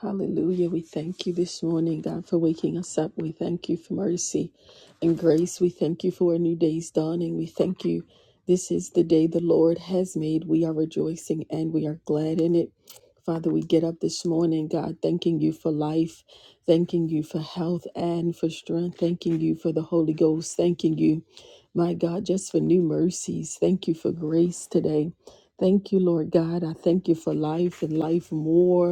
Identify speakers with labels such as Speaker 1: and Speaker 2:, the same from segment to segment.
Speaker 1: Hallelujah. We thank you this morning, God, for waking us up. We thank you for mercy and grace. We thank you for a new day's dawning. We thank you. This is the day the Lord has made. We are rejoicing and we are glad in it. Father, we get up this morning, God, thanking you for life, thanking you for health and for strength, thanking you for the Holy Ghost, thanking you, my God, just for new mercies. Thank you for grace today. Thank you, Lord God. I thank you for life and life more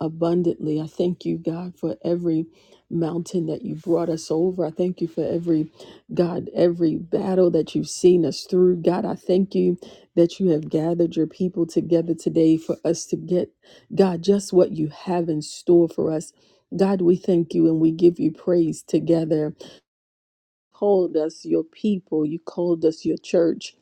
Speaker 1: abundantly. I thank you, God, for every mountain that you brought us over. I thank you for every, God, every battle that you've seen us through. God, I thank you that you have gathered your people together today for us to get, God, just what you have in store for us. God, we thank you and we give you praise together called us your people. You called us your church.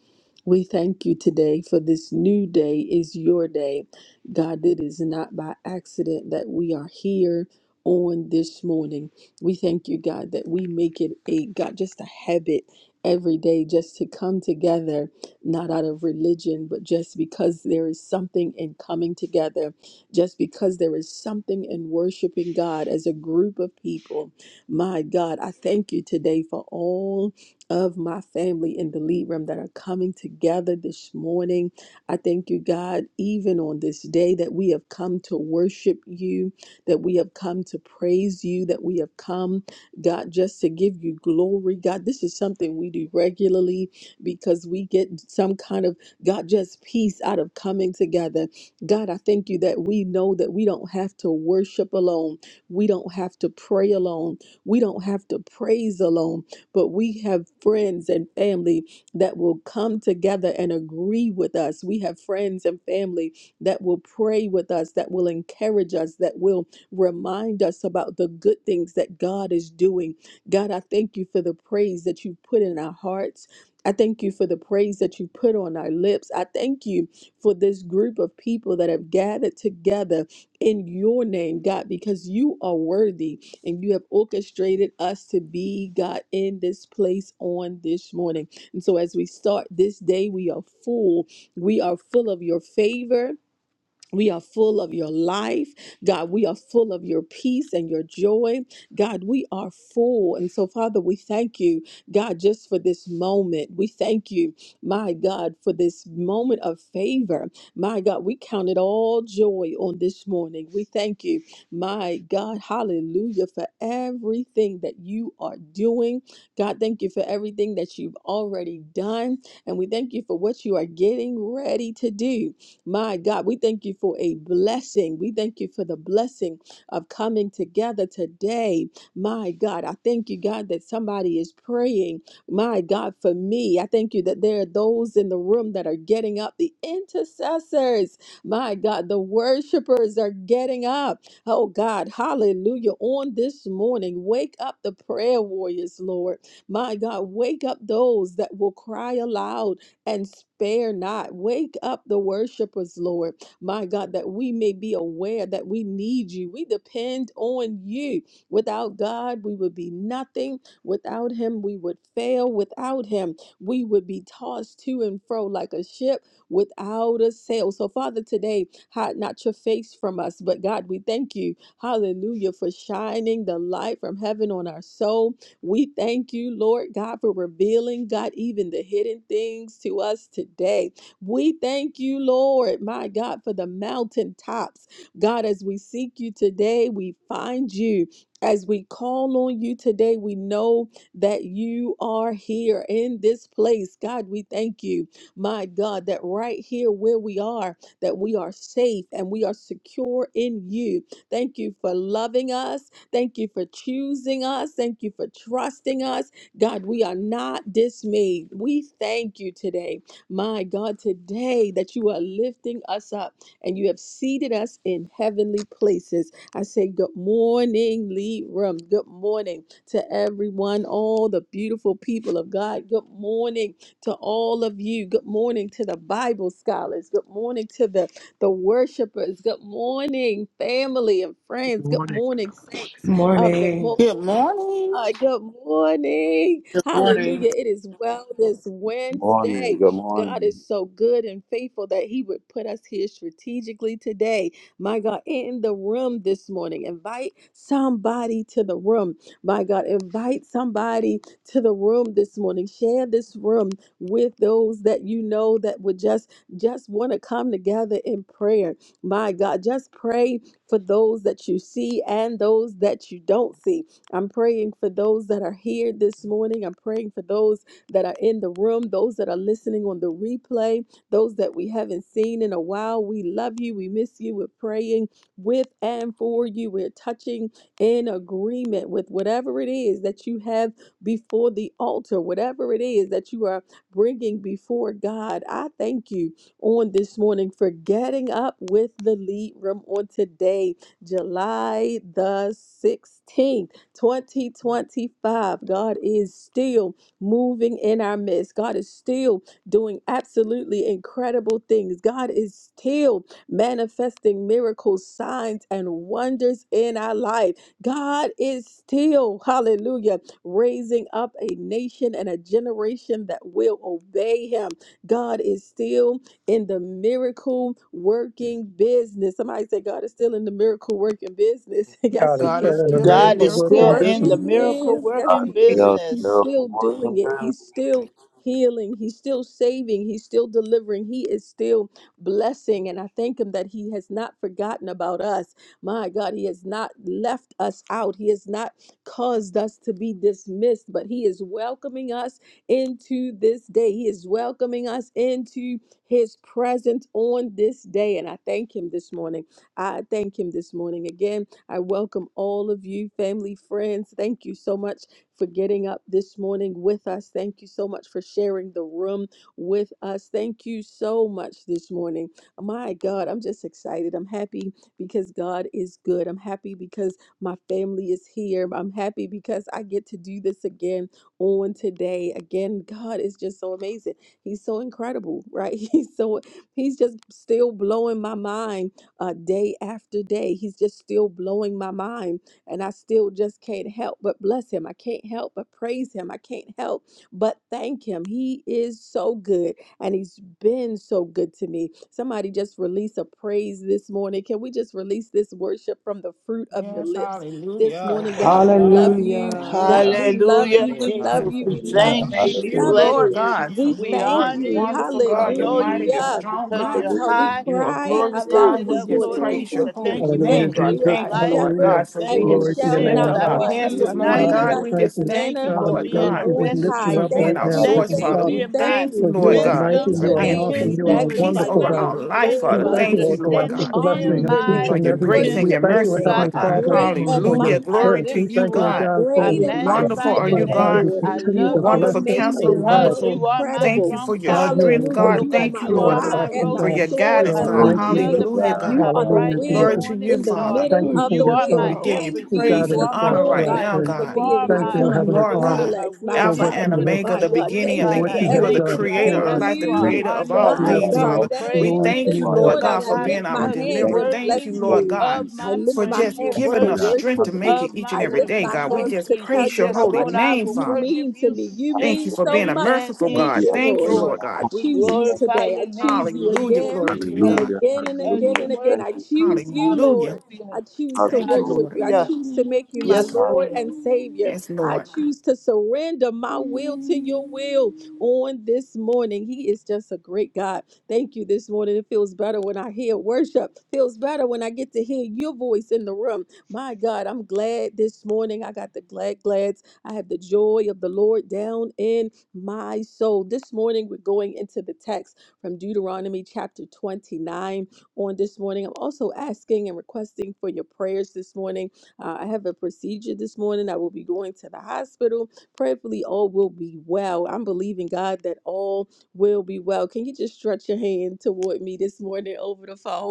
Speaker 1: We thank you today for this new day is your day. God, it is not by accident that we are here on this morning. We thank you, God, that we make it a God just a habit every day just to come together, not out of religion, but just because there is something in coming together, just because there is something in worshiping God as a group of people my God, I thank you today for all of my family in the lead room that are coming together this morning. I thank you, God, even on this day that we have come to worship you, that we have come to praise you, that we have come, God, just to give you glory. God, this is something we do regularly because we get some kind of, God, just peace out of coming together. God, I thank you that we know that we don't have to worship alone, we don't have to pray alone. We don't have to praise alone, but we have friends and family that will come together and agree with us. We have friends and family that will pray with us, that will encourage us, that will remind us about the good things that God is doing. God, I thank you for the praise that you put in our hearts. I thank you for the praise that you put on our lips. I thank you for this group of people that have gathered together in your name, God, because you are worthy and you have orchestrated us to be, God, in this place on this morning. And so as we start this day, we are full. We are full of your favor we are full of your life. God, we are full of your peace and your joy. God, we are full. And so, Father, we thank you, God, just for this moment. We thank you, my God, for this moment of favor. My God, we count it all joy on this morning. We thank you, my God, hallelujah, for everything that you are doing. God, thank you for everything that you've already done. And we thank you for what you are getting ready to do. My God, we thank you for a blessing. We thank you for the blessing of coming together today. My God, I thank you, God, that somebody is praying. My God, for me, I thank you that there are those in the room that are getting up. The intercessors, my God, the worshipers are getting up. Oh God, hallelujah. On this morning, wake up the prayer warriors, Lord. My God, wake up those that will cry aloud and spare not. Wake up the worshipers, Lord, my God, that we may be aware that we need you. We depend on you. Without God, we would be nothing. Without Him, we would fail. Without Him, we would be tossed to and fro like a ship without a sail. So, Father, today, hide not your face from us, but God, we thank you, hallelujah, for shining the light from heaven on our soul. We thank you, Lord God, for revealing, God, even the hidden things to us today. We thank you, Lord, my God, for the mountaintops. God, as we seek you today, we find you. As we call on you today, we know that you are here in this place. God, we thank you, my God, that right here where we are, that we are safe and we are secure in you. Thank you for loving us. Thank you for choosing us. Thank you for trusting us. God, we are not dismayed. We thank you today, my God, today that you are lifting us up and you have seated us in heavenly places. I say, Good morning, lead Room. Good morning to everyone, all the beautiful people of God. Good morning to all of you. Good morning to the Bible scholars. Good morning to the the worshipers. Good morning, family and
Speaker 2: Good
Speaker 1: friends. Good
Speaker 2: morning.
Speaker 1: morning, saints of the
Speaker 3: Morning.
Speaker 1: Most
Speaker 4: Good
Speaker 1: High God.
Speaker 4: morning.
Speaker 1: Good morning.
Speaker 5: Good morning.
Speaker 1: Hallelujah. It is well this
Speaker 6: Morning,
Speaker 1: Wednesday.
Speaker 6: good
Speaker 1: God is
Speaker 6: morning.
Speaker 1: so good and faithful that He would put us here strategically today. My God, in the room this morning. Invite somebody to the room. My God, invite somebody to the room this morning. Share this room with those that you know that would just just want to come together in prayer. My God, just pray for those that you see and those that you don't see. I'm praying for those that are here this morning. I'm praying for those that are in the room, those that are listening on the replay, those that we haven't seen in a while. We love you. We miss you. We're praying with and for you. We're touching in agreement with whatever it is that you have before the altar, whatever it is that you are bringing before God. I thank you on this morning for getting up with the lead room on today, July the 16th, 2025. God is still moving in our midst. God is still doing absolutely incredible things. God is still manifesting miracles, signs, and wonders in our life. God is still, hallelujah, raising up a nation and a generation that will obey him. God is still in the miracle working business. Somebody said God is still in the miracle working business. yes,
Speaker 2: God is
Speaker 4: God
Speaker 1: He
Speaker 4: is
Speaker 2: selling a
Speaker 4: still in the
Speaker 1: is.
Speaker 7: God
Speaker 2: miracle
Speaker 7: is
Speaker 4: miracle
Speaker 2: working
Speaker 7: still
Speaker 1: Yes,
Speaker 7: in
Speaker 1: He
Speaker 2: business.
Speaker 7: the
Speaker 4: working
Speaker 7: miracle
Speaker 1: is.
Speaker 4: business.
Speaker 1: Yes,
Speaker 7: working
Speaker 1: He is.
Speaker 6: Yo,
Speaker 1: He's
Speaker 7: business.
Speaker 6: girl, from
Speaker 1: still
Speaker 6: work
Speaker 1: doing
Speaker 6: coming
Speaker 1: it. He's still healing. He's still saving. He's still delivering. He is still blessing. And I thank Him that He has not forgotten about us. My God, He has not left us out. He has not caused us to be dismissed, but He is welcoming us into this day. He is welcoming us into his presence on this day. And I thank him this morning. I thank him this morning. Again, I welcome all of you, family, friends. Thank you so much for getting up this morning with us. Thank you so much for sharing the room with us. Thank you so much this morning. My God, I'm just excited. I'm happy because God is good. I'm happy because my family is here. I'm happy because I get to do this again on today. Again, God is just so amazing. He's so incredible, right? He's so he's just still blowing my mind uh, day after day. He's just still blowing my mind, and I still just can't help but bless him. I can't help but praise him. I can't help but thank him. He is so good, and he's been so good to me. Somebody just release a praise this morning. Can we just release this worship from the fruit of your
Speaker 4: Yes,
Speaker 1: lips this
Speaker 4: hallelujah.
Speaker 1: morning?
Speaker 4: Glory
Speaker 1: God,
Speaker 4: to
Speaker 1: we love
Speaker 4: God.
Speaker 1: you. God,
Speaker 3: Hallelujah.
Speaker 4: Hallelujah.
Speaker 1: we love
Speaker 4: Thank you,
Speaker 7: Hallelujah,
Speaker 1: you. We
Speaker 4: Lord God.
Speaker 1: love
Speaker 7: Jesus.
Speaker 8: Thank
Speaker 1: you.
Speaker 7: We
Speaker 8: you,
Speaker 1: We
Speaker 6: in.
Speaker 1: love
Speaker 7: thank
Speaker 1: you.
Speaker 7: you.
Speaker 1: We
Speaker 4: Thank
Speaker 8: Jesus.
Speaker 7: We
Speaker 4: you,
Speaker 8: Thank
Speaker 1: love
Speaker 7: bless
Speaker 6: Hallelujah,
Speaker 8: you.
Speaker 4: Lord
Speaker 1: you.
Speaker 6: thank
Speaker 7: you.
Speaker 6: you.
Speaker 4: God, for
Speaker 1: We
Speaker 7: We
Speaker 4: who you are.
Speaker 1: thank
Speaker 4: You're
Speaker 7: honor
Speaker 1: you.
Speaker 7: you.
Speaker 4: wonderful,
Speaker 7: We
Speaker 4: God. You're
Speaker 7: extol
Speaker 4: mighty.
Speaker 7: you,
Speaker 6: Hallelujah,
Speaker 4: You're
Speaker 1: Hallelujah.
Speaker 7: God,
Speaker 4: strong,
Speaker 7: because
Speaker 1: My
Speaker 4: God.
Speaker 7: you're
Speaker 1: God, we
Speaker 6: hallelujah,
Speaker 7: high
Speaker 4: You are
Speaker 1: cry
Speaker 7: and
Speaker 4: glorious,
Speaker 1: aloud
Speaker 4: God.
Speaker 7: lifted
Speaker 4: We
Speaker 8: Thank
Speaker 1: this
Speaker 7: up,
Speaker 8: you
Speaker 4: just
Speaker 8: for
Speaker 1: morning
Speaker 7: Lord
Speaker 1: and
Speaker 8: your
Speaker 4: praise
Speaker 7: Jesus.
Speaker 4: your
Speaker 7: I
Speaker 1: thank
Speaker 8: help.
Speaker 1: you.
Speaker 4: holy
Speaker 7: Thank you for
Speaker 2: Hallelujah,
Speaker 6: hallelujah.
Speaker 4: name,
Speaker 7: the
Speaker 1: Thank you.
Speaker 4: God.
Speaker 7: gift
Speaker 1: You are
Speaker 2: Jesus.
Speaker 7: of
Speaker 1: our
Speaker 4: Thank you,
Speaker 7: life.
Speaker 4: Lord
Speaker 1: shepherd
Speaker 2: Hallelujah.
Speaker 4: God, for
Speaker 1: and
Speaker 7: Thank you
Speaker 1: we
Speaker 6: Glory
Speaker 7: for
Speaker 2: Glory
Speaker 4: being
Speaker 2: to
Speaker 6: to
Speaker 4: the
Speaker 2: your
Speaker 1: shall
Speaker 7: sin
Speaker 4: lift
Speaker 6: God,
Speaker 2: name,
Speaker 4: of
Speaker 1: not
Speaker 7: about
Speaker 4: our
Speaker 2: God.
Speaker 7: me
Speaker 1: want.
Speaker 4: hands
Speaker 7: through
Speaker 1: You
Speaker 7: the
Speaker 4: this
Speaker 1: are
Speaker 4: morning,
Speaker 6: hallelujah,
Speaker 7: night.
Speaker 2: God, we
Speaker 1: feeding
Speaker 4: God.
Speaker 1: us
Speaker 4: We
Speaker 6: hallelujah,
Speaker 1: with
Speaker 2: thank
Speaker 4: just
Speaker 2: you.
Speaker 7: Thank
Speaker 4: thank
Speaker 7: you
Speaker 4: you,
Speaker 1: manna
Speaker 2: God,
Speaker 7: for
Speaker 2: we
Speaker 4: Lord
Speaker 1: from
Speaker 7: being
Speaker 2: praise
Speaker 7: a
Speaker 4: God.
Speaker 2: you. We
Speaker 1: on
Speaker 2: lift you
Speaker 6: hallelujah,
Speaker 1: high.
Speaker 4: for
Speaker 7: rescuer.
Speaker 2: up
Speaker 4: being
Speaker 2: right
Speaker 1: Thank
Speaker 4: our
Speaker 2: now,
Speaker 1: you.
Speaker 7: Thank you
Speaker 4: source,
Speaker 2: Heavenly
Speaker 7: for
Speaker 1: Thank
Speaker 4: Father.
Speaker 2: Father.
Speaker 4: We
Speaker 6: hallelujah.
Speaker 1: you.
Speaker 7: being
Speaker 1: Thank
Speaker 7: my
Speaker 4: thank you,
Speaker 2: For
Speaker 1: you.
Speaker 2: you
Speaker 4: Lord
Speaker 2: are
Speaker 6: Glory
Speaker 1: We
Speaker 4: God,
Speaker 6: to
Speaker 2: mighty,
Speaker 7: wisdom,
Speaker 1: lift
Speaker 4: for
Speaker 1: your
Speaker 2: you are
Speaker 7: my
Speaker 2: an
Speaker 6: God,
Speaker 4: being p-
Speaker 1: name.
Speaker 2: awesome,
Speaker 6: thank
Speaker 1: We
Speaker 2: you
Speaker 6: you,
Speaker 2: are
Speaker 7: kinsman,
Speaker 2: a
Speaker 6: Jesus.
Speaker 4: peace
Speaker 1: magnify
Speaker 2: wonderful
Speaker 1: your
Speaker 4: over
Speaker 7: redeemer.
Speaker 1: name.
Speaker 2: God.
Speaker 4: our
Speaker 1: We
Speaker 4: life,
Speaker 7: Thank you
Speaker 2: We
Speaker 7: for
Speaker 4: Father.
Speaker 1: glorify
Speaker 2: thank
Speaker 1: your
Speaker 2: you,
Speaker 6: Glory
Speaker 4: Thank you,
Speaker 1: name.
Speaker 2: Lord
Speaker 6: to
Speaker 4: Lord
Speaker 2: God,
Speaker 1: We
Speaker 2: for
Speaker 7: understanding
Speaker 4: God,
Speaker 1: honor
Speaker 2: blessing
Speaker 7: being
Speaker 8: Glory
Speaker 2: and
Speaker 1: your
Speaker 8: to
Speaker 2: each
Speaker 8: the
Speaker 7: my
Speaker 1: name.
Speaker 4: for
Speaker 2: and
Speaker 4: your
Speaker 1: We
Speaker 2: every day.
Speaker 4: grace
Speaker 8: praise.
Speaker 4: and
Speaker 2: We
Speaker 4: your
Speaker 1: worship
Speaker 2: thank
Speaker 1: your
Speaker 2: you,
Speaker 4: mercy,
Speaker 7: kinsperson.
Speaker 1: name.
Speaker 7: God,
Speaker 2: Heavenly
Speaker 4: Lord
Speaker 7: I
Speaker 4: God.
Speaker 8: Thank
Speaker 2: Father,
Speaker 8: you
Speaker 1: Great
Speaker 8: for
Speaker 7: praise
Speaker 8: all
Speaker 7: you.
Speaker 1: and
Speaker 2: for
Speaker 6: God,
Speaker 8: you've
Speaker 2: your
Speaker 4: Hallelujah.
Speaker 8: done.
Speaker 7: I
Speaker 4: Glory
Speaker 1: mighty
Speaker 2: strength.
Speaker 4: to
Speaker 2: We
Speaker 1: is
Speaker 7: lift
Speaker 4: you,
Speaker 1: he.
Speaker 2: thank
Speaker 7: you
Speaker 2: you, O
Speaker 7: up.
Speaker 4: God.
Speaker 2: God,
Speaker 7: I
Speaker 2: for,
Speaker 1: Great
Speaker 8: Glory
Speaker 6: glory
Speaker 1: and
Speaker 6: to
Speaker 8: to
Speaker 6: God.
Speaker 8: the
Speaker 4: Wonderful
Speaker 7: magnify
Speaker 1: mighty
Speaker 4: are
Speaker 7: your
Speaker 1: are
Speaker 2: for
Speaker 4: you,
Speaker 1: you,
Speaker 8: praise.
Speaker 2: how
Speaker 6: Hallelujah,
Speaker 7: name.
Speaker 4: God.
Speaker 2: you
Speaker 1: Lord.
Speaker 7: I
Speaker 2: continue
Speaker 1: You
Speaker 7: love
Speaker 2: to
Speaker 6: hallelujah,
Speaker 1: are
Speaker 7: you
Speaker 2: bless
Speaker 4: Wonderful
Speaker 2: us
Speaker 4: counselor,
Speaker 2: and
Speaker 1: amazing.
Speaker 2: guide
Speaker 1: You
Speaker 8: Glory to
Speaker 2: us.
Speaker 7: because
Speaker 1: are
Speaker 4: wonderful.
Speaker 7: you
Speaker 8: the
Speaker 7: are my
Speaker 4: Thank
Speaker 1: incredible.
Speaker 4: you
Speaker 8: praise.
Speaker 7: strong
Speaker 4: for your
Speaker 2: God,
Speaker 7: tower.
Speaker 2: you are
Speaker 4: strength,
Speaker 1: Hallelujah.
Speaker 4: God.
Speaker 7: Lord
Speaker 1: You
Speaker 2: wonderful.
Speaker 1: are
Speaker 7: God,
Speaker 4: Thank
Speaker 1: my
Speaker 4: you,
Speaker 2: You
Speaker 7: you are
Speaker 4: Lord
Speaker 2: are
Speaker 1: rock
Speaker 7: my
Speaker 4: God,
Speaker 1: and
Speaker 2: awesome,
Speaker 7: rose
Speaker 4: for
Speaker 1: my
Speaker 7: of
Speaker 6: hallelujah.
Speaker 4: your
Speaker 2: God.
Speaker 1: sword
Speaker 2: You
Speaker 7: Sharon,
Speaker 4: guidance,
Speaker 7: my
Speaker 2: are
Speaker 1: and
Speaker 4: God.
Speaker 1: my
Speaker 2: mighty,
Speaker 7: lily
Speaker 6: Glory
Speaker 7: of
Speaker 2: God.
Speaker 7: the
Speaker 6: to
Speaker 1: shield.
Speaker 4: Hallelujah,
Speaker 7: valley,
Speaker 6: God,
Speaker 4: God.
Speaker 1: You
Speaker 7: my
Speaker 1: are the
Speaker 2: Hallelujah,
Speaker 7: bright and
Speaker 4: Glory
Speaker 1: wheel
Speaker 2: Jesus.
Speaker 6: hallelujah.
Speaker 4: to
Speaker 7: morning
Speaker 4: you,
Speaker 1: in the
Speaker 4: Father.
Speaker 7: star.
Speaker 6: Thank
Speaker 1: middle
Speaker 2: Thank
Speaker 6: you.
Speaker 2: you
Speaker 8: Thank
Speaker 1: of
Speaker 2: for
Speaker 1: the
Speaker 7: You
Speaker 2: your
Speaker 8: you,
Speaker 7: are my
Speaker 4: We
Speaker 1: wheel.
Speaker 2: son
Speaker 8: power.
Speaker 4: give you
Speaker 1: Thank
Speaker 2: who
Speaker 7: everything.
Speaker 1: you
Speaker 6: Thank
Speaker 2: died
Speaker 4: praise
Speaker 2: on
Speaker 7: You
Speaker 4: and
Speaker 2: the
Speaker 6: you,
Speaker 1: this
Speaker 7: are my
Speaker 6: Lord.
Speaker 2: cross
Speaker 4: honor
Speaker 2: for
Speaker 4: right
Speaker 2: us.
Speaker 8: Power.
Speaker 1: morning
Speaker 4: now,
Speaker 7: provider.
Speaker 2: And
Speaker 1: for
Speaker 7: You
Speaker 4: God,
Speaker 6: for
Speaker 8: Power.
Speaker 1: being
Speaker 7: are
Speaker 1: my
Speaker 2: thank
Speaker 4: of
Speaker 6: your love
Speaker 7: my
Speaker 2: you,
Speaker 4: who
Speaker 6: and
Speaker 1: God,
Speaker 4: you
Speaker 1: my
Speaker 2: Heavenly
Speaker 6: your
Speaker 4: are,
Speaker 7: Lord
Speaker 2: Father,
Speaker 7: God,
Speaker 1: battle
Speaker 4: God.
Speaker 7: my
Speaker 1: axe, my
Speaker 7: will
Speaker 2: for
Speaker 4: Alpha
Speaker 2: what
Speaker 7: in the
Speaker 1: help.
Speaker 4: and
Speaker 2: you have,
Speaker 7: middle
Speaker 4: Omega,
Speaker 1: My
Speaker 7: of
Speaker 4: the
Speaker 7: the
Speaker 1: God,
Speaker 7: will,
Speaker 4: beginning
Speaker 1: thank
Speaker 4: and the
Speaker 2: for
Speaker 7: God.
Speaker 1: you
Speaker 2: what
Speaker 7: I
Speaker 1: for
Speaker 2: you
Speaker 4: end. You are
Speaker 2: have
Speaker 4: the
Speaker 7: thank
Speaker 1: everything.
Speaker 2: done
Speaker 7: you. I
Speaker 4: creator
Speaker 1: Thank
Speaker 4: of
Speaker 2: for us.
Speaker 7: bless
Speaker 4: life, the
Speaker 7: you. I
Speaker 4: creator
Speaker 1: you.
Speaker 6: amazing,
Speaker 7: honor
Speaker 4: of
Speaker 7: you.
Speaker 4: all
Speaker 6: God.
Speaker 7: I
Speaker 2: Yes,
Speaker 1: My
Speaker 6: You are
Speaker 4: things,
Speaker 6: the
Speaker 7: give
Speaker 2: Lord.
Speaker 1: God,
Speaker 7: you
Speaker 4: Father.
Speaker 6: ultimate
Speaker 4: We
Speaker 1: thank
Speaker 7: praise.
Speaker 2: Glory
Speaker 6: God.
Speaker 1: you
Speaker 2: to
Speaker 6: You
Speaker 4: thank
Speaker 1: this
Speaker 2: your
Speaker 4: you,
Speaker 6: are
Speaker 2: name.
Speaker 7: Lord
Speaker 4: Lord God,
Speaker 1: morning.
Speaker 7: God,
Speaker 1: I
Speaker 4: for
Speaker 7: why?
Speaker 6: everything, God.
Speaker 1: lift
Speaker 4: being
Speaker 1: my
Speaker 4: our
Speaker 6: Thank
Speaker 7: Because
Speaker 6: you,
Speaker 7: you're
Speaker 1: hands
Speaker 6: thank
Speaker 4: deliverer.
Speaker 6: you,
Speaker 1: and
Speaker 6: thank
Speaker 4: Thank
Speaker 7: worthy
Speaker 4: you,
Speaker 1: bless
Speaker 6: you, thank
Speaker 4: Lord
Speaker 6: you,
Speaker 1: you.
Speaker 4: God,
Speaker 7: of
Speaker 1: I
Speaker 6: Jesus.
Speaker 7: my
Speaker 8: Thank you,
Speaker 1: lift
Speaker 4: for
Speaker 1: my
Speaker 7: praise.
Speaker 4: just
Speaker 8: Jesus.
Speaker 7: You're
Speaker 6: Thank
Speaker 1: hands to
Speaker 6: you,
Speaker 4: giving us
Speaker 8: Thank
Speaker 6: God.
Speaker 7: worthy
Speaker 8: you,
Speaker 4: strength
Speaker 1: worship
Speaker 4: to
Speaker 6: Hallelujah.
Speaker 8: Jesus.
Speaker 1: you.
Speaker 4: make
Speaker 7: of
Speaker 4: it each
Speaker 7: my
Speaker 4: and
Speaker 1: I
Speaker 4: every
Speaker 1: lift
Speaker 4: day,
Speaker 1: my
Speaker 7: worship,
Speaker 4: God. We
Speaker 7: Lord
Speaker 1: hands
Speaker 4: just
Speaker 1: to tell
Speaker 7: Jesus.
Speaker 4: praise your
Speaker 1: you how
Speaker 7: Yes,
Speaker 6: Thank
Speaker 4: holy
Speaker 1: much
Speaker 7: Lord,
Speaker 6: you
Speaker 7: I
Speaker 4: name,
Speaker 7: will
Speaker 8: Thank
Speaker 1: you
Speaker 4: Father.
Speaker 7: worship
Speaker 1: mean to
Speaker 7: you
Speaker 1: me. You
Speaker 7: in
Speaker 4: Thank you
Speaker 1: mean
Speaker 6: for God.
Speaker 4: for
Speaker 1: so
Speaker 4: being a
Speaker 7: spirit
Speaker 1: much
Speaker 7: and
Speaker 1: to
Speaker 4: merciful
Speaker 6: Thank
Speaker 7: in
Speaker 1: me,
Speaker 4: God.
Speaker 6: you all
Speaker 1: dear
Speaker 7: truth,
Speaker 6: for
Speaker 4: Thank you,
Speaker 1: Lord.
Speaker 6: being
Speaker 7: Lord.
Speaker 4: Lord
Speaker 1: I
Speaker 4: God.
Speaker 6: our
Speaker 7: We
Speaker 1: choose
Speaker 6: you,
Speaker 1: you
Speaker 6: Thank
Speaker 7: glorify
Speaker 1: today. I
Speaker 7: your name,
Speaker 1: choose you
Speaker 4: Hallelujah.
Speaker 7: Jesus.
Speaker 6: you.
Speaker 1: again
Speaker 4: Glory
Speaker 7: We
Speaker 4: to you,
Speaker 1: and
Speaker 7: bless
Speaker 4: God.
Speaker 6: Hallelujah,
Speaker 7: you
Speaker 1: again and
Speaker 7: because
Speaker 8: you,
Speaker 1: again
Speaker 6: hallelujah.
Speaker 7: you're
Speaker 1: and again.
Speaker 8: Jesus.
Speaker 6: Thank
Speaker 1: I
Speaker 7: worthy.
Speaker 6: you,
Speaker 1: choose
Speaker 6: Jesus.
Speaker 1: you,
Speaker 4: Hallelujah.
Speaker 1: Lord. I
Speaker 7: Hallelujah.
Speaker 1: choose to
Speaker 4: Thank you,
Speaker 1: worship you.
Speaker 6: Hallelujah.
Speaker 4: Lord.
Speaker 1: I
Speaker 7: Hallelujah.
Speaker 1: choose to make you my
Speaker 4: Let's
Speaker 7: Yes,
Speaker 4: go.
Speaker 6: Hallelujah.
Speaker 1: Lord
Speaker 7: Lord.
Speaker 1: and Savior.
Speaker 4: Yes,
Speaker 1: I
Speaker 4: Lord.
Speaker 1: choose to surrender my will to your will on this morning. He is just a great God. Thank you this morning. It feels better when I hear worship. Feels better when I get to hear your voice in the room. My God, I'm glad this morning. I got the glad glads I have the joy of the Lord down in my soul. This morning, we're going into the text from Deuteronomy chapter 29 on this morning. I'm also asking and requesting for your prayers this morning. Uh, I have a procedure this morning. I will be going to the hospital. Prayerfully, all will be well. I'm believing God that all will be well. Can you just stretch your hand toward me this morning over the phone?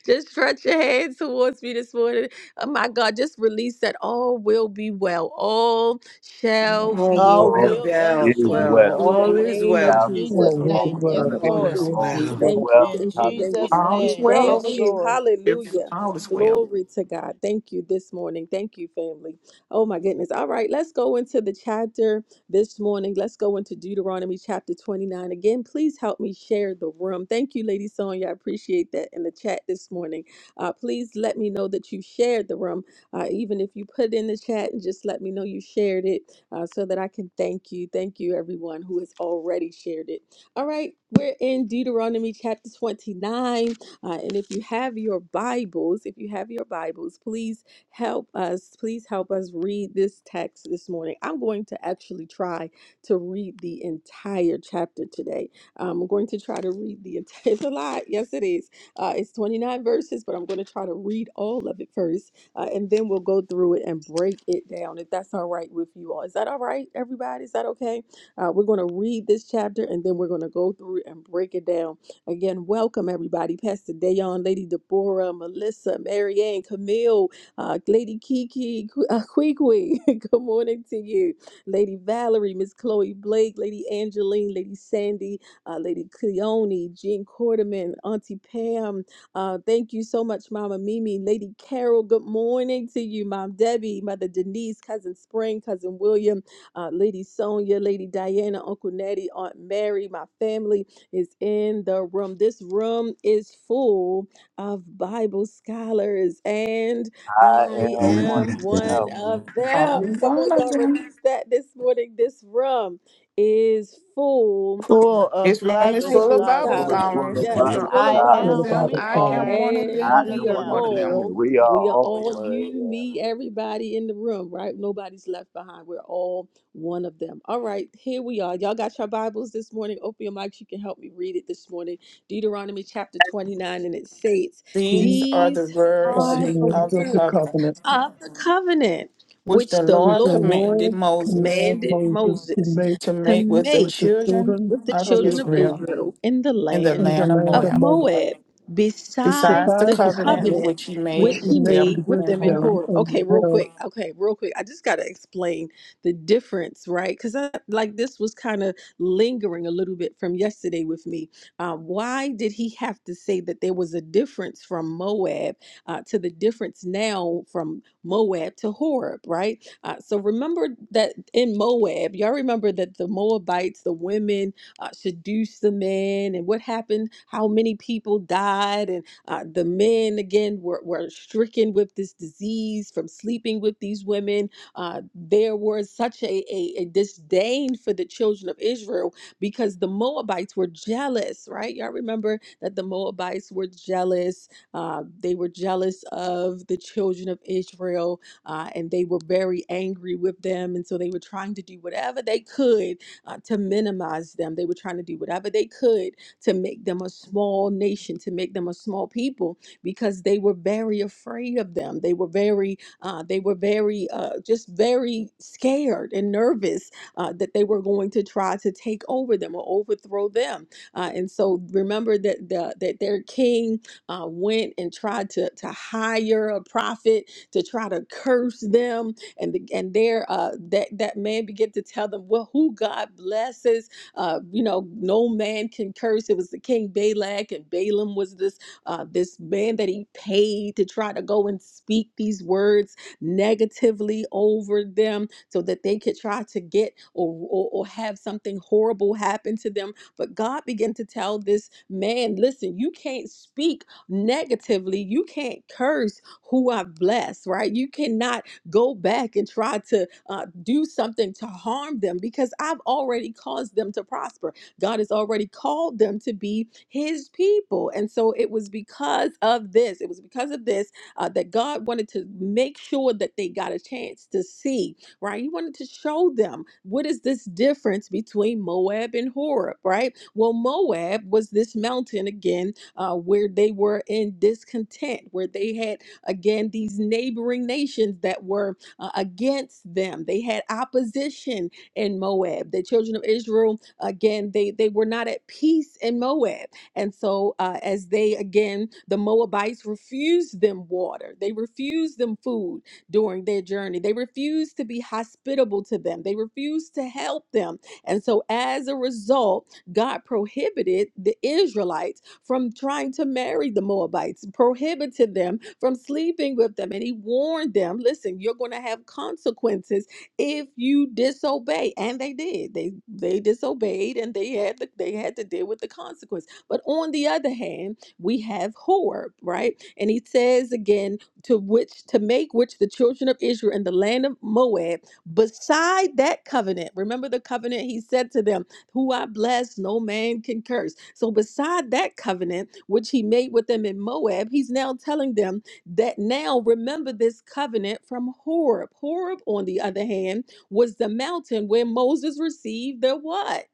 Speaker 1: just stretch your hand towards me this morning. Oh my God, just release that all will be well. All shall
Speaker 9: All
Speaker 1: be
Speaker 9: will
Speaker 7: All
Speaker 9: be
Speaker 6: All
Speaker 1: well.
Speaker 7: will and
Speaker 9: well,
Speaker 6: is
Speaker 7: shall
Speaker 9: well.
Speaker 7: be
Speaker 6: well.
Speaker 1: In the
Speaker 9: All
Speaker 7: well.
Speaker 6: All
Speaker 9: is
Speaker 1: name
Speaker 7: In
Speaker 1: of
Speaker 9: well.
Speaker 6: shall be well.
Speaker 1: Jesus.
Speaker 7: Jesus'
Speaker 2: All
Speaker 1: In
Speaker 2: will
Speaker 1: the
Speaker 7: name,
Speaker 2: be
Speaker 6: All
Speaker 7: yes,
Speaker 1: name
Speaker 2: well.
Speaker 6: gonna
Speaker 1: of
Speaker 6: be
Speaker 9: All
Speaker 2: All
Speaker 6: well.
Speaker 7: Lord.
Speaker 1: Jesus.
Speaker 9: is
Speaker 2: will
Speaker 6: All
Speaker 2: be
Speaker 9: well.
Speaker 6: is
Speaker 2: well.
Speaker 1: Thank you.
Speaker 6: well.
Speaker 7: In
Speaker 1: Thank you. Thank
Speaker 7: Jesus'
Speaker 1: you.
Speaker 6: Hallelujah.
Speaker 4: All is
Speaker 7: name,
Speaker 4: well
Speaker 1: Thank
Speaker 7: yes,
Speaker 4: over.
Speaker 1: you.
Speaker 7: Lord.
Speaker 4: It's
Speaker 1: Hallelujah.
Speaker 4: always well.
Speaker 1: Glory to God. Thank you this morning. Thank you, family. Oh, my goodness. All right. Let's go into the chapter this morning. Let's go into Deuteronomy chapter 29. Again, please help me share the room. Thank you, Lady Sonya. I appreciate that in the chat this morning. Uh, please let me know that you shared the room. Uh, even if you put it in the chat and just let me know you shared it uh, so that I can thank you. Thank you, everyone who has already shared it. All right, we're in Deuteronomy chapter 29. Uh, and if you have your Bibles, if you have your Bibles, please help us. Please help us read this text this morning. I'm going to actually try to read the entire chapter today. I'm going to try to read the entire. It's a lot. Yes, it is. Uh, it's 29 verses, but I'm going to try to read all of it first uh, and then we'll go through it and break it down if that's all right with you all. Is that all right, everybody? Is that okay? Uh, we're going to read this chapter and then we're going to go through it and break it down. Again, welcome everybody. Pastor Dayon, Lady Deborah, Melissa, Marianne, Camille, uh, Lady Kiki, Qu- uh, Queequeg. Good morning to you. Lady Valerie, Miss Chloe Blake, Lady Angeline, Lady Sandy, uh, Lady Cleone, Jean Quarterman, Auntie Pam, uh, thank you so much, Mama Mimi. Lady Carol, good morning to you, Mom Debbie, Mother Denise, Cousin Spring, Cousin William, uh, Lady Sonia, Lady Diana, Uncle Nettie, Aunt Mary. My family is in the room. This room is full of Bible scholars, and
Speaker 6: I
Speaker 1: I
Speaker 6: am
Speaker 10: is
Speaker 6: one
Speaker 1: am
Speaker 6: of
Speaker 1: one
Speaker 6: them.
Speaker 1: of them.
Speaker 4: Always
Speaker 1: Come on,
Speaker 4: one of
Speaker 1: y'all,
Speaker 4: them.
Speaker 1: release that this morning. This room is full
Speaker 7: Full
Speaker 4: This
Speaker 7: of
Speaker 4: room is
Speaker 7: Bible
Speaker 4: full of
Speaker 1: Bible
Speaker 4: Bible
Speaker 6: Full
Speaker 7: scholars,
Speaker 6: of
Speaker 1: scholars,
Speaker 6: full
Speaker 4: scholars.
Speaker 6: of
Speaker 4: and
Speaker 1: yes,
Speaker 4: We
Speaker 7: and
Speaker 4: are
Speaker 1: full of
Speaker 7: I
Speaker 4: all one
Speaker 1: Bible
Speaker 6: Bible
Speaker 4: of
Speaker 2: All
Speaker 7: am,
Speaker 2: about
Speaker 4: them.
Speaker 2: the
Speaker 1: scholars.
Speaker 7: we
Speaker 4: I
Speaker 2: Father,
Speaker 4: am
Speaker 7: are
Speaker 4: one of
Speaker 1: And
Speaker 6: I
Speaker 4: them.
Speaker 7: one of
Speaker 1: we
Speaker 4: You
Speaker 6: am
Speaker 4: are
Speaker 1: are
Speaker 6: one
Speaker 4: one
Speaker 6: of
Speaker 7: them.
Speaker 4: of
Speaker 6: them,
Speaker 4: them.
Speaker 1: all,
Speaker 6: and we are
Speaker 1: we are
Speaker 6: all
Speaker 1: all
Speaker 6: one. of
Speaker 1: you,
Speaker 6: them.
Speaker 1: me, everybody in the room, right? Nobody's left behind. We're all one of them. All right, here we are. Y'all got your Bibles this morning. Open your mics. You can help me read it this morning. Deuteronomy chapter 29, and it states,
Speaker 2: We
Speaker 4: These are the
Speaker 1: These
Speaker 2: are
Speaker 4: words
Speaker 2: the
Speaker 1: are the
Speaker 2: rules
Speaker 4: of the
Speaker 2: of the
Speaker 1: words
Speaker 4: covenant,
Speaker 2: covenant,
Speaker 1: of the covenant
Speaker 4: which
Speaker 1: which
Speaker 4: the
Speaker 1: the
Speaker 2: which
Speaker 4: Lord
Speaker 2: the
Speaker 1: Lord
Speaker 4: commanded
Speaker 2: Lord
Speaker 4: Moses
Speaker 2: commanded
Speaker 1: commanded
Speaker 2: Moses to
Speaker 1: Moses
Speaker 2: make
Speaker 4: to
Speaker 1: to
Speaker 4: make with the
Speaker 2: with
Speaker 1: make
Speaker 2: the
Speaker 4: children
Speaker 2: children
Speaker 1: with the
Speaker 4: of
Speaker 2: of
Speaker 1: children of
Speaker 2: Israel
Speaker 4: Israel
Speaker 1: Israel in the
Speaker 4: in the
Speaker 1: land
Speaker 2: in the
Speaker 4: land of
Speaker 2: land
Speaker 1: of
Speaker 2: of
Speaker 4: Moab,
Speaker 2: Moab
Speaker 1: Moab, beside
Speaker 4: besides the
Speaker 1: the
Speaker 2: besides the
Speaker 4: covenant
Speaker 2: covenant
Speaker 1: covenant
Speaker 4: which he
Speaker 1: which
Speaker 2: which
Speaker 4: made
Speaker 2: he
Speaker 1: he
Speaker 4: with
Speaker 2: made
Speaker 4: them
Speaker 1: made with
Speaker 2: with
Speaker 4: in
Speaker 1: them in
Speaker 2: them
Speaker 4: Horeb.
Speaker 1: Horeb.
Speaker 2: in the
Speaker 1: Okay, real
Speaker 2: parent
Speaker 1: quick. Okay, real quick. I just got to explain the difference, right? Because I like this was kind of lingering a little bit from yesterday with me. Uh, why did he have to say that there was a difference from Moab uh, to the difference now from Moab to Horeb, right? Uh, so remember that in Moab, y'all remember that the Moabites, the women, uh, seduced the men and what happened, how many people died, and uh, the men again were, were stricken with this disease from sleeping with these women. Uh, there was such a, a, a disdain for the children of Israel because the Moabites were jealous, right? Y'all remember that the Moabites were jealous. Uh, they were jealous of the children of Israel uh, and they were very angry with them. And so they were trying to do whatever they could uh, to minimize them. They were trying to do whatever they could to make them a small nation, to make them a small people, because they were very afraid of them. They were very, uh, they were very, uh, just very scared and nervous uh, that they were going to try to take over them or overthrow them. Uh, and so remember that the, that their king uh, went and tried to to hire a prophet to try to curse them and the, and there uh, that that man began to tell them well who God blesses uh, you know no man can curse it was the king Balak and Balaam was this uh, this man that he paid to try to go and speak these words negatively over them so that they could try to get or or, or have something horrible happen to them but God began to tell this man listen you can't speak negatively you can't curse who I've blessed right you cannot go back and try to uh, do something to harm them because I've already caused them to prosper. God has already called them to be his people. And so it was because of this, it was because of this uh, that God wanted to make sure that they got a chance to see, right? He wanted to show them what is this difference between Moab and Horeb, right? Well, Moab was this mountain again uh, where they were in discontent, where they had again these neighboring nations that were uh, against them. They had opposition in Moab. The children of Israel, again, they, they were not at peace in Moab. And so, uh, as they, again, the Moabites refused them water, they refused them food during their journey, they refused to be hospitable to them, they refused to help them. And so, as a result, God prohibited the Israelites from trying to marry the Moabites, prohibited them from sleeping with them. And he warned them listen, you're going to have consequences if you disobey. And they did. They they disobeyed and they had the, they had to deal with the consequence. But on the other hand, we have Horeb, right? And he says again, to which to make which the children of Israel in the land of Moab beside that covenant. Remember the covenant he said to them who I bless, no man can curse. So, beside that covenant which he made with them in Moab, he's now telling them that now remember this covenant from Horeb. Horeb, on the other hand, was the mountain where Moses received the what?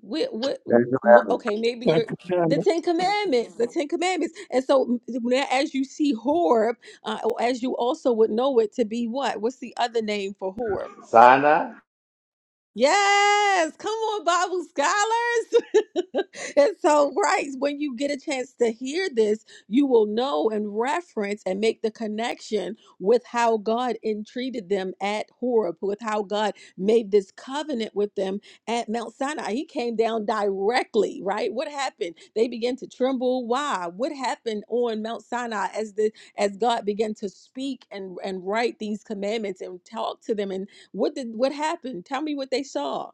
Speaker 1: What, what
Speaker 6: That's what
Speaker 1: mo-
Speaker 6: happened.
Speaker 1: okay maybe
Speaker 2: and
Speaker 1: you're the
Speaker 2: commandment
Speaker 1: ten commandments the ten commandments and so now as you see horeb uh, or as you also would know it to be what what's the other name for horeb
Speaker 6: Sinai,
Speaker 1: Yes, come on, Bible scholars. and so, right, when you get a chance to hear this, you will know and reference and make the connection with how God entreated them at Horeb, with how God made this covenant with them at Mount Sinai. He came down directly, right? What happened? They began to tremble. Why? What happened on Mount Sinai as the as God began to speak and, and write these commandments and talk to them and. What did what happened? Tell me what they saw.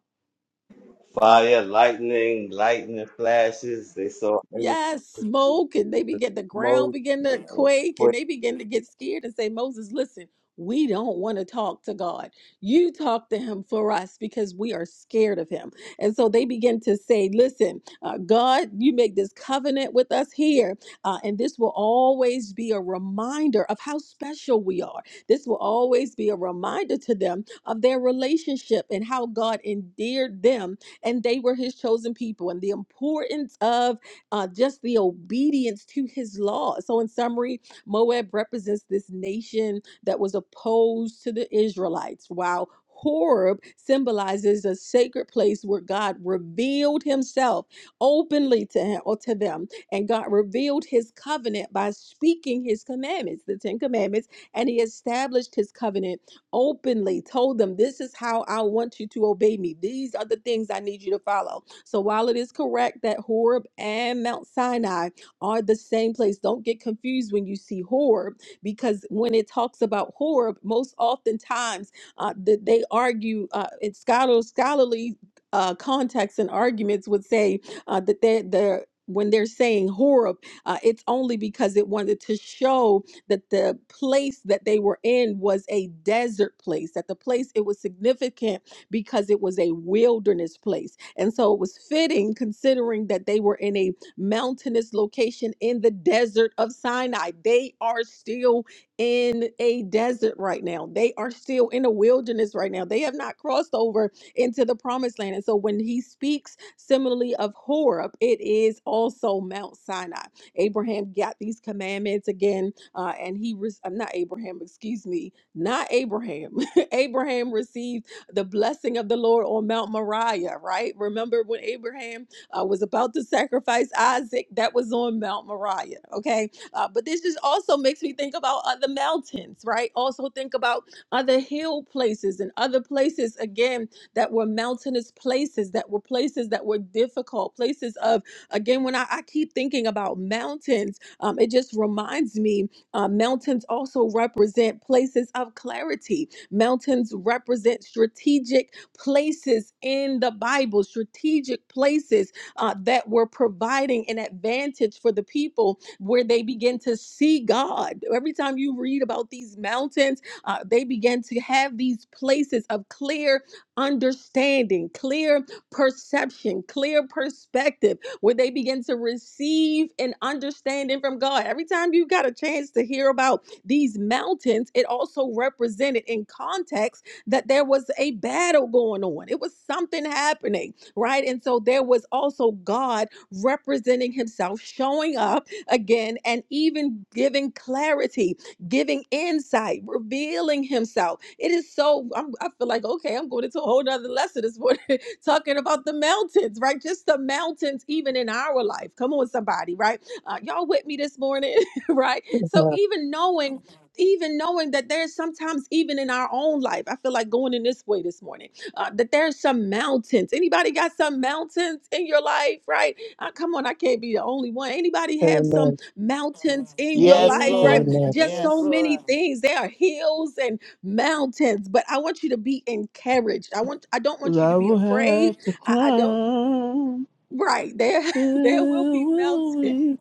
Speaker 6: fire, lightning, lightning flashes. They saw everything
Speaker 1: Yes,
Speaker 6: with
Speaker 1: smoke, and they
Speaker 6: the
Speaker 1: begin the ground
Speaker 6: smoke.
Speaker 1: begin to
Speaker 6: You know,
Speaker 1: quake, and
Speaker 6: but
Speaker 1: they begin to get scared and say, Moses, listen, we don't want to talk to God. You talk to him for us because we are scared of him. And so they begin to say, Listen, uh, God, you make this covenant with us here. Uh, and this will always be a reminder of how special we are. This will always be a reminder to them of their relationship and how God endeared them, and they were his chosen people, and the importance of uh, just the obedience to his law. So, in summary, Moab represents this nation that was opposed to the Israelites, while Horeb symbolizes a sacred place where God revealed himself openly to him or to them. And God revealed his covenant by speaking his commandments, the Ten Commandments, and he established his covenant openly told them, This is how I want you to obey me. These are the things I need you to follow. So while it is correct that Horeb and Mount Sinai are the same place, don't get confused when you see Horeb, because when it talks about Horeb, most oftentimes uh, that they argue, uh, it's scholar, scholarly uh, contexts and arguments would say uh, that they're, they're when they're saying Horeb, uh, it's only because it wanted to show that the place that they were in was a desert place, that the place it was significant because it was a wilderness place. And so it was fitting considering that they were in a mountainous location in the desert of Sinai. They are still in a desert right now. They are still in a wilderness right now. They have not crossed over into the promised land. And so when he speaks similarly of Horeb, it is also Mount Sinai. Abraham got these commandments again uh, and he, re- I'm not Abraham, excuse me, not Abraham. Abraham received the blessing of the Lord on Mount Moriah, right? Remember when Abraham uh, was about to sacrifice Isaac? That was on Mount Moriah, okay? Uh, but this just also makes me think about other mountains, right? Also think about other hill places and other places, again, that were mountainous places, that were places that were difficult, places of, again, when I, I keep thinking about mountains, um, it just reminds me uh, mountains also represent places of clarity. Mountains represent strategic places in the Bible, strategic places uh, that were providing an advantage for the people where they begin to see God. Every time you read about these mountains, uh, they began to have these places of clear understanding, clear perception, clear perspective where they begin to receive an understanding from God. Every time you got a chance to hear about these mountains, it also represented in context that there was a battle going on, it was something happening, right? And so there was also God representing Himself, showing up again, and even giving clarity giving insight, revealing himself. It is so, I'm, I feel like, okay, I'm going into a whole nother lesson this morning talking about the mountains, right? Just the mountains, even in our life. Come on, somebody, right? Uh, y'all with me this morning, right?
Speaker 2: of
Speaker 1: So
Speaker 2: God.
Speaker 1: even knowing, even knowing that there's sometimes even in our own life, I feel like going in this way this morning, uh, that there's some mountains. Anybody got some mountains in your life, right? Uh, come on, I can't be the only one. Anybody have some
Speaker 2: Amen.
Speaker 1: mountains in your
Speaker 7: Yes,
Speaker 1: life, right?
Speaker 7: Lord.
Speaker 4: Amen.
Speaker 2: Amen.
Speaker 1: Just
Speaker 7: Yes,
Speaker 1: so
Speaker 4: Yes.
Speaker 1: many
Speaker 7: Lord.
Speaker 1: things. There are hills and mountains but i want you to be encouraged i want i don't want
Speaker 8: And
Speaker 1: you to
Speaker 8: I
Speaker 1: be
Speaker 8: will
Speaker 1: afraid
Speaker 8: have to
Speaker 1: i, I don't
Speaker 8: climb.
Speaker 1: right there
Speaker 8: There
Speaker 1: there will be mountains
Speaker 8: will be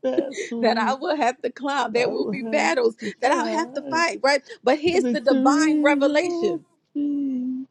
Speaker 1: that i
Speaker 8: battles
Speaker 1: will have to climb there
Speaker 8: I
Speaker 1: will
Speaker 8: will
Speaker 1: be
Speaker 8: have
Speaker 1: battles
Speaker 8: to
Speaker 1: that i'll have to
Speaker 8: fight.
Speaker 1: fight right but here's the divine
Speaker 8: Victory
Speaker 1: revelation
Speaker 8: shall be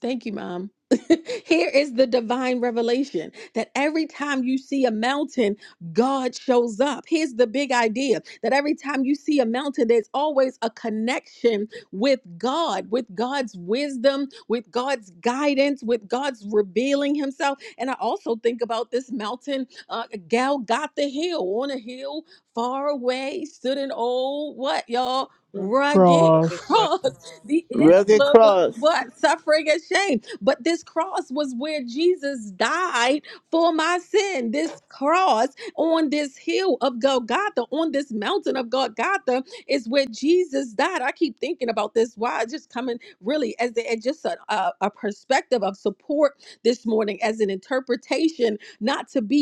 Speaker 1: Thank you, Mom. Here is the divine revelation that every time you see a mountain, God shows up. Here's the big idea that every time you see a mountain, there's always a connection with God, with God's wisdom, with God's guidance, with God's revealing Himself. And I also think about this mountain, uh, Gal got the hill on a hill far away, stood an old what, y'all? rugged
Speaker 11: Break it, rock.
Speaker 8: across
Speaker 1: cross, the
Speaker 7: Rugged
Speaker 1: emblem of
Speaker 7: cross
Speaker 1: what? Suffering and shame. But this cross was where Jesus died for my sin. This cross on this hill of Golgotha, on this mountain of Golgotha, is where Jesus died. I keep thinking about this. Why it's just coming really as, a, as just a, a, a perspective of support this morning, as an interpretation, not to be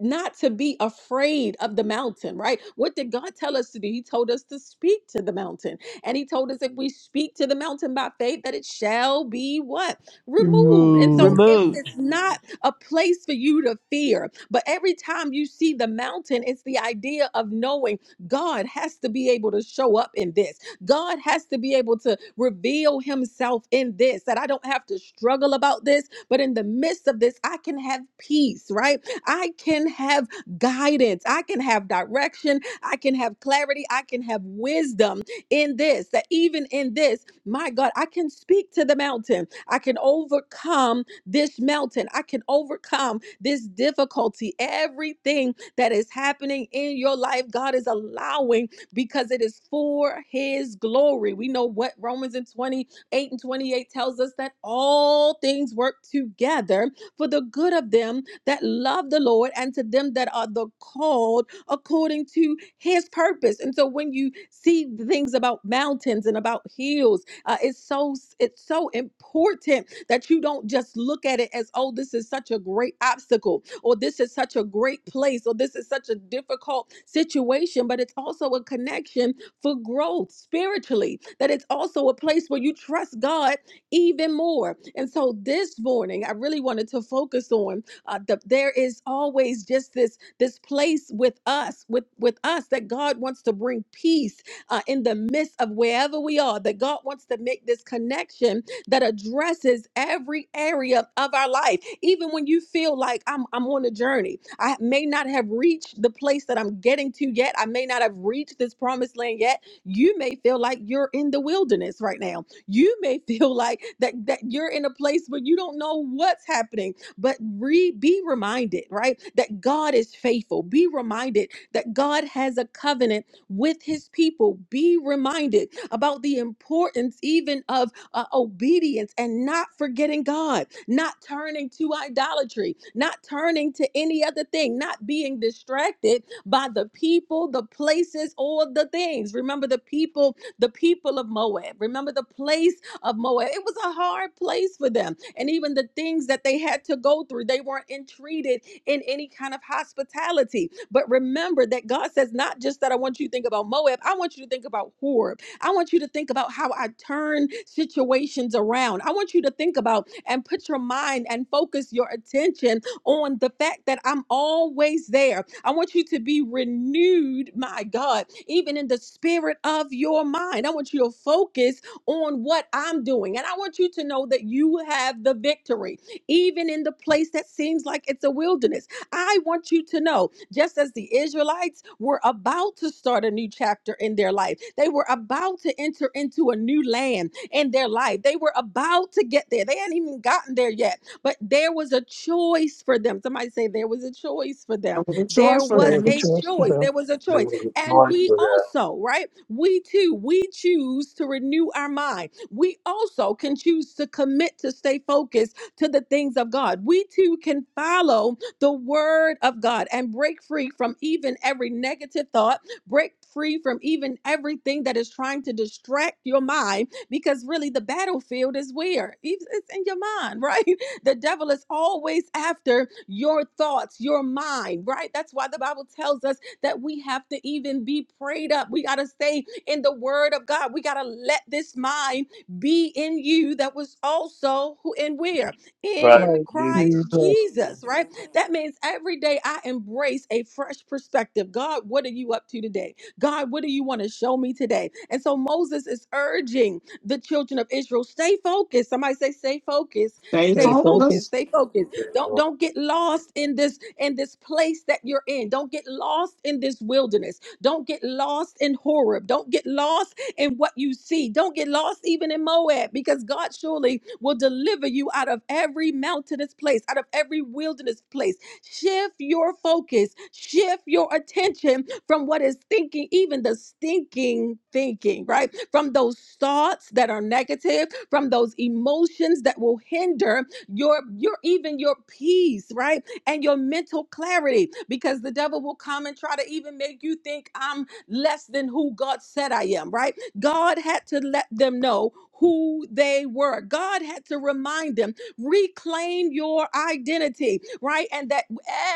Speaker 1: not to be afraid of the mountain, right? What did God tell us to do? He told us to speak to the mountain. And he told us if we speak to the mountain by faith, that it shall be what?
Speaker 8: your
Speaker 1: Removed. And so
Speaker 8: moves.
Speaker 1: it-
Speaker 7: removed.
Speaker 1: it's not a place for you to fear. But every time you see the mountain, it's the idea of knowing God has to be able to show up in this. God has to be able to reveal himself in this, that I don't have to struggle about this, but in the midst of this, I can have peace, right? I can have guidance. I can have direction. I can have clarity. I can have wisdom in this, that even in this, my God, I can speak to the mountain. I can overcome this mountain. I can overcome this difficulty. Everything that is happening in your life, God is allowing because it is for his glory. We know what Romans and 28 and 28 tells us that all things work together for the good of them that love the Lord and to them that are the called according to his purpose. And so when you see the things about mountains and about hills, uh, it's so it's so important that you don't just look at it as oh this is such a great obstacle or this is such a great place or this is such a difficult situation, but it's also a connection for growth spiritually. That it's also a place where you trust God even more. And so this morning I really wanted to focus on uh, the, there is always just this this place with us, with with us that God wants to bring peace uh, in the midst of wherever we are. That God wants to make this connection that addresses every area of our life, even when you feel like I'm I'm on a journey. I may not have reached the place that I'm getting to yet. I may not have reached this promised land yet you may feel like you're in the wilderness right now you may feel like that that you're in a place where you don't know what's happening but re, be reminded, right, that God is faithful. Be reminded that God has a covenant with his people. Be reminded about the importance even of uh, obedience and not forgetting God, not turning to idolatry, not turning to any other thing, not being distracted by the people, the places, or the things. Remember the people, the people of Moab. Remember the place of Moab. It was a hard place for them and even the things that they had to go through. They weren't entreated in any kind of hospitality. But remember that God says, not just that I want you to think about Moab, I want you to think about Horeb. I want you to think about how I turn situations around. I want you to think about and put your mind and focus your attention on the fact that I'm always there. I want you to be renewed, my God, even in the spirit of your mind. I want you to focus on what I'm doing. And I want you to know that you have the victory, even in the place that seems like it's a wilderness. I want you to know, just as the Israelites were about to start a new chapter in their life, they were about to enter into a new land in their life. They were about to get there. They hadn't even gotten there yet, but there was a choice for them. Somebody say, There was a choice for them.
Speaker 4: That was a
Speaker 1: There
Speaker 4: choice for
Speaker 2: There
Speaker 1: was
Speaker 2: was a
Speaker 4: them.
Speaker 1: a
Speaker 2: choice for
Speaker 1: choice.
Speaker 2: them.
Speaker 1: There was a choice.
Speaker 6: there was a
Speaker 1: And
Speaker 6: noise
Speaker 1: we
Speaker 6: for that.
Speaker 1: also, right? We too, we choose to renew our mind. We also can choose to commit to stay focused to the things of God. We too can follow the word of God and break free from even every negative thought, break free from even everything that is trying to distract your mind because really the battlefield is where? It's it's in your mind, right? The devil is always after your thoughts, your mind, right? That's why the Bible tells us that we have to even be prayed up. We got to stay in the word of God. We got to let this mind be in you that was also who and where in
Speaker 6: Christ
Speaker 2: Like
Speaker 6: Jesus
Speaker 1: Christ
Speaker 2: Jesus,
Speaker 1: Jesus, right? That means every day I embrace a fresh perspective. God, what are you up to today? God, what do you want to show me today? And so Moses is urging the children of Israel, stay focused. Somebody say, stay focused,
Speaker 4: Stay
Speaker 1: stay
Speaker 2: stay
Speaker 1: focused,
Speaker 2: focused,
Speaker 4: focused.
Speaker 1: stay focused.
Speaker 6: said,
Speaker 1: Don't
Speaker 6: "Oh,
Speaker 1: don't get lost in this in this place that you're in. Don't get lost in this wilderness. Don't get lost in Horeb. Don't get lost in what you see. Don't get lost even in Moab because God surely will deliver you out of every mountainous place, out of every wilderness place. Shift your focus, shift your attention from what is thinking, even the stinking thinking, right? From those thoughts that are negative, from those emotions that will hinder your your even your peace, right? And your mental clarity because the devil will come and try to even make you think I'm less than who God said I am, right? God had to let them know who they were. God had to remind them, reclaim your identity, right? And that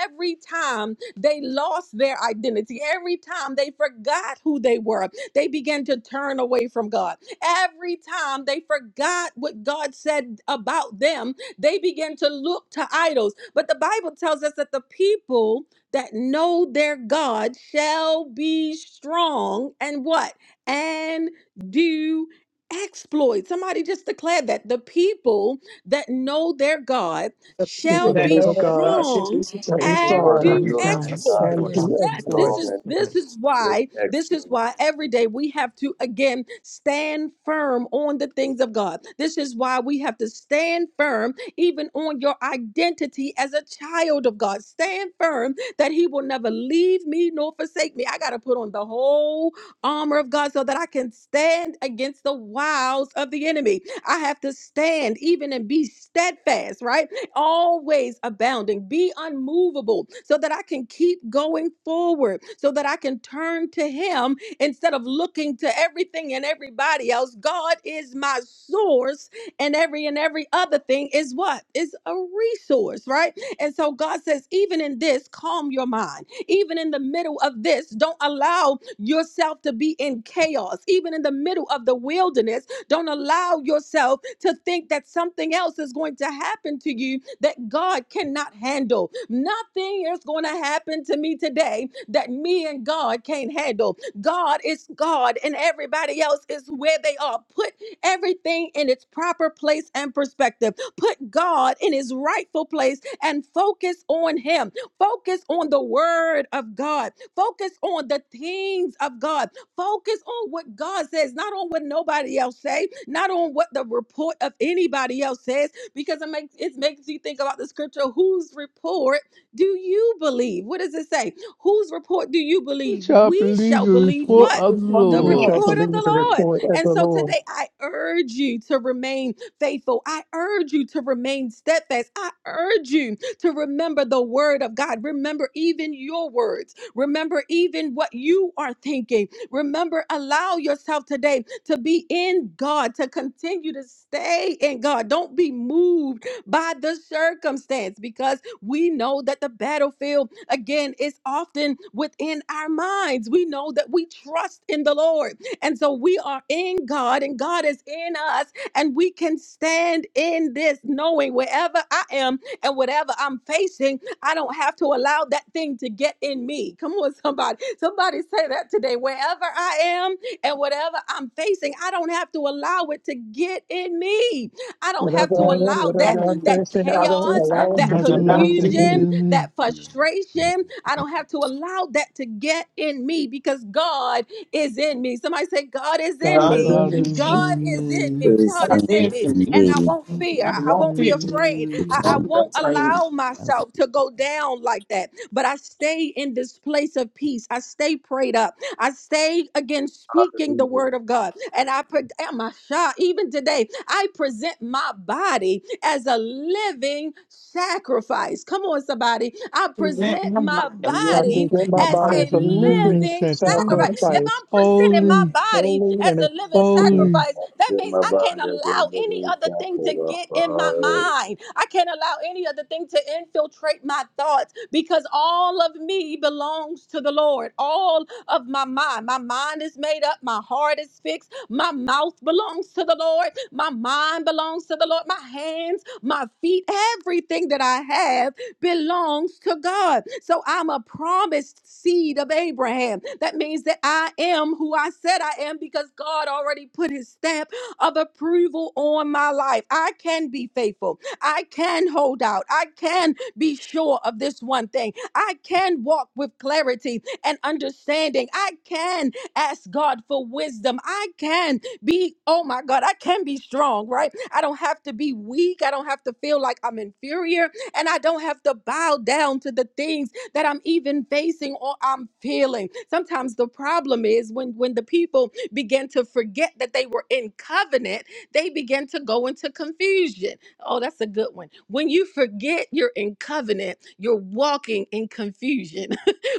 Speaker 1: every time they lost their identity, every time they forgot who they were, they began to turn away from God. Every time they forgot what God said about them, they began to look to idols. But the Bible tells us that the people that know their God shall be strong and what? And do exploits. Somebody just declared that the people that know their God
Speaker 4: The
Speaker 2: keep
Speaker 4: people
Speaker 1: shall
Speaker 2: with
Speaker 4: that
Speaker 1: be
Speaker 4: know
Speaker 2: another
Speaker 4: that
Speaker 2: God,
Speaker 4: God should be
Speaker 1: strong
Speaker 2: that
Speaker 4: strong
Speaker 2: be
Speaker 1: and
Speaker 6: Lord,
Speaker 2: strong,
Speaker 4: and
Speaker 8: Tell
Speaker 6: I
Speaker 1: do
Speaker 8: the
Speaker 4: very
Speaker 6: know that
Speaker 8: song
Speaker 4: yes,
Speaker 1: exploits.
Speaker 6: God
Speaker 8: unto
Speaker 2: and
Speaker 6: shall
Speaker 4: yours.
Speaker 2: do
Speaker 6: be
Speaker 1: Yes,
Speaker 2: exploit.
Speaker 1: this
Speaker 6: strong
Speaker 8: excellence.
Speaker 1: is
Speaker 6: and
Speaker 1: this is
Speaker 6: this
Speaker 1: why this is
Speaker 6: excellent.
Speaker 1: why every day we have to again stand firm on the things of God. This is why we have to stand firm even on your identity as a child of God. Stand firm that he will never leave me nor forsake me. I got to put on the whole armor of God so that I can stand against the wiles of the enemy. I have to stand even and be steadfast, right? always abounding. Be unmovable so that I can keep going forward, so that I can turn to Him instead of looking to everything and everybody else. God is my source, and every and every other thing is what? Is a resource, right? And so God says, even in this, calm your mind. Even in the middle of this, don't allow yourself to be in chaos. Even in the middle of the wilderness, don't allow yourself to think that something else is going to happen to you that God cannot handle. Nothing is going to happen to me today that me and God can't handle. God is God and everybody else is where they are. Put everything in its proper place and perspective. Put God in his rightful place and focus on him. Focus on the word of God. Focus on the things of God Focus on what God says, not on what nobody else say, not on what the report of anybody else says, because it makes it makes you think about the scripture. Whose report do you believe? What does it say? Whose report do you
Speaker 8: We
Speaker 1: believe?
Speaker 8: shall
Speaker 1: We
Speaker 8: believe
Speaker 1: shall
Speaker 8: the
Speaker 1: believe
Speaker 4: You
Speaker 8: report
Speaker 4: can
Speaker 1: what?
Speaker 8: of
Speaker 4: do
Speaker 8: the
Speaker 4: what
Speaker 1: The
Speaker 4: you
Speaker 2: We
Speaker 8: Lord.
Speaker 2: shall
Speaker 4: want.
Speaker 1: report of
Speaker 2: believe
Speaker 1: the
Speaker 2: the
Speaker 1: Lord.
Speaker 2: report of
Speaker 1: And
Speaker 2: the
Speaker 1: so
Speaker 2: Lord.
Speaker 1: today I urge you to remain faithful. I urge you to remain steadfast. I urge you to remember the word of God. Remember even your words. Remember even what you are thinking. Remember, allow yourself today to be in God, to continue to stay in God. Don't be moved by the circumstance because we know that the battlefield, again, is often within our minds. We know that we trust in the Lord. And so we are in God and God is in us, and we can stand in this knowing wherever I am and whatever I'm facing, I don't have to allow that thing to get in me. Come on, somebody. Somebody say that today. Wherever I am and whatever I'm facing, I don't have to allow it to get in me. I don't have
Speaker 4: But
Speaker 1: to
Speaker 2: Whatever I
Speaker 4: when
Speaker 2: am,
Speaker 1: allow
Speaker 2: whatever
Speaker 4: I
Speaker 1: that
Speaker 2: God
Speaker 4: mean,
Speaker 1: that
Speaker 2: says, say,
Speaker 4: I
Speaker 2: I
Speaker 4: don't
Speaker 2: don't
Speaker 1: chaos,
Speaker 2: allow
Speaker 8: I
Speaker 2: it
Speaker 1: that
Speaker 2: to
Speaker 4: have
Speaker 8: have
Speaker 4: to
Speaker 8: to
Speaker 2: get
Speaker 4: allow
Speaker 8: allow
Speaker 4: the
Speaker 2: into
Speaker 8: to get
Speaker 2: me.
Speaker 1: confusion,
Speaker 4: big
Speaker 8: in me.
Speaker 1: that frustration. I don't have to allow that to get in me because God is in me. Somebody say, God is in
Speaker 2: God
Speaker 4: God
Speaker 2: is
Speaker 4: to
Speaker 1: me.
Speaker 2: in
Speaker 8: God
Speaker 4: feed
Speaker 2: me.
Speaker 8: is
Speaker 4: me.
Speaker 1: God
Speaker 8: in
Speaker 1: is in me.
Speaker 8: me.
Speaker 1: God
Speaker 4: God
Speaker 1: is in
Speaker 4: is
Speaker 1: me.
Speaker 4: to
Speaker 10: in
Speaker 4: me.
Speaker 1: And I
Speaker 10: me.
Speaker 1: won't fear.
Speaker 4: I
Speaker 1: I
Speaker 8: He's
Speaker 1: won't
Speaker 4: want
Speaker 1: be
Speaker 4: it.
Speaker 8: in
Speaker 1: afraid.
Speaker 8: me.
Speaker 1: I, I
Speaker 4: Want
Speaker 1: won't
Speaker 4: the trade.
Speaker 1: allow myself to go down like that. But I stay in this place of peace. I stay prayed up. I stay again speaking the
Speaker 6: Hallelujah.
Speaker 1: word of God. And I pre- am I shy? Even today, I present my body as a living sacrifice. Come on, somebody. I
Speaker 4: Present
Speaker 1: present
Speaker 4: my
Speaker 1: my
Speaker 4: mind. I
Speaker 2: I
Speaker 4: really
Speaker 1: body
Speaker 2: present my
Speaker 4: my
Speaker 1: as
Speaker 4: father
Speaker 2: body
Speaker 8: As
Speaker 1: a
Speaker 2: as
Speaker 8: a
Speaker 2: a
Speaker 8: living
Speaker 2: living
Speaker 1: living
Speaker 4: from
Speaker 8: sacrifice.
Speaker 1: sacrifice.
Speaker 4: this.
Speaker 1: If
Speaker 2: sacrifice,
Speaker 1: I'm presenting my
Speaker 8: Holy,
Speaker 1: body
Speaker 2: holy
Speaker 1: as
Speaker 2: and
Speaker 1: a living
Speaker 2: acceptable
Speaker 8: holy.
Speaker 1: sacrifice, that
Speaker 6: Give
Speaker 1: means
Speaker 6: my
Speaker 1: I can't
Speaker 6: body up
Speaker 1: allow
Speaker 6: in the
Speaker 1: any other
Speaker 6: name
Speaker 1: thing to
Speaker 6: of
Speaker 1: get in my
Speaker 6: God.
Speaker 1: mind. I can't allow any other thing to infiltrate my thoughts because all of me belongs to the Lord. All of my mind, my mind mind is made up. My heart is fixed. My mouth belongs to the Lord. My mind belongs to the Lord. My hands, my feet, everything that I have belongs to God. So I'm a promised seed of Abraham. That means that I am who I said I am because God already put his stamp of approval on my life. I can be faithful. I can hold out. I can be sure of this one thing. I can walk with clarity and understanding. I can ask God for wisdom. I can be, oh my God, I can be strong, right? I don't have to be weak. I don't have to feel like I'm inferior. And I don't have to bow down to the things that I'm even facing or I'm feeling. Sometimes the problem is when, when the people begin to forget that they were in covenant, they begin to go into confusion. Oh, that's a good one. When you forget you're in covenant, you're walking in confusion.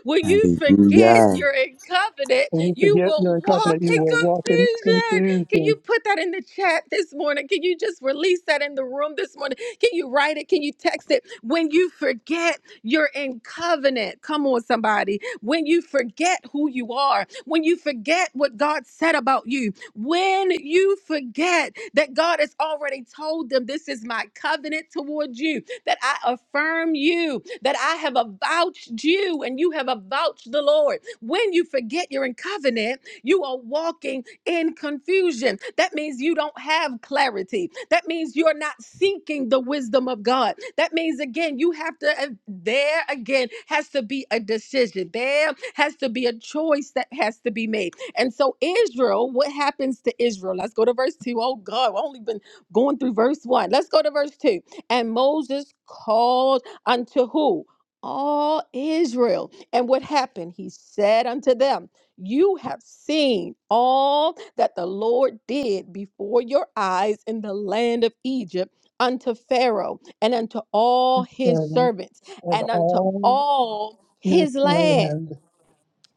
Speaker 1: When you forget
Speaker 10: Hallelujah.
Speaker 1: you're in covenant,
Speaker 2: And you said,
Speaker 1: you
Speaker 2: yet
Speaker 1: will
Speaker 2: you're
Speaker 1: walk
Speaker 2: confident you
Speaker 1: in
Speaker 2: will walk in
Speaker 1: confusion.
Speaker 2: confused
Speaker 1: Can you
Speaker 2: and
Speaker 1: put that in the chat this morning? Can you just release that in the room this morning? Can you write it? Can you text it? When you forget you're in covenant, come on, somebody. When you forget who you are, when you forget what God said about you, when you forget that God has already told them, This is my covenant towards you, that I affirm you, that I have avouched you, and you have avouched the Lord. When you forget you're in covenant, you are walking in confusion. That means you don't have clarity. That means you're not seeking the wisdom of God. That means, again, you have to, uh, there again has to be a decision. There has to be a choice that has to be made. And so, Israel, what happens to Israel? Let's go to verse 2. Oh, God, I've only been going through verse 1. Let's go to verse 2. And Moses called unto who? All Israel. And what happened? He said unto them, You have seen all that the Lord did before your eyes in the land of Egypt unto Pharaoh and unto all his
Speaker 2: and,
Speaker 1: servants
Speaker 2: and
Speaker 1: and unto
Speaker 2: all
Speaker 1: all
Speaker 2: this
Speaker 1: his land.
Speaker 2: land,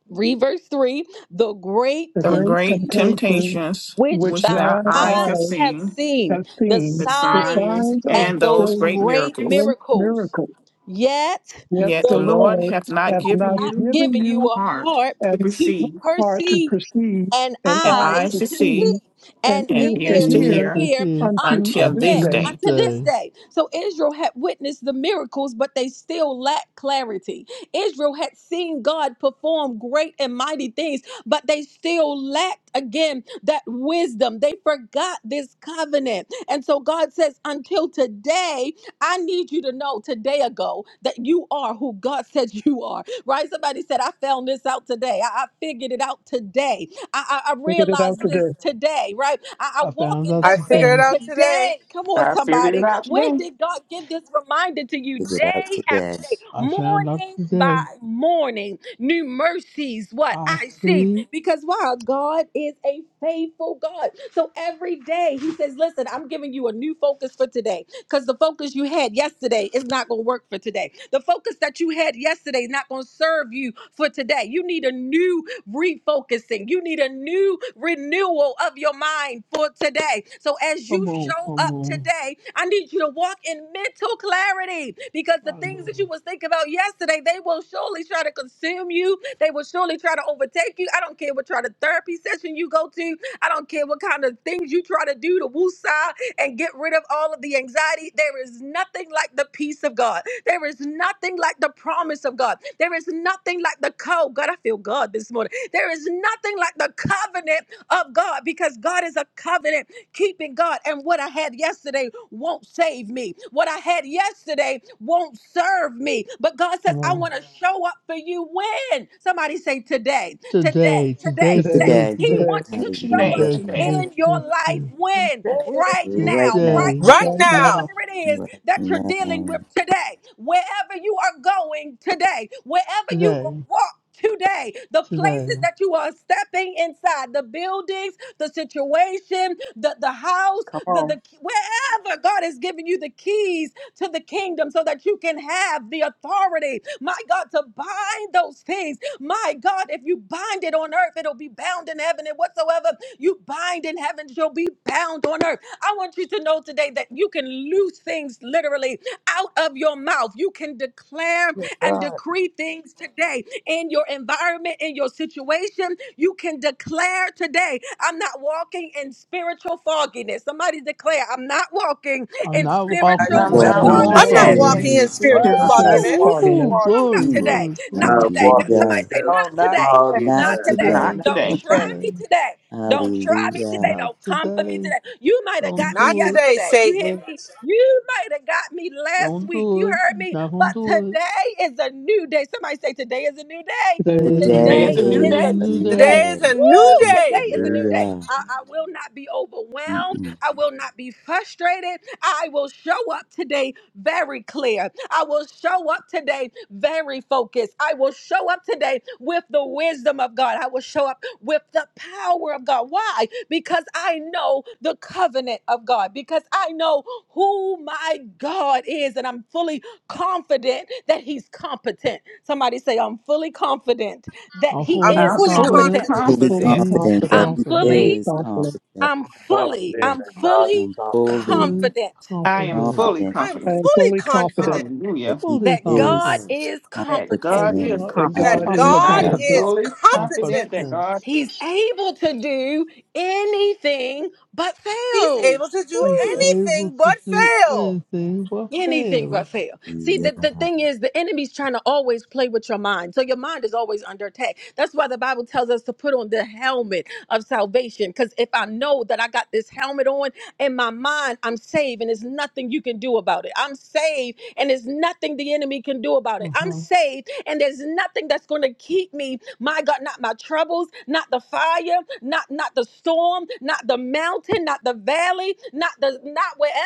Speaker 1: Read verse 3 The great
Speaker 2: the
Speaker 4: The
Speaker 2: great
Speaker 4: great
Speaker 1: temptations
Speaker 2: temptation
Speaker 4: temptations
Speaker 1: which
Speaker 2: which
Speaker 4: which
Speaker 1: thine
Speaker 4: thy
Speaker 2: thine
Speaker 4: eyes
Speaker 1: eyes
Speaker 4: have
Speaker 2: eyes
Speaker 1: have
Speaker 4: seen,
Speaker 1: seen,
Speaker 2: have
Speaker 1: the
Speaker 2: seen,
Speaker 4: the
Speaker 2: the
Speaker 1: signs
Speaker 4: signs
Speaker 2: signs of
Speaker 1: and
Speaker 4: and those
Speaker 1: those
Speaker 2: those
Speaker 4: great
Speaker 1: great
Speaker 4: miracles
Speaker 2: great
Speaker 1: miracles.
Speaker 2: miracles.
Speaker 1: Yet
Speaker 2: Yet
Speaker 1: the
Speaker 4: Yet
Speaker 2: the
Speaker 4: the Lord
Speaker 2: Lord
Speaker 1: Lord
Speaker 4: hath not
Speaker 2: hath
Speaker 4: given
Speaker 2: not
Speaker 1: not
Speaker 4: you
Speaker 2: given
Speaker 1: giving
Speaker 4: an
Speaker 1: you
Speaker 2: you
Speaker 1: a
Speaker 4: heart
Speaker 1: heart
Speaker 4: to
Speaker 2: an
Speaker 1: to
Speaker 4: perceive,
Speaker 2: heart to
Speaker 1: perceive,
Speaker 2: perceive,
Speaker 1: and
Speaker 2: and
Speaker 4: and
Speaker 2: eyes
Speaker 1: eyes
Speaker 4: eyes
Speaker 2: to
Speaker 4: to
Speaker 1: to see,
Speaker 4: see,
Speaker 2: see, and
Speaker 1: and
Speaker 4: and
Speaker 2: ears to
Speaker 4: ears
Speaker 1: ears
Speaker 4: to
Speaker 1: to
Speaker 8: is
Speaker 2: hear
Speaker 4: hear
Speaker 8: the
Speaker 1: hear
Speaker 8: here
Speaker 2: unto
Speaker 1: until
Speaker 4: until
Speaker 8: on
Speaker 2: this
Speaker 1: when?
Speaker 4: this
Speaker 2: day.
Speaker 4: day.
Speaker 1: Until this
Speaker 8: Tuesday?
Speaker 1: day. So Israel had witnessed the miracles, but they still lacked clarity. Israel had seen God perform great and mighty things, but they still lacked again that wisdom. They forgot this covenant. And so God says, until today, I need you to know today ago that you are who God says you are. Right? Somebody said, I found this out today. I I figured it out today I, I, I
Speaker 2: Figure it out
Speaker 1: realized this
Speaker 2: today,
Speaker 1: today, right? I, I
Speaker 8: I
Speaker 1: walk
Speaker 8: found
Speaker 1: in
Speaker 8: out
Speaker 3: I
Speaker 1: this
Speaker 3: figure
Speaker 1: faith
Speaker 3: it
Speaker 8: today.
Speaker 3: out today.
Speaker 1: today. Come on,
Speaker 4: I figured it
Speaker 1: somebody.
Speaker 4: out
Speaker 1: When
Speaker 4: today.
Speaker 1: did God give this reminder to you?
Speaker 10: Figure it out
Speaker 1: Day after
Speaker 10: today.
Speaker 1: day,
Speaker 8: I found out
Speaker 1: morning by
Speaker 8: today.
Speaker 1: morning, new mercies. What
Speaker 8: I
Speaker 1: I see,
Speaker 8: see.
Speaker 1: because wow, God is a faithful God. So every day He says, "Listen, I'm giving you a new focus for today, because the focus you had yesterday is not going to work for today. The focus that you had yesterday is not going to serve you for today. You need a new refocusing. You need a new renewal of your mind for today. So as
Speaker 8: Come
Speaker 1: you
Speaker 8: on,
Speaker 1: show
Speaker 8: come
Speaker 1: up
Speaker 8: on.
Speaker 1: today, I need you to walk in mental clarity because the
Speaker 8: I
Speaker 1: things that you
Speaker 8: know.
Speaker 1: was thinking about yesterday, they will surely try to consume you. They will surely try to overtake you. I don't care what kind of therapy session you go to. I don't care what kind of things you try to do to woosah and get rid of all of the anxiety. There is nothing like the peace of God. There is nothing like the promise of God. There is nothing like the code. God, I feel God this morning. There is nothing like the covenant of God because God is a covenant keeping God. And what I had yesterday won't save me. What I had yesterday won't serve me. But God says,
Speaker 8: Come
Speaker 1: I
Speaker 8: on.
Speaker 1: want to show up for you when. Somebody say today, today,
Speaker 8: Today, today,
Speaker 1: today,
Speaker 2: today,
Speaker 1: today.
Speaker 8: today,
Speaker 10: Today.
Speaker 1: He
Speaker 8: today,
Speaker 2: today,
Speaker 1: wants to show
Speaker 4: Today,
Speaker 10: Hallelujah.
Speaker 1: up
Speaker 8: today,
Speaker 4: today.
Speaker 8: today,
Speaker 1: in your
Speaker 8: today,
Speaker 1: life when right
Speaker 8: today,
Speaker 10: Right
Speaker 1: now
Speaker 10: now.
Speaker 1: right
Speaker 8: today,
Speaker 1: here
Speaker 3: Right
Speaker 2: right now.
Speaker 3: now,
Speaker 1: whatever it is
Speaker 10: Right
Speaker 1: that you're dealing
Speaker 10: now.
Speaker 1: with today wherever you are going today wherever you
Speaker 8: today,
Speaker 1: will walk Today, the
Speaker 8: today.
Speaker 1: places that you are stepping inside, the buildings, the situation, the, the house,
Speaker 5: Come
Speaker 1: the,
Speaker 5: on,
Speaker 1: the wherever God has given you the keys to the kingdom so that you can have the authority, my God, to bind those things. My God, if you bind it on earth, it'll be bound in heaven. And whatsoever you bind in heaven shall be bound on earth. I want you to know today that you can loose things literally out of your mouth. You can declare and
Speaker 5: God.
Speaker 1: decree things today in your environment, in your situation. You can declare today, I'm not walking in spiritual fogginess. Somebody declare, I'm not walking
Speaker 5: I
Speaker 8: I'm
Speaker 1: in
Speaker 5: decree
Speaker 8: not
Speaker 5: and I
Speaker 10: Not
Speaker 8: walking
Speaker 1: spiritual
Speaker 4: I'm
Speaker 8: in
Speaker 5: declare
Speaker 2: I'm
Speaker 4: not
Speaker 10: walking
Speaker 5: I'm
Speaker 2: not
Speaker 10: in
Speaker 8: spiritual
Speaker 5: not
Speaker 3: I'm
Speaker 2: walking
Speaker 3: not
Speaker 4: walking
Speaker 1: fogginess.
Speaker 5: walking
Speaker 2: in
Speaker 5: in,
Speaker 4: in
Speaker 3: walking
Speaker 8: fogginess.
Speaker 10: spiritual
Speaker 3: in spiritual
Speaker 5: I'm
Speaker 4: spiritual,
Speaker 5: not
Speaker 2: spiritual
Speaker 10: fogginess.
Speaker 5: walking
Speaker 3: fogginess.
Speaker 5: in
Speaker 8: Ooh,
Speaker 2: fogginess.
Speaker 1: No, not
Speaker 8: glory,
Speaker 5: progress.
Speaker 10: Mm.
Speaker 1: today.
Speaker 8: glory,
Speaker 1: Not
Speaker 8: glory,
Speaker 6: Not
Speaker 1: today.
Speaker 8: glory.
Speaker 1: That-
Speaker 6: walking in
Speaker 1: Somebody
Speaker 10: Hallelujah.
Speaker 1: say,
Speaker 6: spirit,
Speaker 5: Oh,
Speaker 1: not
Speaker 5: not
Speaker 1: today.
Speaker 6: foggy
Speaker 5: today,
Speaker 10: Not
Speaker 1: Not
Speaker 8: Not
Speaker 6: night,
Speaker 1: today.
Speaker 10: today.
Speaker 4: not
Speaker 8: today,
Speaker 5: not
Speaker 1: Don't
Speaker 8: not
Speaker 4: today.
Speaker 5: today.
Speaker 1: try
Speaker 8: today,
Speaker 1: me today. Don't try me today.
Speaker 10: Hallelujah.
Speaker 8: not
Speaker 1: Don't come for me
Speaker 8: today.
Speaker 1: today. You might have
Speaker 8: Don't
Speaker 1: got me
Speaker 3: Not
Speaker 8: do it.
Speaker 3: today,
Speaker 1: yesterday. You hear
Speaker 3: Satan.
Speaker 1: me? You might have got me last
Speaker 8: Don't
Speaker 1: week. You
Speaker 8: do it.
Speaker 1: heard me?
Speaker 8: Not gonna
Speaker 1: But
Speaker 8: do it.
Speaker 1: today is a new day. Somebody say, today is a new day.
Speaker 2: Today is a
Speaker 8: Today's,
Speaker 2: new
Speaker 10: Today
Speaker 4: Today's
Speaker 2: day.
Speaker 1: Today
Speaker 4: a new
Speaker 1: is
Speaker 8: is
Speaker 1: a
Speaker 8: a
Speaker 10: is
Speaker 4: day.
Speaker 10: a
Speaker 8: new
Speaker 1: new
Speaker 10: new
Speaker 8: day.
Speaker 1: day.
Speaker 3: Today
Speaker 10: day.
Speaker 3: is a new
Speaker 1: Woo! Today
Speaker 3: day.
Speaker 6: every
Speaker 1: is a
Speaker 6: day.
Speaker 1: new day.
Speaker 10: Hallelujah.
Speaker 1: I, I will not be overwhelmed.
Speaker 10: Mm-mm.
Speaker 1: I will not be frustrated. I will show up today very clear. I will show up today very focused. I will show up today with the wisdom of God. I will show up with the power of God. Why? Because I know the covenant of God, because I know who my God is, and I'm fully confident that He's competent. Somebody say, I'm fully confident that
Speaker 8: I'm
Speaker 1: He
Speaker 3: I'm
Speaker 8: fully
Speaker 1: is
Speaker 4: I'm
Speaker 3: fully
Speaker 4: fully
Speaker 8: confident
Speaker 1: competent.
Speaker 2: I'm
Speaker 3: confident.
Speaker 10: Fully
Speaker 8: that
Speaker 2: fully
Speaker 4: confident.
Speaker 8: he's
Speaker 10: confident
Speaker 2: confident
Speaker 10: that
Speaker 1: I'm
Speaker 10: he
Speaker 2: that
Speaker 8: confident.
Speaker 2: He's
Speaker 1: fully,
Speaker 10: is
Speaker 2: confident.
Speaker 6: I'm
Speaker 10: competent.
Speaker 1: I'm
Speaker 5: I'm
Speaker 6: confident
Speaker 1: fully,
Speaker 5: fully
Speaker 1: I'm
Speaker 6: that
Speaker 5: confident,
Speaker 6: God is
Speaker 1: fully
Speaker 10: I'm fully
Speaker 6: confident.
Speaker 8: Fully
Speaker 1: confident
Speaker 4: I
Speaker 5: fully
Speaker 4: am
Speaker 8: confident.
Speaker 4: fully
Speaker 10: confident
Speaker 5: confident.
Speaker 3: I'm
Speaker 2: I
Speaker 4: confident.
Speaker 2: am
Speaker 3: fully
Speaker 2: fully confident
Speaker 3: confident
Speaker 4: Hallelujah.
Speaker 10: that He
Speaker 8: Fully
Speaker 1: that God
Speaker 10: is
Speaker 8: confident
Speaker 1: is
Speaker 4: That
Speaker 1: competent.
Speaker 8: that
Speaker 4: God is
Speaker 10: competent.
Speaker 8: God
Speaker 2: that
Speaker 8: is
Speaker 2: God
Speaker 4: competent.
Speaker 3: that
Speaker 2: is
Speaker 5: God
Speaker 4: I
Speaker 3: God
Speaker 10: Hallelujah.
Speaker 5: is
Speaker 4: am
Speaker 8: competent.
Speaker 2: competent.
Speaker 3: is
Speaker 5: confident.
Speaker 4: fully confident
Speaker 3: competent.
Speaker 4: that
Speaker 8: Competent.
Speaker 4: God
Speaker 1: He's able to do anything but
Speaker 3: He's
Speaker 1: fail.
Speaker 3: able to do
Speaker 8: He's
Speaker 1: Woo.
Speaker 8: able
Speaker 3: anything
Speaker 8: to
Speaker 3: but
Speaker 8: do
Speaker 3: fail.
Speaker 8: anything but
Speaker 1: Anything but
Speaker 8: fail.
Speaker 1: fail. See,
Speaker 10: Hallelujah.
Speaker 1: the, the thing is, the enemy's trying to always play with your mind. So your mind is always under attack. That's why the Bible tells us to put on the helmet of salvation. Because if I know that I got this helmet on in my mind, I'm saved and there's nothing you can do about it. I'm saved and there's nothing the enemy can do about it. I'm
Speaker 8: Uh-huh.
Speaker 1: saved and there's nothing that's going to keep me, my God, not my troubles, not the fire, not not the storm, not the mountain, not the valley, not the not wherever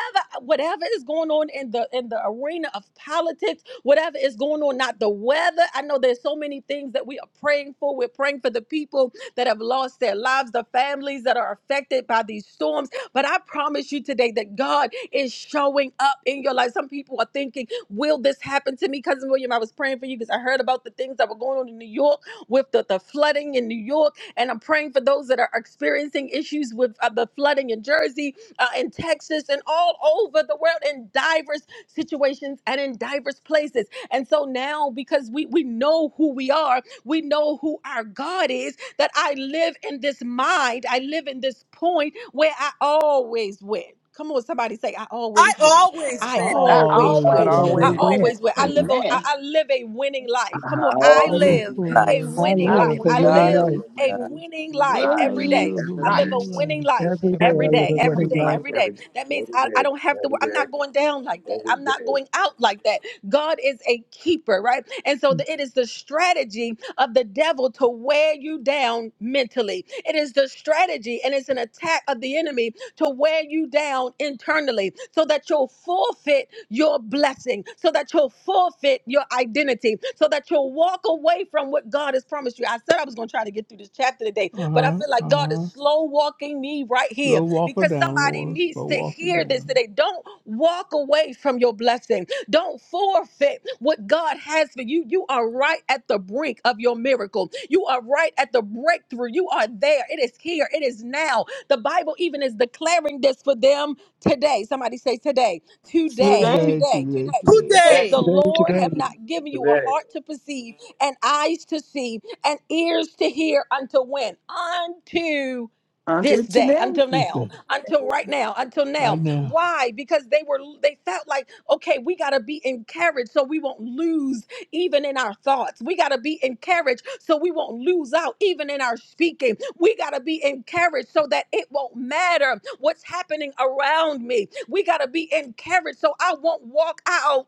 Speaker 1: whatever is going on in the in the arena of politics, whatever is going on, not the weather. I know there's so many things that we are praying for. We're praying for the people that have lost their lives, the families that are affected by these storms. But I promise you today that God is showing up in your life. Some people are thinking, will this happen to me? Cousin William, I was praying for you because I heard about the things that were going on in New York with the, the flooding in New York. And I'm praying for those that are experiencing issues with uh, the flooding in Jersey, uh, in Texas, and all over the world in diverse situations and in diverse places. And so now, because we, we know who we are, we know who our God is, that I live in this mind, I live in this point where I always win. Come on, somebody say, I
Speaker 3: I
Speaker 1: always win.
Speaker 3: always
Speaker 8: I
Speaker 1: I
Speaker 3: win.
Speaker 4: I
Speaker 1: always
Speaker 2: I
Speaker 5: God
Speaker 8: always
Speaker 1: win.
Speaker 4: always
Speaker 5: always
Speaker 1: I
Speaker 2: always
Speaker 8: win.
Speaker 4: win.
Speaker 2: win.
Speaker 5: wins.
Speaker 1: always win. I live
Speaker 10: Amen.
Speaker 1: a I
Speaker 4: Amen.
Speaker 1: I live a winning life. Come on,
Speaker 6: I
Speaker 10: A
Speaker 1: I
Speaker 8: I live
Speaker 6: always
Speaker 1: live
Speaker 8: for a
Speaker 6: win.
Speaker 1: a
Speaker 10: life
Speaker 2: I
Speaker 8: winning
Speaker 1: winning
Speaker 4: I
Speaker 8: life.
Speaker 2: live
Speaker 1: life.
Speaker 2: a
Speaker 1: I
Speaker 6: I
Speaker 4: win
Speaker 5: God
Speaker 2: winning
Speaker 1: live
Speaker 6: live a
Speaker 4: a
Speaker 2: life.
Speaker 5: is
Speaker 1: a
Speaker 10: uh,
Speaker 6: winning
Speaker 1: winning life
Speaker 8: I
Speaker 6: life
Speaker 1: every day.
Speaker 4: winning
Speaker 8: live for a
Speaker 1: I
Speaker 6: every
Speaker 1: live
Speaker 6: day,
Speaker 1: a
Speaker 4: life.
Speaker 1: winning
Speaker 8: winning
Speaker 1: life
Speaker 2: Every day
Speaker 4: I
Speaker 1: every
Speaker 2: I
Speaker 4: live
Speaker 12: Everyone,
Speaker 2: live
Speaker 4: a
Speaker 1: day,
Speaker 2: a
Speaker 1: every
Speaker 2: winning
Speaker 4: winning
Speaker 1: day,
Speaker 2: life.
Speaker 4: life
Speaker 1: every day.
Speaker 4: every day.
Speaker 1: That means
Speaker 6: every
Speaker 1: I, I
Speaker 6: day,
Speaker 1: don't have to,
Speaker 6: every
Speaker 1: I'm
Speaker 6: day,
Speaker 1: not going down like that.
Speaker 6: every
Speaker 1: I'm not going
Speaker 6: day.
Speaker 1: out like that. God is a keeper, right? And so
Speaker 8: life.
Speaker 1: the, it is the strategy of the devil to wear you down mentally. It is the strategy and it's an attack of the enemy to wear you down internally so that you'll forfeit your blessing, so that you'll forfeit your identity identity so that you'll walk away from what God has promised you. I said I was going to try to get through this chapter today, but I
Speaker 8: Uh-huh.
Speaker 1: feel like God
Speaker 8: Uh-huh.
Speaker 1: is slow walking me right here
Speaker 8: Slow walker
Speaker 1: because
Speaker 8: down,
Speaker 1: somebody
Speaker 8: Lord.
Speaker 1: needs
Speaker 8: Slow
Speaker 1: to
Speaker 8: walker
Speaker 1: hear this
Speaker 8: down.
Speaker 1: today. Don't walk away from your blessing. Don't forfeit what God has for you. You are right at the brink of your miracle. You are right at the breakthrough. You are there. It is here. It is now. The Bible even is declaring this for them today. Somebody say today, today,
Speaker 4: Today,
Speaker 8: Today,
Speaker 1: today,
Speaker 8: today,
Speaker 1: today.
Speaker 8: today.
Speaker 1: It says,
Speaker 5: day.
Speaker 1: The
Speaker 3: Today
Speaker 2: Day to
Speaker 1: Lord
Speaker 2: day,
Speaker 1: have not given you a
Speaker 6: Today,
Speaker 1: heart to perceive, and eyes to see, and ears to hear until when? Unto this
Speaker 4: until
Speaker 1: day
Speaker 4: today,
Speaker 1: until now
Speaker 8: Tuesday.
Speaker 1: until right now until now
Speaker 8: Right now.
Speaker 1: why because they were they felt like okay we got to be encouraged so we won't lose even in our thoughts. We got to be encouraged so we won't lose out even in our speaking. We got to be encouraged so that it won't matter what's happening around me. We got to be encouraged so I won't walk out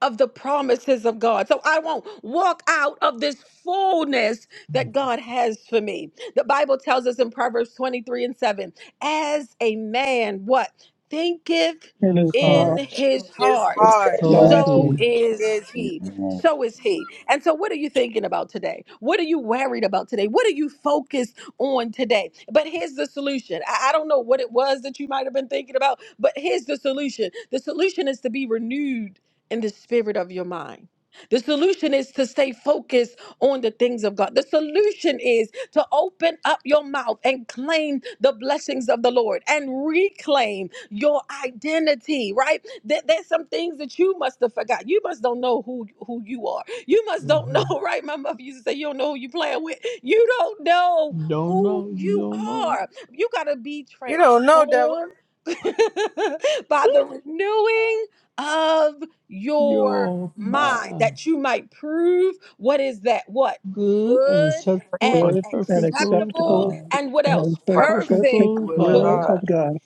Speaker 1: of the promises of God. So I won't walk out of this fullness that God has for me. The Bible tells us in Proverbs 23 and 7 as a man, what thinketh
Speaker 2: and
Speaker 8: In
Speaker 2: His
Speaker 8: his
Speaker 1: in
Speaker 2: heart
Speaker 8: heart.
Speaker 1: his
Speaker 3: is
Speaker 1: heart.
Speaker 10: is that
Speaker 3: hard.
Speaker 8: So is
Speaker 10: love.
Speaker 2: always
Speaker 1: So
Speaker 2: be
Speaker 8: he.
Speaker 1: is
Speaker 3: Is
Speaker 1: he.
Speaker 10: Amen.
Speaker 1: So is he. And so, what are you thinking about today? What are you worried about today? What are you focused on today? But here's the solution. I, I don't know what it was that you might have been thinking about, but here's the solution. The solution is to be renewed in the spirit of your mind. The solution is to stay focused on the things of God. The solution is to open up your mouth and claim the blessings of the Lord and reclaim your identity, right? There, there's some things that you must have forgot. You must don't know who who you are. You must don't
Speaker 8: hmm
Speaker 1: know, right? My mother used to say, "You don't know who you playing with. You don't know
Speaker 8: Don't
Speaker 1: who
Speaker 8: know. You
Speaker 1: you
Speaker 8: don't know.
Speaker 1: are. You gotta be
Speaker 3: you don't know, devil.
Speaker 1: transformed by the renewing of your
Speaker 8: You're
Speaker 1: mind,
Speaker 8: mine.
Speaker 1: that you might prove what is that what
Speaker 8: Good and
Speaker 1: good
Speaker 8: acceptable
Speaker 1: and
Speaker 5: Faithful,
Speaker 8: and
Speaker 2: good and
Speaker 8: perfect will of
Speaker 1: acceptable
Speaker 2: acceptable
Speaker 8: God.
Speaker 1: and what else
Speaker 2: and the
Speaker 5: perfect
Speaker 8: Perfect
Speaker 2: perfect
Speaker 1: perfect
Speaker 8: will of
Speaker 5: will of
Speaker 1: will
Speaker 2: will
Speaker 1: of
Speaker 8: God.
Speaker 5: God.
Speaker 1: God.
Speaker 2: of God.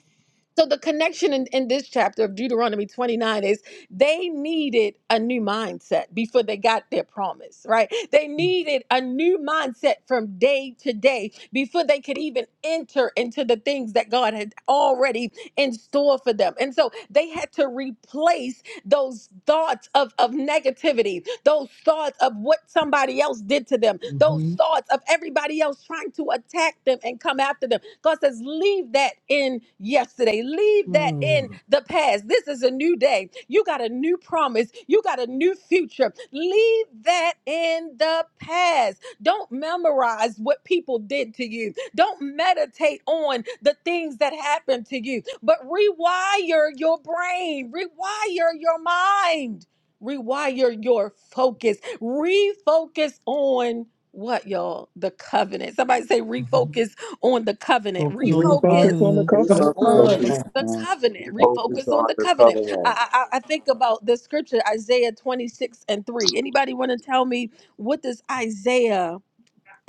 Speaker 1: So the connection in, in this chapter of Deuteronomy 29 is they needed a new mindset before they got their promise, right? They needed a new mindset from day to day before they could even enter into the things that God had already in store for them. And so they had to replace those thoughts of, of negativity, those thoughts of what somebody else did to them, those
Speaker 8: hmm
Speaker 1: thoughts of everybody else trying to attack them and come after them God says, leave that in yesterday. Leave that in the past. This is a new day. You got a new promise. You got a new future. Leave that in the past. Don't memorize what people did to you. Don't meditate on the things that happened to you, but rewire your brain, rewire your mind, rewire your focus, refocus on what y'all the covenant somebody say refocus on the covenant.
Speaker 8: Focus on the
Speaker 2: Refocus on
Speaker 1: Refocus
Speaker 2: the
Speaker 8: covenant.
Speaker 4: on
Speaker 2: covenant.
Speaker 4: the
Speaker 13: Refocus on the
Speaker 1: on
Speaker 4: covenant.
Speaker 10: Focus
Speaker 1: the
Speaker 10: on
Speaker 6: we
Speaker 1: covenant.
Speaker 10: the
Speaker 6: focus
Speaker 1: Refocus
Speaker 6: on
Speaker 1: on the
Speaker 6: the
Speaker 1: covenant.
Speaker 6: covenant.
Speaker 1: I, I, I think about the scripture Isaiah 26 and 3. Anybody want to tell me what does Isaiah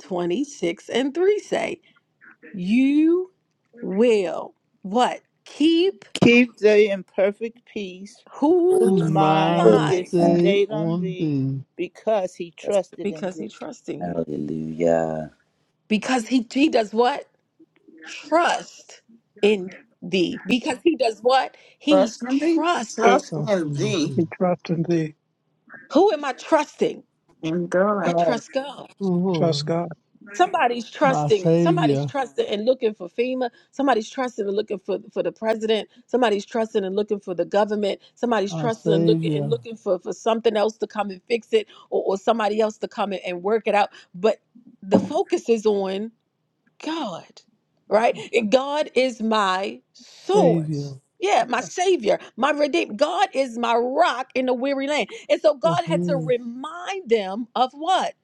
Speaker 1: 26 and 3 say? You will what? Keep
Speaker 7: Keep thee in perfect peace, whose
Speaker 8: Whose
Speaker 13: past.
Speaker 1: whose
Speaker 7: mind
Speaker 10: faith
Speaker 8: mind is
Speaker 1: mind?
Speaker 7: is
Speaker 10: and
Speaker 8: stayed
Speaker 7: stayed on
Speaker 8: on
Speaker 7: thee,
Speaker 8: thee.
Speaker 7: because he
Speaker 10: the
Speaker 7: trusted in
Speaker 1: Because he
Speaker 7: thee.
Speaker 1: trusts in you.
Speaker 10: Hallelujah.
Speaker 1: Because he he does what? Trust in thee. Because he does what? He
Speaker 4: Trust in thee.
Speaker 1: trusts in
Speaker 4: Trust
Speaker 8: Trust
Speaker 4: in
Speaker 8: in
Speaker 4: thee.
Speaker 8: thee.
Speaker 2: We trust in Thee,
Speaker 1: who am I trusting?
Speaker 4: In God.
Speaker 1: I
Speaker 2: God.
Speaker 1: trust God.
Speaker 8: Oh, Lord,
Speaker 2: Trust God.
Speaker 1: Somebody's
Speaker 8: my
Speaker 1: trusting.
Speaker 8: Savior.
Speaker 1: Somebody's trusting and looking for FEMA. Somebody's trusting and looking for, for the president. Somebody's trusting and looking for the government. Somebody's
Speaker 8: Our
Speaker 1: trusting and looking and
Speaker 8: Savior,
Speaker 1: looking for, for something else to come and fix it or, or somebody else to come and and work it out. But the focus is on God, right? God is my
Speaker 8: Savior,
Speaker 1: source. Yeah, my savior, my redeemer. God is my rock in the weary land. And so God
Speaker 8: this
Speaker 1: had to
Speaker 8: is
Speaker 1: remind them of what?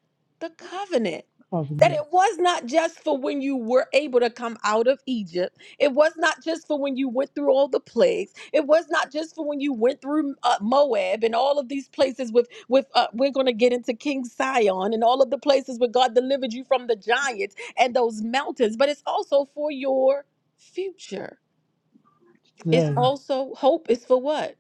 Speaker 1: The covenant. That
Speaker 8: covenant
Speaker 1: it was not just for when you were able to come out of Egypt. It was not just for when you went through all the plagues. It was not just for when you went through uh, Moab and all of these places with with uh, we're going to get into King Sion and all of the places where God delivered you from the giant and those mountains, but it's also for your future. It's
Speaker 8: today,
Speaker 1: also hope is for what?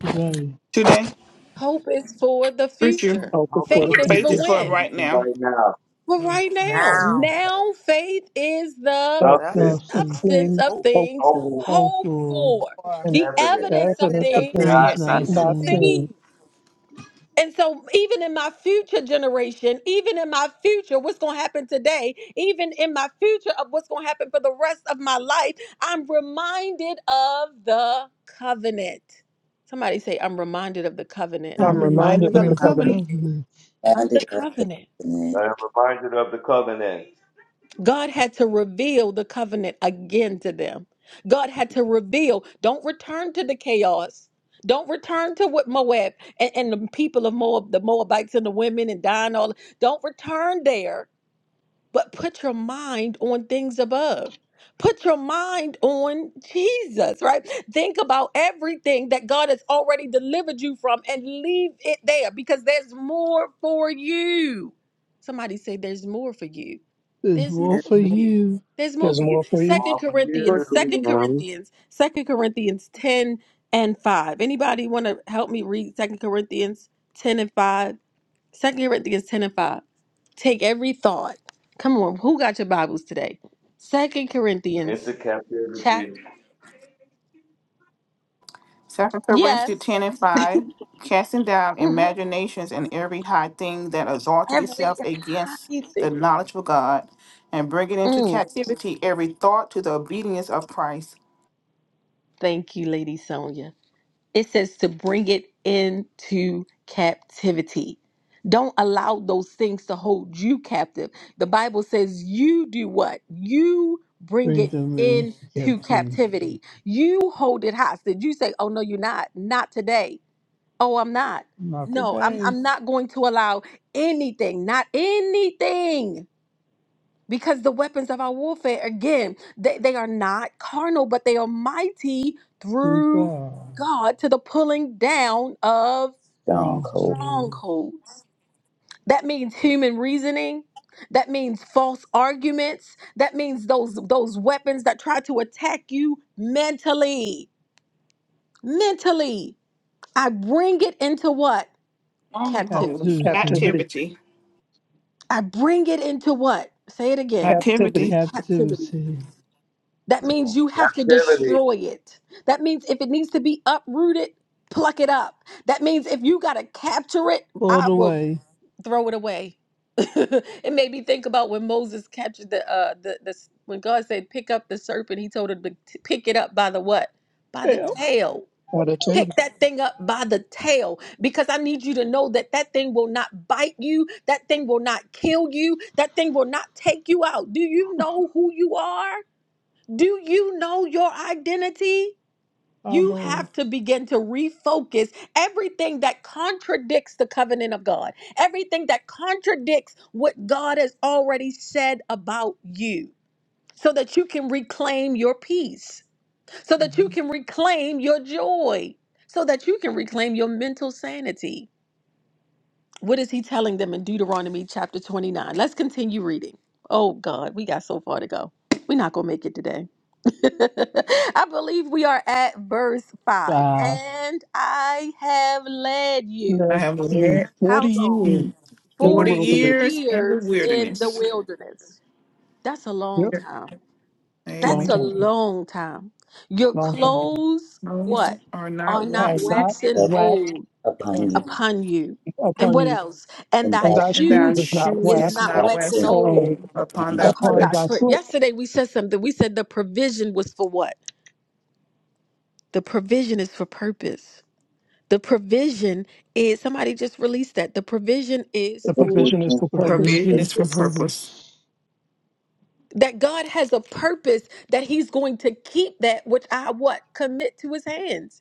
Speaker 8: today,
Speaker 4: Today,
Speaker 1: Hope is for the
Speaker 4: preacher.
Speaker 1: future.
Speaker 2: Help us
Speaker 6: Help us
Speaker 2: for the
Speaker 1: Faith
Speaker 6: with
Speaker 8: for
Speaker 6: a
Speaker 1: is
Speaker 8: the
Speaker 6: few
Speaker 4: Faith
Speaker 2: future.
Speaker 1: for
Speaker 4: is for
Speaker 8: future.
Speaker 1: when?
Speaker 4: right
Speaker 6: things
Speaker 4: now.
Speaker 6: right now.
Speaker 1: For
Speaker 8: Faith
Speaker 1: right
Speaker 8: the
Speaker 1: now.
Speaker 8: Lord.
Speaker 13: Now,
Speaker 1: Now, faith is the
Speaker 13: that
Speaker 6: Substance,
Speaker 2: substance of
Speaker 1: substance
Speaker 8: Substance,
Speaker 2: things
Speaker 1: of
Speaker 13: hope
Speaker 2: hoped
Speaker 1: things
Speaker 2: for,
Speaker 6: hopeful,
Speaker 1: hoped
Speaker 8: hopeful,
Speaker 1: for,
Speaker 2: and
Speaker 1: the
Speaker 6: evidence,
Speaker 2: the
Speaker 1: evidence of
Speaker 2: evidence of
Speaker 6: not
Speaker 1: things
Speaker 2: things
Speaker 4: not
Speaker 8: things
Speaker 4: yet
Speaker 8: not
Speaker 4: seen.
Speaker 5: Not
Speaker 1: not
Speaker 2: not
Speaker 6: seen.
Speaker 8: seen.
Speaker 2: seen.
Speaker 1: seen. And so, even in my future generation, even in my future, what's going to happen today, even in my future of what's going to happen for the rest of my life, I'm reminded of the covenant. Somebody say, I'm reminded of the covenant.
Speaker 13: is
Speaker 8: A
Speaker 4: I'm
Speaker 2: I'm
Speaker 4: reminded
Speaker 2: reminded of
Speaker 4: of
Speaker 8: reminder
Speaker 4: the
Speaker 2: the
Speaker 8: of the
Speaker 13: happening.
Speaker 2: covenant.
Speaker 4: covenant.
Speaker 1: Reminded
Speaker 8: covenant
Speaker 1: of the
Speaker 10: Founded up
Speaker 1: covenant.
Speaker 10: covenant,
Speaker 6: I am reminded of the covenant.
Speaker 1: God had to reveal the covenant again to them. God had to reveal, don't return to the chaos. Don't return to what Moab and, and the people of Moab, the Moabites and the women and dying all. Don't return there but put your mind on things above. Put your mind on Jesus, right? Think about everything that God has already delivered you from and leave it there because there's more for you. Somebody say, There's more for you.
Speaker 8: is
Speaker 1: There's
Speaker 8: more
Speaker 1: more
Speaker 13: There's
Speaker 8: for
Speaker 1: for
Speaker 13: no
Speaker 1: you.
Speaker 8: you.
Speaker 1: There's more
Speaker 2: There's
Speaker 1: for you.
Speaker 2: more for you.
Speaker 1: Second
Speaker 6: Small for you
Speaker 1: Corinthians,
Speaker 14: working
Speaker 1: Second
Speaker 14: now.
Speaker 1: Corinthians, Second Corinthians 10 and 5. Anybody want to help me read Second Corinthians 10 and 5? Second Corinthians 10 and 5. Take every thought. Come on, who got your Bibles today? Second
Speaker 6: into
Speaker 1: Corinthians
Speaker 6: captivity.
Speaker 1: chapter.
Speaker 4: Second Corinthians
Speaker 1: Yes.
Speaker 4: ten and five, casting down
Speaker 1: hmm
Speaker 4: imaginations and every high thing that exalted
Speaker 1: Every
Speaker 4: itself against the
Speaker 1: everything.
Speaker 4: knowledge of God, and bringing into
Speaker 1: Mm.
Speaker 4: captivity every thought to the obedience of Christ.
Speaker 1: Thank you, Lady Sonia. It says to bring it into captivity. Don't allow those things to hold you captive. The Bible says you do what? You bring
Speaker 8: Bring
Speaker 1: it
Speaker 8: them into
Speaker 1: into
Speaker 8: captivity.
Speaker 1: captivity. You hold it hostage. You say, Oh no, you're not. Not today Oh, I'm not.
Speaker 8: Not
Speaker 1: No, I'm
Speaker 8: today,
Speaker 1: I'm not going to allow anything, not anything. Because the weapons of our warfare, again, they, they are not carnal, but they are mighty
Speaker 8: to
Speaker 1: through
Speaker 8: God.
Speaker 1: God to the pulling down of
Speaker 10: stronghold
Speaker 8: Strongholds,
Speaker 1: strongholds. That means human reasoning. That means false arguments. That means those those weapons that try to attack you mentally. Mentally. I bring it into what?
Speaker 4: Stronghold.
Speaker 1: Captivity.
Speaker 8: captivity,
Speaker 2: Captivity,
Speaker 4: Activity.
Speaker 1: I bring it into what? Say it again.
Speaker 2: captivity,
Speaker 4: Activity.
Speaker 1: Captivity.
Speaker 8: captivity,
Speaker 1: That means you have to
Speaker 6: Captivity.
Speaker 1: destroy it. That means if it needs to be uprooted, pluck it up. That means if you got to capture it,
Speaker 8: pulled
Speaker 1: I will
Speaker 8: away.
Speaker 1: throw it away. it made me think about when Moses captured the uh the the when God said pick up the serpent, he told him to t- pick it up by the what? By the
Speaker 8: Tell,
Speaker 1: tail.
Speaker 2: out of ten.
Speaker 1: Pick that thing up by the tail because I need you to know that that thing will not bite you. That thing will not kill you. That thing will not take you out. Do you know who you are? Do you know your identity?
Speaker 8: my
Speaker 1: You
Speaker 8: Lord.
Speaker 1: have to begin to refocus everything that contradicts the covenant of God, everything that contradicts what God has already said about you, so that you can reclaim your peace so that you can reclaim your joy, so that you can reclaim your mental sanity. What is he telling them in Deuteronomy chapter 29? Let's continue reading. Oh God, we got so far to go. We're not going to make it today. I believe we are at verse 5.
Speaker 8: Five,
Speaker 1: And I have led you.
Speaker 4: I
Speaker 2: Led
Speaker 4: have
Speaker 2: you
Speaker 4: led
Speaker 2: 40
Speaker 1: How long?
Speaker 2: years
Speaker 4: you
Speaker 2: in the
Speaker 4: 40
Speaker 1: 40
Speaker 2: wilderness.
Speaker 4: years in the
Speaker 1: years in the
Speaker 4: wilderness.
Speaker 1: wilderness. That's a long
Speaker 2: Yep,
Speaker 1: time.
Speaker 2: long
Speaker 1: That's a
Speaker 4: Amen.
Speaker 2: time,
Speaker 1: long time. Your
Speaker 2: long time.
Speaker 1: clothes,
Speaker 4: Bones
Speaker 1: what?
Speaker 4: are not
Speaker 1: Are not
Speaker 2: Are
Speaker 4: waxing.
Speaker 2: not
Speaker 1: waxing
Speaker 10: that's
Speaker 2: waxed
Speaker 1: old
Speaker 10: upon you,
Speaker 1: upon you. And
Speaker 2: upon
Speaker 1: what
Speaker 2: you,
Speaker 1: else? And
Speaker 10: and
Speaker 1: thy
Speaker 2: and
Speaker 10: that
Speaker 2: thy
Speaker 4: and thy
Speaker 2: shoes
Speaker 1: shoe
Speaker 2: is not
Speaker 10: is
Speaker 4: shoe
Speaker 10: not
Speaker 1: is
Speaker 4: is
Speaker 2: waxed
Speaker 1: not
Speaker 4: not
Speaker 1: waxing
Speaker 10: absent
Speaker 4: waxing
Speaker 1: old
Speaker 2: old
Speaker 4: old upon
Speaker 10: upon
Speaker 4: thy
Speaker 10: that
Speaker 1: upon
Speaker 10: door.
Speaker 2: upon
Speaker 1: thy
Speaker 2: thy
Speaker 4: foot.
Speaker 1: foot.
Speaker 2: foot.
Speaker 1: Yesterday we said something. We said the provision was for what? The provision is for purpose. The provision is, somebody just released that. The provision
Speaker 10: The
Speaker 1: is
Speaker 2: The
Speaker 1: for
Speaker 2: provision is
Speaker 10: provision
Speaker 2: for
Speaker 8: the
Speaker 10: is the
Speaker 2: purpose,
Speaker 4: Provision
Speaker 8: provision
Speaker 1: purpose.
Speaker 4: is
Speaker 8: is
Speaker 4: for
Speaker 8: for
Speaker 10: purpose.
Speaker 4: purpose.
Speaker 8: purpose
Speaker 1: That God has a purpose that He's going to keep that which I what? Commit to His hands.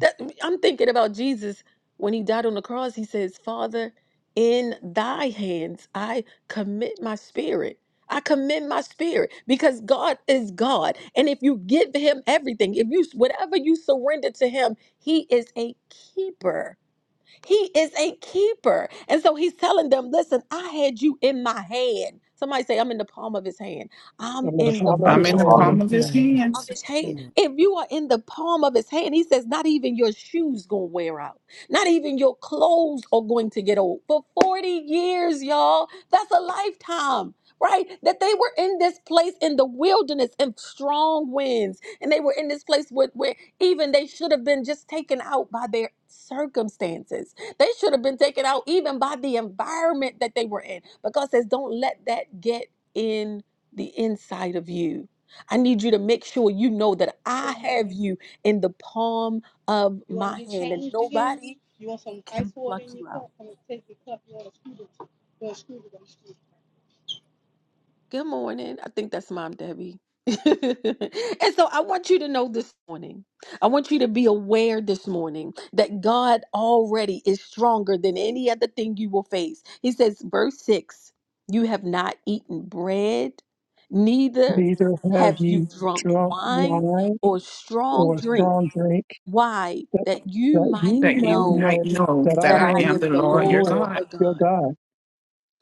Speaker 1: That I'm thinking about Jesus when he died on the cross. He says, "Father, in thy hands I commit my spirit." I commend my spirit because God is God. And if you give him everything, if you whatever you surrender to him, he is a keeper. He is a keeper. And so he's telling them, "Listen, I had you in my hand." Somebody say, "I'm in the palm of his hand." I'm
Speaker 2: and in the
Speaker 1: in the
Speaker 2: palm of
Speaker 8: and
Speaker 6: I'm
Speaker 4: I'm
Speaker 2: his
Speaker 6: in
Speaker 4: in
Speaker 6: a
Speaker 4: the
Speaker 1: palm
Speaker 8: follow
Speaker 4: palm
Speaker 8: the
Speaker 2: hand,
Speaker 4: of
Speaker 6: problem.
Speaker 4: his
Speaker 8: thing
Speaker 1: of
Speaker 4: hands,
Speaker 1: his hand.
Speaker 13: pain.
Speaker 1: If you are in the palm of his hand, he says, not even your shoes gonna wear out. Not even your clothes are going to get old. For 40 years, y'all, that's a lifetime. Right? That they were in this place in the wilderness and strong winds. And they were in this place where, where even they should have been just taken out by their circumstances. They should have been taken out even by the environment that they were in. But God says, don't let that get in the inside of you I need you to make sure you know that I have you in the palm of my hand and nobody can pluck you out. Good morning. I think that's Mom Debbie. and so I want you to know this morning. I want you to be aware this morning that God already is stronger than any other thing you will face. He says, verse 6 You have not eaten bread, neither
Speaker 2: neither have
Speaker 1: have you
Speaker 2: ye
Speaker 1: drunk
Speaker 2: drunk
Speaker 1: wine
Speaker 2: wine
Speaker 1: or strong
Speaker 2: or
Speaker 1: drink.
Speaker 2: strong drink,
Speaker 1: Why?
Speaker 2: that,
Speaker 1: That you
Speaker 2: that
Speaker 1: might
Speaker 2: ye
Speaker 4: that you
Speaker 2: might
Speaker 1: know
Speaker 4: might
Speaker 2: know
Speaker 4: know
Speaker 2: that
Speaker 4: that
Speaker 2: I
Speaker 1: that
Speaker 4: I
Speaker 1: I
Speaker 2: am
Speaker 4: am
Speaker 1: am
Speaker 4: the
Speaker 1: the
Speaker 2: the
Speaker 4: Lord your
Speaker 1: Lord
Speaker 2: Lord
Speaker 4: God.
Speaker 1: your
Speaker 2: your
Speaker 1: God.
Speaker 2: God.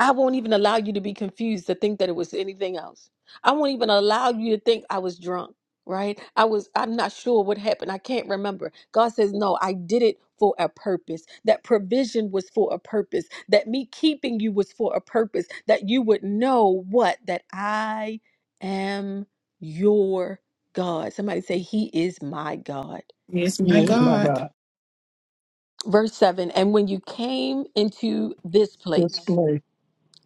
Speaker 1: I won't even allow you to be confused to think that it was anything else. I won't even allow you to think I was drunk, right? I was, I'm not sure what happened. I can't remember. God says, No, I did it for a purpose. That provision was for a purpose. That me keeping you was for a purpose. That you would know what? That I am your God. Somebody say, He is my God.
Speaker 4: He is
Speaker 2: He
Speaker 4: my
Speaker 2: is
Speaker 13: It
Speaker 2: my
Speaker 13: must
Speaker 4: God,
Speaker 2: God.
Speaker 1: Verse 7 And when you came into this place,
Speaker 2: Display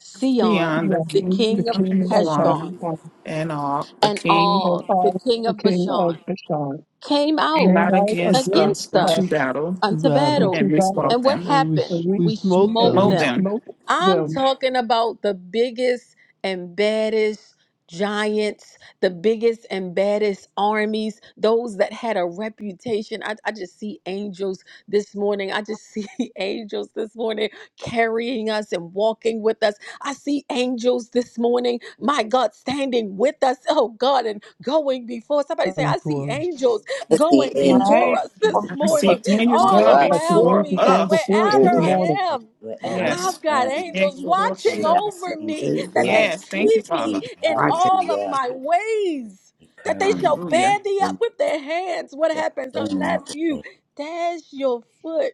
Speaker 1: Sion,
Speaker 4: beyond the
Speaker 2: Theon,
Speaker 1: the
Speaker 4: king
Speaker 2: the
Speaker 1: king of
Speaker 4: of
Speaker 2: king of
Speaker 1: Heshbon,
Speaker 4: Hezron
Speaker 2: Babylon,
Speaker 4: and all. The
Speaker 1: and
Speaker 4: king
Speaker 2: and
Speaker 1: Og,
Speaker 2: I,
Speaker 1: the king
Speaker 2: the
Speaker 1: of
Speaker 2: king of
Speaker 1: Bashan,
Speaker 2: Bashan,
Speaker 1: came
Speaker 4: came
Speaker 1: out
Speaker 2: came
Speaker 4: out
Speaker 2: out
Speaker 4: against
Speaker 2: against
Speaker 4: us
Speaker 1: against us
Speaker 2: us
Speaker 4: unto battle,
Speaker 8: to
Speaker 1: unto
Speaker 8: battle,
Speaker 1: battle
Speaker 4: and
Speaker 2: into
Speaker 4: we
Speaker 2: battle,
Speaker 4: smote
Speaker 1: and what
Speaker 4: them.
Speaker 8: and we
Speaker 1: happened?
Speaker 2: and
Speaker 8: s-
Speaker 2: we
Speaker 8: we
Speaker 1: We
Speaker 8: smote
Speaker 2: and
Speaker 1: smote
Speaker 8: them,
Speaker 2: we
Speaker 4: Smote
Speaker 1: them.
Speaker 4: them.
Speaker 2: smote
Speaker 1: I'm
Speaker 2: them
Speaker 1: talking about the biggest and baddest giants, the biggest and baddest armies, those that had a reputation. I, I just see angels this morning. I just see angels this morning carrying us and walking with us. I see angels this morning, my God, standing with us. Oh God, and going before. Somebody say,
Speaker 8: fighting
Speaker 1: I see
Speaker 8: for us.
Speaker 1: angels
Speaker 10: As the
Speaker 1: going
Speaker 10: angel
Speaker 5: my
Speaker 1: before us this
Speaker 5: from
Speaker 4: I see
Speaker 1: morning
Speaker 5: God.
Speaker 4: Daniel's
Speaker 13: be
Speaker 5: Morning,
Speaker 10: before
Speaker 4: going
Speaker 1: all
Speaker 2: as
Speaker 10: us.
Speaker 2: the
Speaker 1: around
Speaker 4: before
Speaker 1: me
Speaker 2: angels
Speaker 1: that
Speaker 2: gone
Speaker 4: us.
Speaker 2: before us this
Speaker 1: wherever
Speaker 10: Lord,
Speaker 4: Hallelujah.
Speaker 2: morning.
Speaker 1: I am,
Speaker 13: all
Speaker 10: wherever
Speaker 13: that.
Speaker 1: I've
Speaker 4: Yes.
Speaker 10: I
Speaker 1: got
Speaker 10: am,
Speaker 1: angels
Speaker 10: I have
Speaker 1: watching
Speaker 10: got
Speaker 1: over me,
Speaker 10: angels
Speaker 13: It's
Speaker 1: that
Speaker 13: good.
Speaker 1: they
Speaker 10: watching
Speaker 4: Yes,
Speaker 10: over
Speaker 4: thank you,
Speaker 1: keep me
Speaker 4: Father.
Speaker 10: me.
Speaker 1: in
Speaker 13: Watch it.
Speaker 1: all of
Speaker 10: Hallelujah.
Speaker 1: my ways, that they
Speaker 10: Encouraging
Speaker 1: shall
Speaker 4: Hallelujah.
Speaker 1: bear thee up
Speaker 10: and
Speaker 1: with their hands. What
Speaker 10: hallelujah.
Speaker 1: happens
Speaker 10: Filling me
Speaker 1: unless
Speaker 10: up with
Speaker 1: you
Speaker 10: faith.
Speaker 1: dash your foot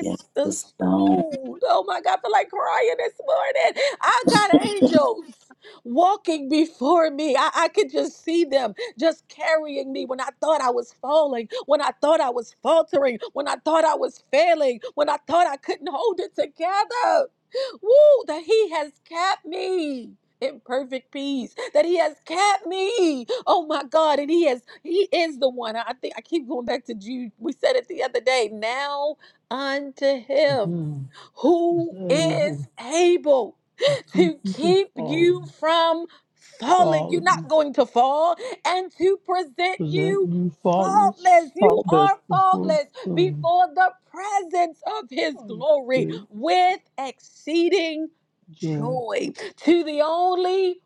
Speaker 10: Yes,
Speaker 1: the
Speaker 10: the stone.
Speaker 1: stone? Oh my God, I feel like crying this morning. I got angels walking before me. I, I could just see them just carrying me when I thought I was falling, when I thought I was faltering, when I thought I was failing, when I thought I couldn't hold it together. Woo, that He has kept me in perfect peace that he has kept me oh my god and he has he is the one i I think i keep going back to jude we said it the other day now unto
Speaker 8: To
Speaker 1: him
Speaker 8: him is
Speaker 1: who is
Speaker 8: able
Speaker 1: able
Speaker 8: to keep
Speaker 1: to
Speaker 8: you from
Speaker 1: keep you
Speaker 8: falling,
Speaker 1: from falling. You're not
Speaker 8: falling,
Speaker 1: going to fall, and to present
Speaker 8: present
Speaker 1: you
Speaker 8: you
Speaker 1: faultless.
Speaker 8: faultless
Speaker 1: You
Speaker 2: Called this,
Speaker 1: are
Speaker 8: before the
Speaker 1: faultless
Speaker 8: throne
Speaker 1: before the presence of his
Speaker 8: of
Speaker 1: glory
Speaker 8: great
Speaker 1: with exceeding
Speaker 8: joy,
Speaker 1: joy to the only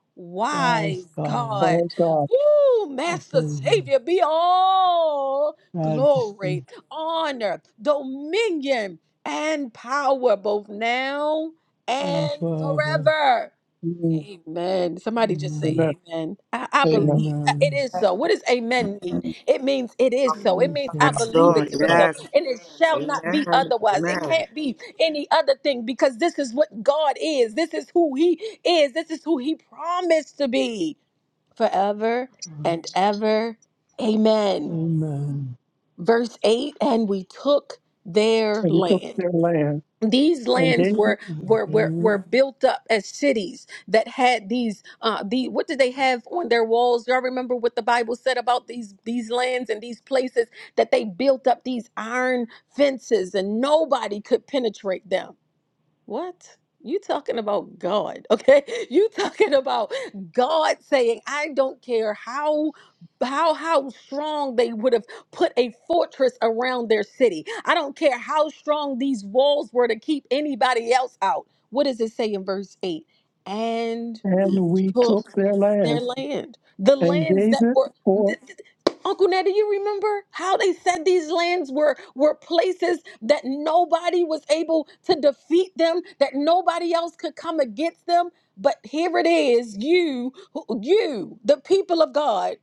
Speaker 8: wise
Speaker 1: wise
Speaker 8: God,
Speaker 1: God.
Speaker 2: Lord God.
Speaker 1: Woo,
Speaker 8: our
Speaker 1: Master
Speaker 8: Savior,
Speaker 1: Savior, be all
Speaker 8: majesty,
Speaker 1: glory, honor, dominion, and power both now
Speaker 8: and
Speaker 1: and
Speaker 8: forever.
Speaker 1: forever.
Speaker 2: Mm,
Speaker 1: Amen. Somebody just
Speaker 8: Amen.
Speaker 2: Amen.
Speaker 1: say amen. I, I
Speaker 2: Amen.
Speaker 1: believe Uh, it
Speaker 8: Amen.
Speaker 1: is so. What does amen mean? It means it is
Speaker 5: oh,
Speaker 8: It
Speaker 1: so. It
Speaker 8: is
Speaker 1: means
Speaker 5: God.
Speaker 1: I
Speaker 8: so.
Speaker 13: Yes,
Speaker 1: believe
Speaker 2: It
Speaker 1: it
Speaker 13: Lord.
Speaker 1: to
Speaker 2: is
Speaker 5: I
Speaker 1: be
Speaker 2: so.
Speaker 5: love
Speaker 1: so.
Speaker 13: Yes.
Speaker 5: you.
Speaker 1: And it shall not be
Speaker 13: Amen.
Speaker 1: otherwise. It
Speaker 13: Amen.
Speaker 1: can't be any other thing because this is what God is. This is who He is. This is who He promised to be forever and ever. Amen.
Speaker 8: Amen.
Speaker 1: Verse 8 And we took their
Speaker 2: And we took
Speaker 1: land
Speaker 2: their land
Speaker 1: these
Speaker 2: and
Speaker 1: lands
Speaker 2: gave it,
Speaker 1: were were were, were
Speaker 8: Amen.
Speaker 1: built up as cities that had these uh the what did they have on their walls y'all remember what the bible said about these these lands and these places that they built up these iron fences and nobody could penetrate them what? You talking about God, okay? You talking about God saying, I don't care how how how strong they would have put a fortress around their city. I don't care how strong these walls were to keep anybody else out. What does it say in verse 8? And
Speaker 2: and
Speaker 1: we
Speaker 2: we
Speaker 1: took
Speaker 2: took their land
Speaker 1: their land. The
Speaker 2: and
Speaker 1: lands
Speaker 2: gave
Speaker 1: that
Speaker 2: it
Speaker 1: were
Speaker 2: for
Speaker 1: th- th- Uncle Ned, do you remember how they said these lands were were places that nobody was able to defeat them, that nobody else could come against them? But here it is, you, who- you, the people of God,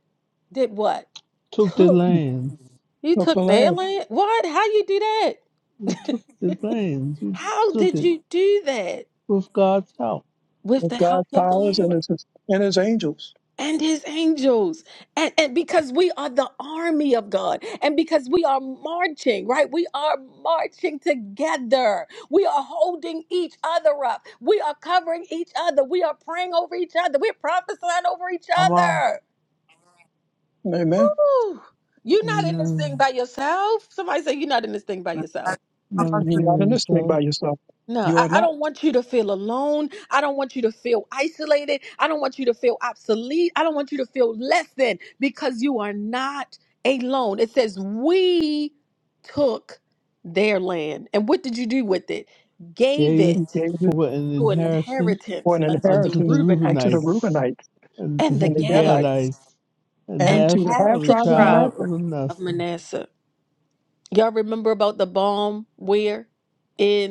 Speaker 1: did what?
Speaker 8: Took the
Speaker 1: Took
Speaker 8: lands.
Speaker 1: you
Speaker 2: of
Speaker 1: took
Speaker 2: the
Speaker 1: their
Speaker 2: land
Speaker 1: land. What? How you do that?
Speaker 8: We took the lands. We just
Speaker 1: How
Speaker 8: took
Speaker 1: did
Speaker 8: it
Speaker 1: you do that
Speaker 8: with God's help.
Speaker 1: with
Speaker 2: of
Speaker 1: the help
Speaker 2: God's
Speaker 1: of the
Speaker 2: powers
Speaker 1: Lord?
Speaker 2: and his and his angels.
Speaker 1: and his angels and, and because we are the army of god and because we are marching right we are marching together we are holding each other up we are covering each other we are praying over each other we're prophesying over each
Speaker 5: Come on.
Speaker 1: other
Speaker 2: Amen.
Speaker 1: Woo! you're not in this thing
Speaker 8: Amen.
Speaker 1: by yourself somebody say you're not in this thing by yourself
Speaker 8: Another
Speaker 2: You're
Speaker 8: thing
Speaker 2: not in
Speaker 8: on
Speaker 2: this thing
Speaker 8: yourself.
Speaker 2: by yourself.
Speaker 1: No,
Speaker 2: You
Speaker 1: I,
Speaker 2: are
Speaker 1: I
Speaker 2: not.
Speaker 1: don't want you to feel alone. I don't want you to feel isolated. I don't want you to feel obsolete. I don't want you to feel less than because you are not alone. It says, We took their land. And what did you do with it? Gave
Speaker 8: Gave
Speaker 1: it
Speaker 8: it
Speaker 2: He gave it
Speaker 8: for an
Speaker 1: to an
Speaker 8: inheritance
Speaker 2: for
Speaker 1: inheritance
Speaker 2: an
Speaker 1: unto the
Speaker 8: unto the
Speaker 2: inheritance unto the
Speaker 1: Reubenites
Speaker 8: Reubenites
Speaker 2: Reubenites
Speaker 8: and to
Speaker 1: and the
Speaker 2: and
Speaker 8: the
Speaker 2: the Gadites
Speaker 1: Gadites
Speaker 8: Gadites and
Speaker 2: and
Speaker 1: and
Speaker 2: to
Speaker 8: half
Speaker 2: the half
Speaker 8: of
Speaker 1: half
Speaker 8: the
Speaker 1: the
Speaker 2: tribe of
Speaker 1: tribe
Speaker 8: tribe of
Speaker 2: Manasseh
Speaker 1: of
Speaker 8: Manasseh.
Speaker 1: Manasseh. Y'all remember about the balm where?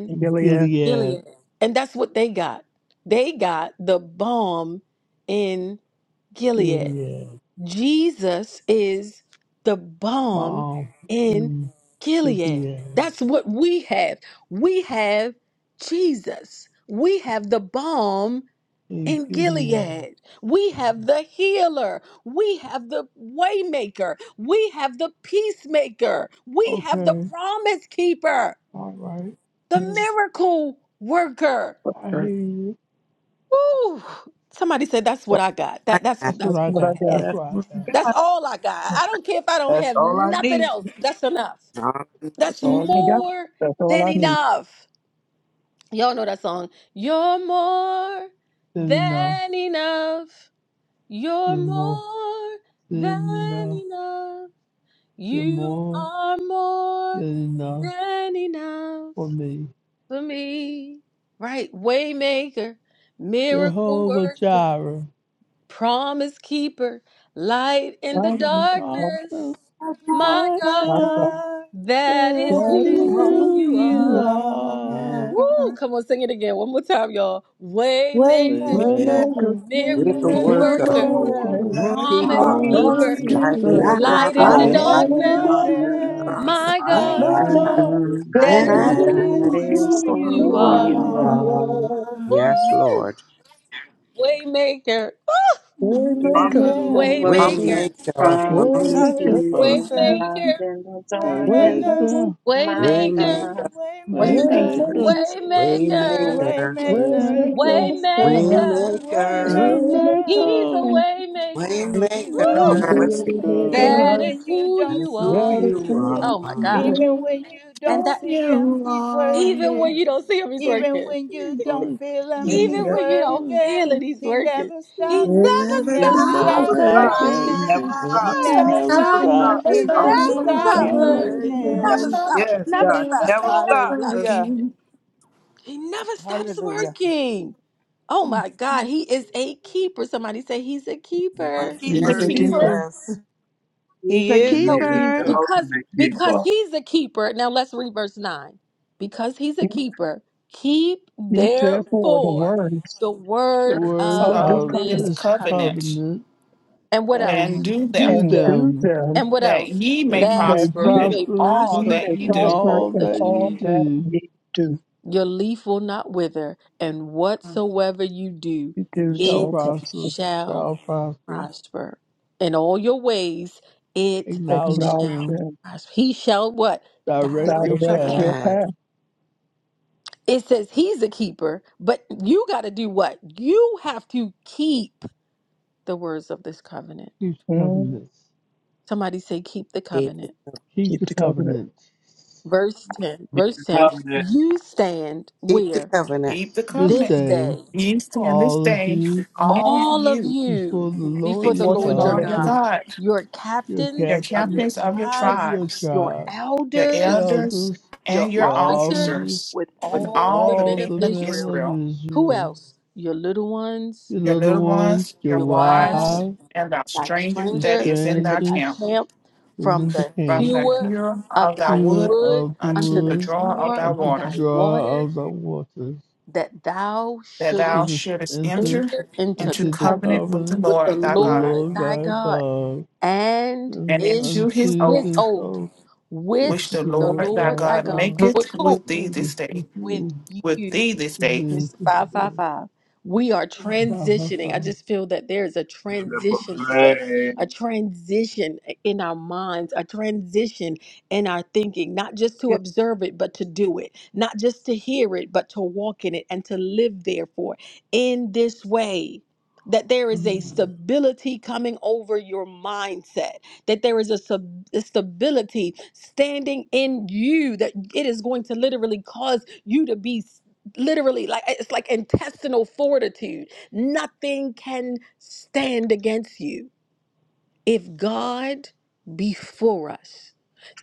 Speaker 2: and Gilead.
Speaker 8: Gilead.
Speaker 1: Gilead. And that's what they got. They got the balm in Gilead.
Speaker 8: Gilead.
Speaker 1: Jesus is the balm
Speaker 8: Mom
Speaker 1: in
Speaker 8: in
Speaker 1: Gilead.
Speaker 8: Gilead.
Speaker 1: That's what we have. We have Jesus. We have the balm
Speaker 8: In
Speaker 1: in
Speaker 8: Gilead.
Speaker 1: Gilead. We have the healer. We have the waymaker. We have the peacemaker. We have the
Speaker 8: Okay.
Speaker 1: promise keeper,
Speaker 8: All right.
Speaker 1: the
Speaker 2: Mm.
Speaker 1: miracle worker.
Speaker 8: I hear
Speaker 2: Right.
Speaker 8: you.
Speaker 1: Ooh, somebody said that's what I got.
Speaker 13: I
Speaker 1: That that's
Speaker 13: got
Speaker 8: That's
Speaker 2: That's
Speaker 1: that's
Speaker 8: what I
Speaker 1: who
Speaker 2: what
Speaker 1: I
Speaker 2: I
Speaker 8: got.
Speaker 2: got.
Speaker 1: have.
Speaker 8: That's
Speaker 5: That's
Speaker 8: what
Speaker 5: what
Speaker 8: I got.
Speaker 1: That's
Speaker 5: God.
Speaker 1: all I got. I don't care if I don't
Speaker 5: That's
Speaker 1: have
Speaker 5: all I
Speaker 1: nothing
Speaker 5: need.
Speaker 1: else. That's enough.
Speaker 13: it all I
Speaker 1: That's
Speaker 2: That's
Speaker 13: need.
Speaker 2: all I got.
Speaker 1: more
Speaker 2: That's all
Speaker 1: than
Speaker 2: I need.
Speaker 1: enough. Y'all know that song. You're more
Speaker 8: Then enough,
Speaker 1: than enough. You're
Speaker 8: You're more,
Speaker 1: more
Speaker 8: then
Speaker 1: than
Speaker 8: enough,
Speaker 1: enough.
Speaker 8: You're
Speaker 1: You
Speaker 8: more,
Speaker 1: are more
Speaker 8: than enough
Speaker 1: than enough
Speaker 8: for me.
Speaker 1: for me. Right? Waymaker, miracle
Speaker 8: Jehovah
Speaker 1: worker.
Speaker 8: Jireh.
Speaker 1: promise keeper, light in the
Speaker 2: God is the God,
Speaker 1: darkness.
Speaker 8: Darkness,
Speaker 1: My
Speaker 8: my
Speaker 7: My
Speaker 1: God,
Speaker 2: my
Speaker 8: God,
Speaker 2: God.
Speaker 7: God.
Speaker 1: that is
Speaker 8: that
Speaker 7: That
Speaker 2: God
Speaker 8: is
Speaker 7: is
Speaker 2: is
Speaker 5: Well,
Speaker 2: good.
Speaker 1: who
Speaker 7: who
Speaker 8: who
Speaker 1: you
Speaker 7: you
Speaker 8: you
Speaker 2: you,
Speaker 1: are.
Speaker 13: And
Speaker 8: are.
Speaker 1: Woo!
Speaker 7: are.
Speaker 1: Come on, sing it again. One more time, y'all. Waymaker,
Speaker 13: yeah,
Speaker 7: Waymaker,
Speaker 2: Waymaker,
Speaker 8: Waymaker,
Speaker 15: With the
Speaker 1: miracle
Speaker 15: work
Speaker 7: miracle
Speaker 15: of
Speaker 2: miracle
Speaker 4: Go
Speaker 1: worker,
Speaker 6: Father,
Speaker 4: where
Speaker 8: miracle
Speaker 14: Look
Speaker 7: worker,
Speaker 14: at
Speaker 2: worker,
Speaker 8: worker,
Speaker 4: the
Speaker 13: yeah,
Speaker 1: promise
Speaker 15: people,
Speaker 6: I
Speaker 7: promise
Speaker 5: Keeper,
Speaker 8: promise
Speaker 2: balance
Speaker 1: keeper,
Speaker 4: promise
Speaker 14: him.
Speaker 15: light
Speaker 2: keeper,
Speaker 15: in
Speaker 7: keeper,
Speaker 15: the
Speaker 8: keeper,
Speaker 13: light
Speaker 1: light
Speaker 13: it
Speaker 1: in the
Speaker 7: light
Speaker 8: light
Speaker 6: just
Speaker 7: in
Speaker 15: darkness.
Speaker 4: lies.
Speaker 13: up,
Speaker 2: light
Speaker 7: the
Speaker 2: of the
Speaker 8: in
Speaker 6: got
Speaker 1: darkness.
Speaker 6: there,
Speaker 8: darkness.
Speaker 15: Son,
Speaker 7: darkness.
Speaker 4: Yes,
Speaker 1: My
Speaker 6: my
Speaker 13: but
Speaker 6: God,
Speaker 7: My
Speaker 2: My
Speaker 1: God,
Speaker 8: My
Speaker 15: I
Speaker 7: God,
Speaker 2: God,
Speaker 8: God,
Speaker 15: see
Speaker 16: That
Speaker 1: that
Speaker 4: it
Speaker 6: that
Speaker 1: is
Speaker 13: that's
Speaker 15: who
Speaker 7: that
Speaker 6: is
Speaker 15: you are.
Speaker 2: Waymaker,
Speaker 7: is
Speaker 8: that
Speaker 1: who
Speaker 8: is
Speaker 4: is
Speaker 7: who
Speaker 16: is
Speaker 8: who
Speaker 4: who
Speaker 1: you
Speaker 7: you
Speaker 6: why
Speaker 16: whom
Speaker 8: you
Speaker 1: are.
Speaker 4: you
Speaker 16: you
Speaker 8: are.
Speaker 16: are.
Speaker 4: are.
Speaker 7: are.
Speaker 15: Yes,
Speaker 1: Woo!
Speaker 15: Lord.
Speaker 1: Waymaker,
Speaker 5: promise,
Speaker 2: Waymaker,
Speaker 7: Yeah,
Speaker 16: Miracle
Speaker 8: Waymaker,
Speaker 5: promise,
Speaker 16: words
Speaker 1: waymaker,
Speaker 16: and
Speaker 5: keeper.
Speaker 15: Waymaker from
Speaker 16: promise,
Speaker 15: his
Speaker 7: promise
Speaker 2: Waymaker,
Speaker 8: Waymaker,
Speaker 16: keep
Speaker 15: people.
Speaker 8: Holy
Speaker 16: of
Speaker 7: keeper,
Speaker 1: waymaker,
Speaker 16: love in the
Speaker 8: Spirit,
Speaker 7: waymaker,
Speaker 16: darkness.
Speaker 2: Waymaker,
Speaker 8: Waymaker,
Speaker 16: My
Speaker 1: waymaker,
Speaker 15: Waymaker,
Speaker 16: God, that
Speaker 7: waymaker,
Speaker 4: Waymaker.
Speaker 16: is
Speaker 8: Waymaker,
Speaker 16: who
Speaker 1: waymaker.
Speaker 16: you are.
Speaker 15: waymaker,
Speaker 7: waymaker,
Speaker 8: Waymaker,
Speaker 2: Waymaker,
Speaker 4: Waymaker. Waymaker.
Speaker 1: Waymaker.
Speaker 15: waymaker,
Speaker 2: Waymaker,
Speaker 1: He's a
Speaker 8: Waymaker,
Speaker 7: waymaker.
Speaker 1: waymaker.
Speaker 7: He's a way
Speaker 1: Woo!
Speaker 5: Sarah,
Speaker 8: Waymaker.
Speaker 15: waymaker.
Speaker 5: wait,
Speaker 13: Yes,
Speaker 7: maker.
Speaker 5: wait.
Speaker 2: Waymaker,
Speaker 7: Even
Speaker 1: That
Speaker 8: Oh,
Speaker 1: is
Speaker 7: when you
Speaker 1: who
Speaker 15: That
Speaker 7: don't
Speaker 15: is
Speaker 1: you
Speaker 7: see
Speaker 15: who
Speaker 1: are.
Speaker 2: that
Speaker 7: him.
Speaker 2: is
Speaker 15: you
Speaker 7: Yeah.
Speaker 2: who
Speaker 1: Oh my
Speaker 2: he
Speaker 15: are.
Speaker 1: God.
Speaker 2: is.
Speaker 7: Even when you
Speaker 4: It's
Speaker 1: And
Speaker 7: don't
Speaker 4: Who
Speaker 1: that
Speaker 7: see him,
Speaker 4: you
Speaker 7: he's
Speaker 1: even
Speaker 4: are.
Speaker 1: when
Speaker 7: working.
Speaker 1: you don't see him, he's
Speaker 7: Even
Speaker 1: working.
Speaker 7: when you don't
Speaker 8: God,
Speaker 7: feel
Speaker 8: see
Speaker 7: him,
Speaker 13: yes,
Speaker 7: he's
Speaker 8: you.
Speaker 1: Even when you don't
Speaker 7: working.
Speaker 1: feel it, he's
Speaker 7: He
Speaker 1: working.
Speaker 7: never
Speaker 1: He
Speaker 7: stopped.
Speaker 13: You
Speaker 1: never
Speaker 7: He
Speaker 4: Never
Speaker 13: never
Speaker 8: He
Speaker 5: Yeah,
Speaker 7: never
Speaker 5: he
Speaker 8: never
Speaker 13: stop
Speaker 1: stops.
Speaker 5: never
Speaker 7: stopped
Speaker 8: stop
Speaker 5: stops. He
Speaker 13: working.
Speaker 5: never
Speaker 7: working.
Speaker 8: working.
Speaker 13: You
Speaker 7: He
Speaker 5: stops.
Speaker 13: never
Speaker 8: He
Speaker 7: never
Speaker 5: He
Speaker 1: Yes!
Speaker 4: stops,
Speaker 8: never
Speaker 5: never
Speaker 4: he
Speaker 13: stop.
Speaker 7: stopped.
Speaker 8: stop.
Speaker 5: stops.
Speaker 4: never
Speaker 13: You
Speaker 7: He
Speaker 1: He
Speaker 8: He
Speaker 1: never
Speaker 13: never
Speaker 7: never
Speaker 4: stops
Speaker 5: Hallelujah,
Speaker 8: never
Speaker 13: stop
Speaker 7: stopped
Speaker 1: stops
Speaker 8: stop
Speaker 5: Jesus.
Speaker 4: working. He
Speaker 1: working.
Speaker 8: working.
Speaker 4: never
Speaker 1: Never
Speaker 7: working.
Speaker 8: Holy,
Speaker 13: working.
Speaker 1: stops.
Speaker 4: stops,
Speaker 5: Yes,
Speaker 4: he
Speaker 1: Never
Speaker 5: God, he
Speaker 4: never
Speaker 1: stops.
Speaker 5: never
Speaker 4: stops
Speaker 1: Never
Speaker 5: stops.
Speaker 1: stops
Speaker 13: Was-
Speaker 1: working.
Speaker 7: Hallelujah.
Speaker 4: working.
Speaker 1: He never stops
Speaker 7: Hallelujah.
Speaker 1: working. Oh
Speaker 8: Spirit.
Speaker 1: my God. He is a keeper. Somebody say he's a
Speaker 5: My
Speaker 1: keeper.
Speaker 4: He's a
Speaker 8: He's
Speaker 2: He's
Speaker 13: Yes,
Speaker 8: a
Speaker 13: he
Speaker 5: keeper
Speaker 2: a keeper.
Speaker 4: keeper
Speaker 8: keeper.
Speaker 13: is.
Speaker 14: He's
Speaker 7: He
Speaker 14: a
Speaker 7: is
Speaker 6: He
Speaker 8: He's
Speaker 7: a
Speaker 1: So
Speaker 8: a
Speaker 6: is
Speaker 1: be-
Speaker 14: keeper.
Speaker 6: the
Speaker 8: keeper.
Speaker 7: keeper.
Speaker 1: because
Speaker 6: ultimate
Speaker 1: because
Speaker 6: keeper.
Speaker 1: he's a keeper. Now let's read verse nine. Because he's a
Speaker 2: He,
Speaker 1: keeper, keep
Speaker 2: he therefore the
Speaker 1: therefore
Speaker 2: words
Speaker 1: the
Speaker 8: The
Speaker 1: words
Speaker 8: words
Speaker 2: of
Speaker 1: of
Speaker 2: this
Speaker 4: of
Speaker 8: of
Speaker 1: this
Speaker 4: this
Speaker 2: covenant
Speaker 8: this
Speaker 1: covenant.
Speaker 4: covenant
Speaker 8: covenant.
Speaker 1: And what
Speaker 4: and
Speaker 1: else?
Speaker 8: and
Speaker 4: do them
Speaker 1: Do
Speaker 8: do
Speaker 2: and
Speaker 1: them.
Speaker 2: do
Speaker 8: them,
Speaker 2: them
Speaker 1: And what
Speaker 4: that
Speaker 1: else?
Speaker 4: ye
Speaker 8: that
Speaker 4: may
Speaker 8: ye
Speaker 1: That
Speaker 2: that
Speaker 8: may
Speaker 4: prosper
Speaker 2: they,
Speaker 1: you
Speaker 4: in
Speaker 1: may
Speaker 8: prosper,
Speaker 2: he
Speaker 4: all
Speaker 1: prosper
Speaker 4: that
Speaker 2: may
Speaker 4: ye
Speaker 8: and
Speaker 1: in
Speaker 4: do.
Speaker 2: prosper
Speaker 8: all
Speaker 1: all
Speaker 2: in
Speaker 8: that
Speaker 1: that you
Speaker 8: ye
Speaker 2: all
Speaker 1: do.
Speaker 2: that
Speaker 8: do
Speaker 2: ye do.
Speaker 1: Your leaf will not wither, and whatsoever you do,
Speaker 2: You do
Speaker 8: shall
Speaker 2: shall
Speaker 1: it
Speaker 2: prosper.
Speaker 8: prosper,
Speaker 1: shall
Speaker 8: shall prosper.
Speaker 1: prosper in all your ways. It
Speaker 8: Acknowledge
Speaker 2: Acknowledge
Speaker 1: shall
Speaker 2: him.
Speaker 8: him,
Speaker 1: prosper. He shall what?
Speaker 8: direct
Speaker 13: Make
Speaker 8: your
Speaker 1: Direct your
Speaker 2: direct
Speaker 13: my
Speaker 1: path.
Speaker 2: your
Speaker 8: path,
Speaker 13: path.
Speaker 2: path.
Speaker 1: It says he's a keeper, but you got to do what? You have to keep the words of this covenant.
Speaker 8: keep the
Speaker 2: Mm.
Speaker 8: covenants,
Speaker 1: Somebody say, keep the
Speaker 13: Keep the
Speaker 1: covenant.
Speaker 8: keep
Speaker 2: Keep
Speaker 8: the
Speaker 2: the covenant.
Speaker 8: covenants.
Speaker 1: Verse 10.
Speaker 6: He's
Speaker 1: Verse
Speaker 6: the
Speaker 1: 10.
Speaker 6: covenant
Speaker 1: You stand
Speaker 15: Keep the
Speaker 1: where?
Speaker 15: covenant.
Speaker 4: Keep the
Speaker 8: This
Speaker 1: This
Speaker 4: covenant.
Speaker 8: day,
Speaker 1: day,
Speaker 4: Ye stand this
Speaker 8: all of
Speaker 4: day,
Speaker 8: you
Speaker 4: all
Speaker 1: all of
Speaker 4: you,
Speaker 1: you
Speaker 8: before the Lord
Speaker 1: before the
Speaker 8: your
Speaker 4: before the
Speaker 1: Lord
Speaker 2: All
Speaker 1: your
Speaker 2: of
Speaker 4: Lord your
Speaker 8: God,
Speaker 1: God,
Speaker 2: you
Speaker 4: God,
Speaker 1: your
Speaker 8: your
Speaker 4: your
Speaker 1: captains of
Speaker 8: captains
Speaker 1: your
Speaker 4: captains of your
Speaker 8: of
Speaker 1: tribes,
Speaker 8: your
Speaker 4: tribes,
Speaker 1: your
Speaker 8: tribe,
Speaker 4: your
Speaker 8: your
Speaker 1: elders.
Speaker 4: elders,
Speaker 8: elders,
Speaker 1: your
Speaker 4: and
Speaker 8: your
Speaker 4: your
Speaker 1: officers
Speaker 8: officers,
Speaker 4: officers,
Speaker 1: with
Speaker 4: with
Speaker 8: with
Speaker 1: all the
Speaker 4: all the
Speaker 8: all
Speaker 1: men of
Speaker 4: men
Speaker 8: the
Speaker 4: of
Speaker 8: men
Speaker 1: Israel.
Speaker 4: Israel,
Speaker 8: of
Speaker 1: Who
Speaker 8: Israel
Speaker 1: else? Your little ones,
Speaker 8: Your
Speaker 4: your little
Speaker 8: little ones,
Speaker 4: ones, your
Speaker 8: your
Speaker 1: your wives,
Speaker 4: wives,
Speaker 8: wives,
Speaker 4: and our
Speaker 1: thy
Speaker 4: strangers
Speaker 8: your
Speaker 4: that
Speaker 1: stranger
Speaker 4: is
Speaker 1: that
Speaker 4: in
Speaker 1: is
Speaker 4: thy
Speaker 1: in thy
Speaker 4: camp
Speaker 8: strangers,
Speaker 1: camp, from
Speaker 8: isn't the
Speaker 1: the
Speaker 4: from
Speaker 8: camp.
Speaker 4: the
Speaker 1: hewer
Speaker 4: hewer
Speaker 1: of
Speaker 4: of thy
Speaker 1: thy
Speaker 8: You
Speaker 4: wood
Speaker 1: wood
Speaker 8: of the
Speaker 1: unto
Speaker 4: unto the
Speaker 1: the
Speaker 8: wood,
Speaker 4: drawer of
Speaker 1: drawer
Speaker 4: thy
Speaker 1: of
Speaker 8: unto the
Speaker 4: water,
Speaker 1: thy
Speaker 8: drawer
Speaker 1: water,
Speaker 8: of the waters,
Speaker 1: that thou
Speaker 4: that thou
Speaker 1: shouldest
Speaker 8: shouldest
Speaker 4: shouldest
Speaker 8: enter
Speaker 4: enter
Speaker 1: enter into
Speaker 4: into
Speaker 8: into the
Speaker 1: covenant
Speaker 4: covenant with the
Speaker 8: covenant
Speaker 1: with the
Speaker 4: Lord
Speaker 8: with
Speaker 4: thy
Speaker 8: the
Speaker 4: God,
Speaker 1: Lord
Speaker 8: Lord
Speaker 1: thy
Speaker 8: thy
Speaker 1: God
Speaker 8: God,
Speaker 1: and
Speaker 4: and
Speaker 8: and
Speaker 4: into his
Speaker 1: into
Speaker 8: unto
Speaker 1: his
Speaker 4: oath
Speaker 8: his
Speaker 1: oath,
Speaker 8: oath with
Speaker 1: which
Speaker 4: which
Speaker 8: the
Speaker 4: the
Speaker 1: the
Speaker 8: Lord
Speaker 4: Lord thy
Speaker 1: Lord
Speaker 8: thy
Speaker 1: thy
Speaker 4: God
Speaker 1: God
Speaker 8: God.
Speaker 1: would
Speaker 4: maketh with thee
Speaker 8: Thank you
Speaker 4: this
Speaker 8: for
Speaker 4: day,
Speaker 1: with
Speaker 8: you
Speaker 4: with
Speaker 1: you
Speaker 4: thee this day.
Speaker 8: thee
Speaker 1: It's
Speaker 8: this
Speaker 1: five
Speaker 8: day.
Speaker 1: five five. We are
Speaker 8: Thou hast
Speaker 1: transitioning. I
Speaker 8: found
Speaker 1: just feel that there is a
Speaker 6: that
Speaker 1: transition today, a
Speaker 6: proclaim
Speaker 1: transition in our minds, a transition in our thinking, not just to
Speaker 5: is
Speaker 1: observe it, but to do it, not just to hear it, but to walk in it and to live therefore in this way. That there is a Mhm. stability coming over your mindset, that there is a, sub- a stability standing in you, that it is going to literally cause you to be literally like it's like intestinal fortitude nothing can stand against you if god be for us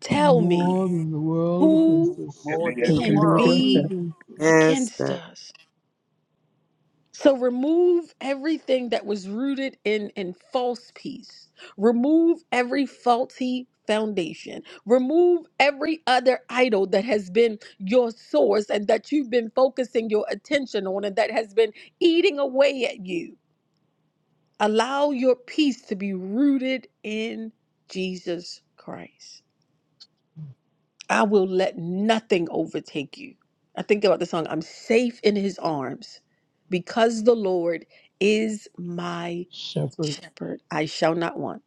Speaker 1: tell me
Speaker 8: more than the world against
Speaker 1: who
Speaker 6: can
Speaker 8: us.
Speaker 6: be
Speaker 5: more than
Speaker 2: who
Speaker 5: the
Speaker 2: can
Speaker 1: can
Speaker 2: be
Speaker 6: against.
Speaker 5: world.
Speaker 2: against
Speaker 1: be
Speaker 2: that.
Speaker 8: Against us.
Speaker 1: against
Speaker 13: master.
Speaker 1: us So remove everything that was rooted in in false peace. Remove every faulty foundation. Remove every other idol that has been your source and that you've been focusing your attention on and that has been eating away at you. Allow your peace to be rooted in Jesus Christ. I will let nothing overtake you. I think about the song, I'm safe in his arms because the Lord is my
Speaker 8: shepherd,
Speaker 1: shepherd. I shall not want.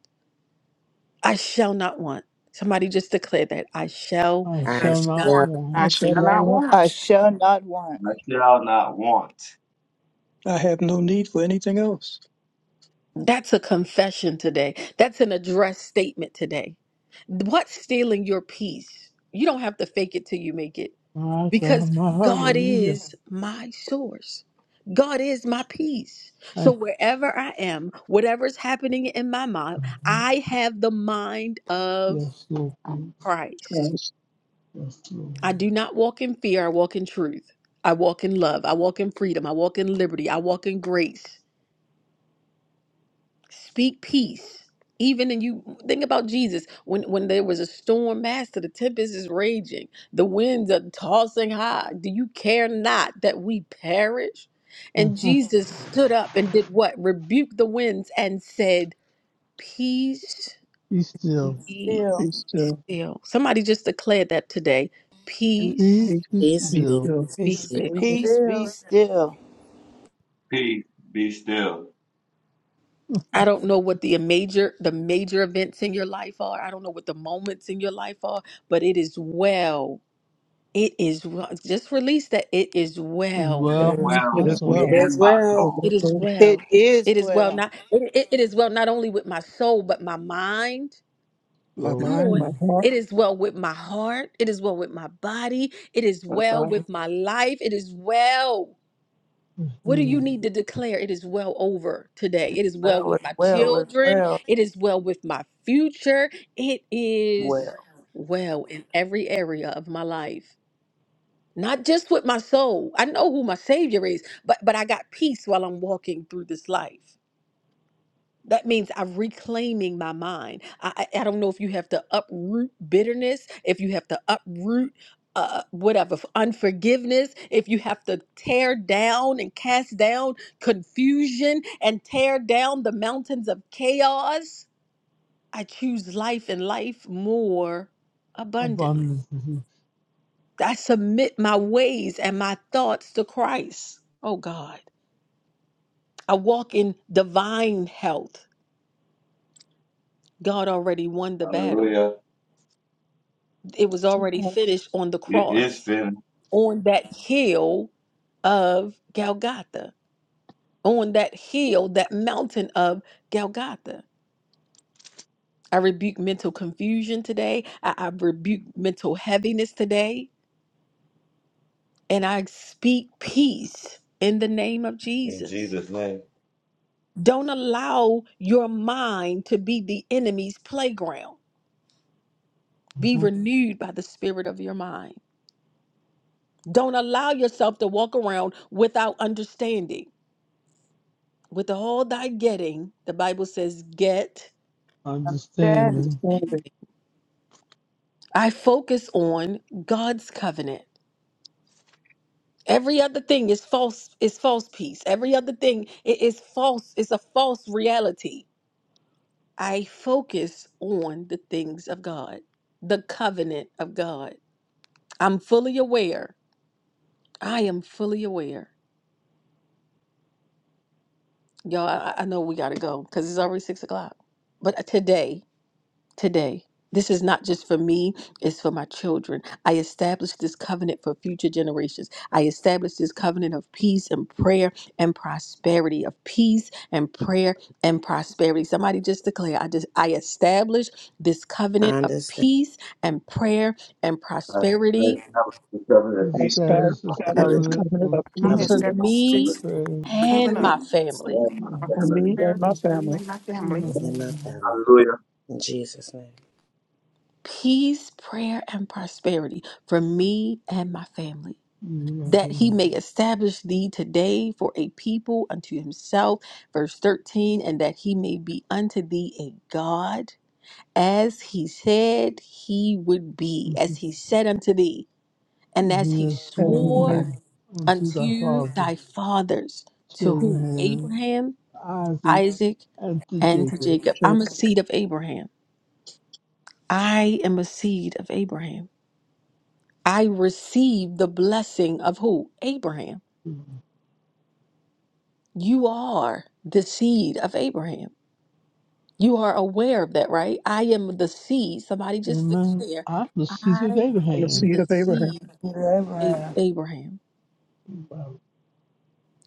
Speaker 1: I shall not want. Somebody just declare that. I shall.
Speaker 8: I
Speaker 13: I
Speaker 5: Than
Speaker 8: shall not
Speaker 5: one
Speaker 13: shall
Speaker 8: want.
Speaker 2: I
Speaker 4: I
Speaker 2: shall
Speaker 4: fear
Speaker 2: not
Speaker 4: not
Speaker 2: want.
Speaker 7: I
Speaker 4: want.
Speaker 7: shall not want.
Speaker 6: me. I shall not want.
Speaker 2: I have no need for anything else.
Speaker 1: That's a confession today. That's an address statement today. What's stealing your peace? You don't have to fake it till you make it.
Speaker 8: My
Speaker 1: because
Speaker 8: God, my
Speaker 1: God
Speaker 8: hallelujah.
Speaker 1: is my source. God is my peace. So
Speaker 8: Thank
Speaker 1: wherever I am, whatever's happening in my mind,
Speaker 8: you.
Speaker 1: I have the mind of
Speaker 8: Yes, Lord.
Speaker 1: Christ.
Speaker 2: Christ,
Speaker 8: Yes,
Speaker 1: I do not walk in fear, I walk in truth. I walk in love. I walk in freedom. I walk in liberty. I walk in grace. Speak peace. Even in you think about Jesus when when there was a storm master, the tempest is raging, the winds are tossing high. Do you care not that we perish? And
Speaker 8: Lord.
Speaker 1: Mhm. Jesus stood up and did what? Rebuked the winds and said, Peace
Speaker 8: Be still.
Speaker 1: be
Speaker 5: still,
Speaker 2: be still.
Speaker 1: still. Somebody just declared that today.
Speaker 5: he
Speaker 8: Please
Speaker 1: Peace
Speaker 2: Peace,
Speaker 8: be
Speaker 13: peace
Speaker 2: be
Speaker 13: be.
Speaker 8: still.
Speaker 2: still.
Speaker 1: be
Speaker 12: peace
Speaker 13: still.
Speaker 12: be
Speaker 1: still.
Speaker 12: with
Speaker 7: Peace be
Speaker 5: knows
Speaker 7: still.
Speaker 6: Peace be still.
Speaker 8: As
Speaker 1: I don't know what the major the major events in your life are. I don't know what the moments in your life are, but it is well It is well. Just release that it is
Speaker 6: It
Speaker 1: well.
Speaker 6: is
Speaker 8: well
Speaker 12: us
Speaker 8: with
Speaker 6: well
Speaker 2: It
Speaker 8: my
Speaker 12: now
Speaker 2: is
Speaker 6: with me
Speaker 8: soul.
Speaker 13: It
Speaker 2: well.
Speaker 6: and
Speaker 13: is
Speaker 6: my
Speaker 2: O
Speaker 6: soul.
Speaker 13: well.
Speaker 2: my
Speaker 1: It is
Speaker 2: soul,
Speaker 1: well.
Speaker 7: It is
Speaker 1: It is well.
Speaker 7: well.
Speaker 1: Not it, it it is well not only with my soul but my mind.
Speaker 2: my
Speaker 8: Glory
Speaker 1: Come
Speaker 2: mind,
Speaker 1: on.
Speaker 2: my
Speaker 8: be
Speaker 2: heart,
Speaker 1: It is well with my heart. It is well with my body. It is
Speaker 2: my
Speaker 1: well
Speaker 2: body,
Speaker 1: with my life. It is well.
Speaker 8: to
Speaker 1: What do you
Speaker 8: you.
Speaker 1: need to declare? It is well over today. It is well
Speaker 5: well as
Speaker 1: with my
Speaker 5: well as
Speaker 1: children.
Speaker 5: well.
Speaker 1: It is well with my future. It is
Speaker 5: Well,
Speaker 1: well in every area of my life. not just with my soul. I know who my savior is, but but I got peace while I'm walking through this life. That means I'm reclaiming my mind. I I, I don't know if you have to uproot bitterness, if you have to uproot uh, whatever f- unforgiveness, if you have to tear down and cast down confusion and tear down the mountains of chaos, I choose life and life more abundantly.
Speaker 8: abundance.
Speaker 1: I submit my ways and my thoughts to Christ. Oh God. I walk in divine health. God already won the battle.
Speaker 6: Hallelujah.
Speaker 1: It was already
Speaker 2: my
Speaker 1: finished on the
Speaker 6: It is
Speaker 1: cross,
Speaker 6: finished.
Speaker 1: on that hill of Golgotha, on that hill, that mountain of Golgotha. I rebuke mental confusion today. I, I rebuke mental heaviness today. And I speak peace in the name of
Speaker 6: In
Speaker 1: Jesus.
Speaker 6: Jesus' name.
Speaker 1: Don't allow your mind to be the enemy's playground. Be renewed by the spirit of your mind. Don't allow yourself to walk around without understanding. With all thy getting, the Bible says, get.
Speaker 5: understanding
Speaker 8: Understanding.
Speaker 2: understanding.
Speaker 1: I focus on God's covenant. Every other thing is false, is false peace. Every other thing i- is false, is a false reality. I focus on the things of God, the covenant of God. I'm fully aware. I am fully aware. Y'all, I, I know we got to go because it's already six o'clock. But uh, today, today, this is not just for me, it's for my children. I established this covenant for future generations. I established this covenant of peace and prayer and prosperity, of peace and prayer and prosperity. Somebody just declare, I just I established this
Speaker 13: I
Speaker 1: covenant of
Speaker 13: understand.
Speaker 1: peace and prayer and
Speaker 6: I I
Speaker 1: prosperity
Speaker 6: establish the covenant of
Speaker 2: I
Speaker 6: peace, prayer,
Speaker 2: spout
Speaker 6: and
Speaker 8: Establish this
Speaker 13: I
Speaker 2: establish
Speaker 13: just
Speaker 2: this
Speaker 6: prosperity
Speaker 8: covenant
Speaker 2: covenant
Speaker 8: with
Speaker 2: of
Speaker 4: I
Speaker 6: for
Speaker 13: love
Speaker 8: peace,
Speaker 2: peace
Speaker 1: for
Speaker 6: me and my
Speaker 4: establish
Speaker 1: me
Speaker 4: this
Speaker 6: children.
Speaker 13: you
Speaker 8: prayer,
Speaker 4: covenant
Speaker 1: and my
Speaker 4: of
Speaker 1: family.
Speaker 6: and my
Speaker 8: God.
Speaker 2: for me
Speaker 6: family.
Speaker 8: That's,
Speaker 2: and
Speaker 8: uh,
Speaker 4: prosperity
Speaker 2: my
Speaker 8: you
Speaker 4: to me
Speaker 2: family,
Speaker 4: and my family.
Speaker 8: know,
Speaker 13: and my
Speaker 8: you
Speaker 13: family.
Speaker 6: Hallelujah.
Speaker 13: In Jesus' name.
Speaker 1: peace, prayer, and prosperity for me and my family,
Speaker 8: know,
Speaker 1: that
Speaker 8: you
Speaker 1: he may establish thee today for a people unto himself. Verse 13, and that he may be unto thee a God, as he said he would be,
Speaker 8: know.
Speaker 1: as he said unto thee, and as
Speaker 8: He
Speaker 1: he
Speaker 8: has
Speaker 2: and he made
Speaker 1: swore
Speaker 2: me
Speaker 8: sworn unto thy
Speaker 1: unto thy
Speaker 8: fathers,
Speaker 1: fathers,
Speaker 8: to
Speaker 1: to who?
Speaker 8: Abraham,
Speaker 1: Abraham,
Speaker 8: Isaac,
Speaker 1: Isaac,
Speaker 8: and to
Speaker 1: and to
Speaker 8: Jacob.
Speaker 1: Jacob.
Speaker 2: shake.
Speaker 1: I'm a seed of Abraham. I am a seed of Abraham. I receive the blessing of who? Abraham. You are the seed of Abraham. You are aware of that, right? I am the seed. Somebody just
Speaker 8: Amen.
Speaker 1: declare,
Speaker 8: I'm the seed
Speaker 1: I
Speaker 8: of
Speaker 2: I'm a
Speaker 1: am
Speaker 8: Abraham.
Speaker 2: seed
Speaker 1: the
Speaker 2: of Abraham.
Speaker 1: seed of
Speaker 5: to
Speaker 1: A-
Speaker 5: Abraham.
Speaker 1: Abraham.
Speaker 8: If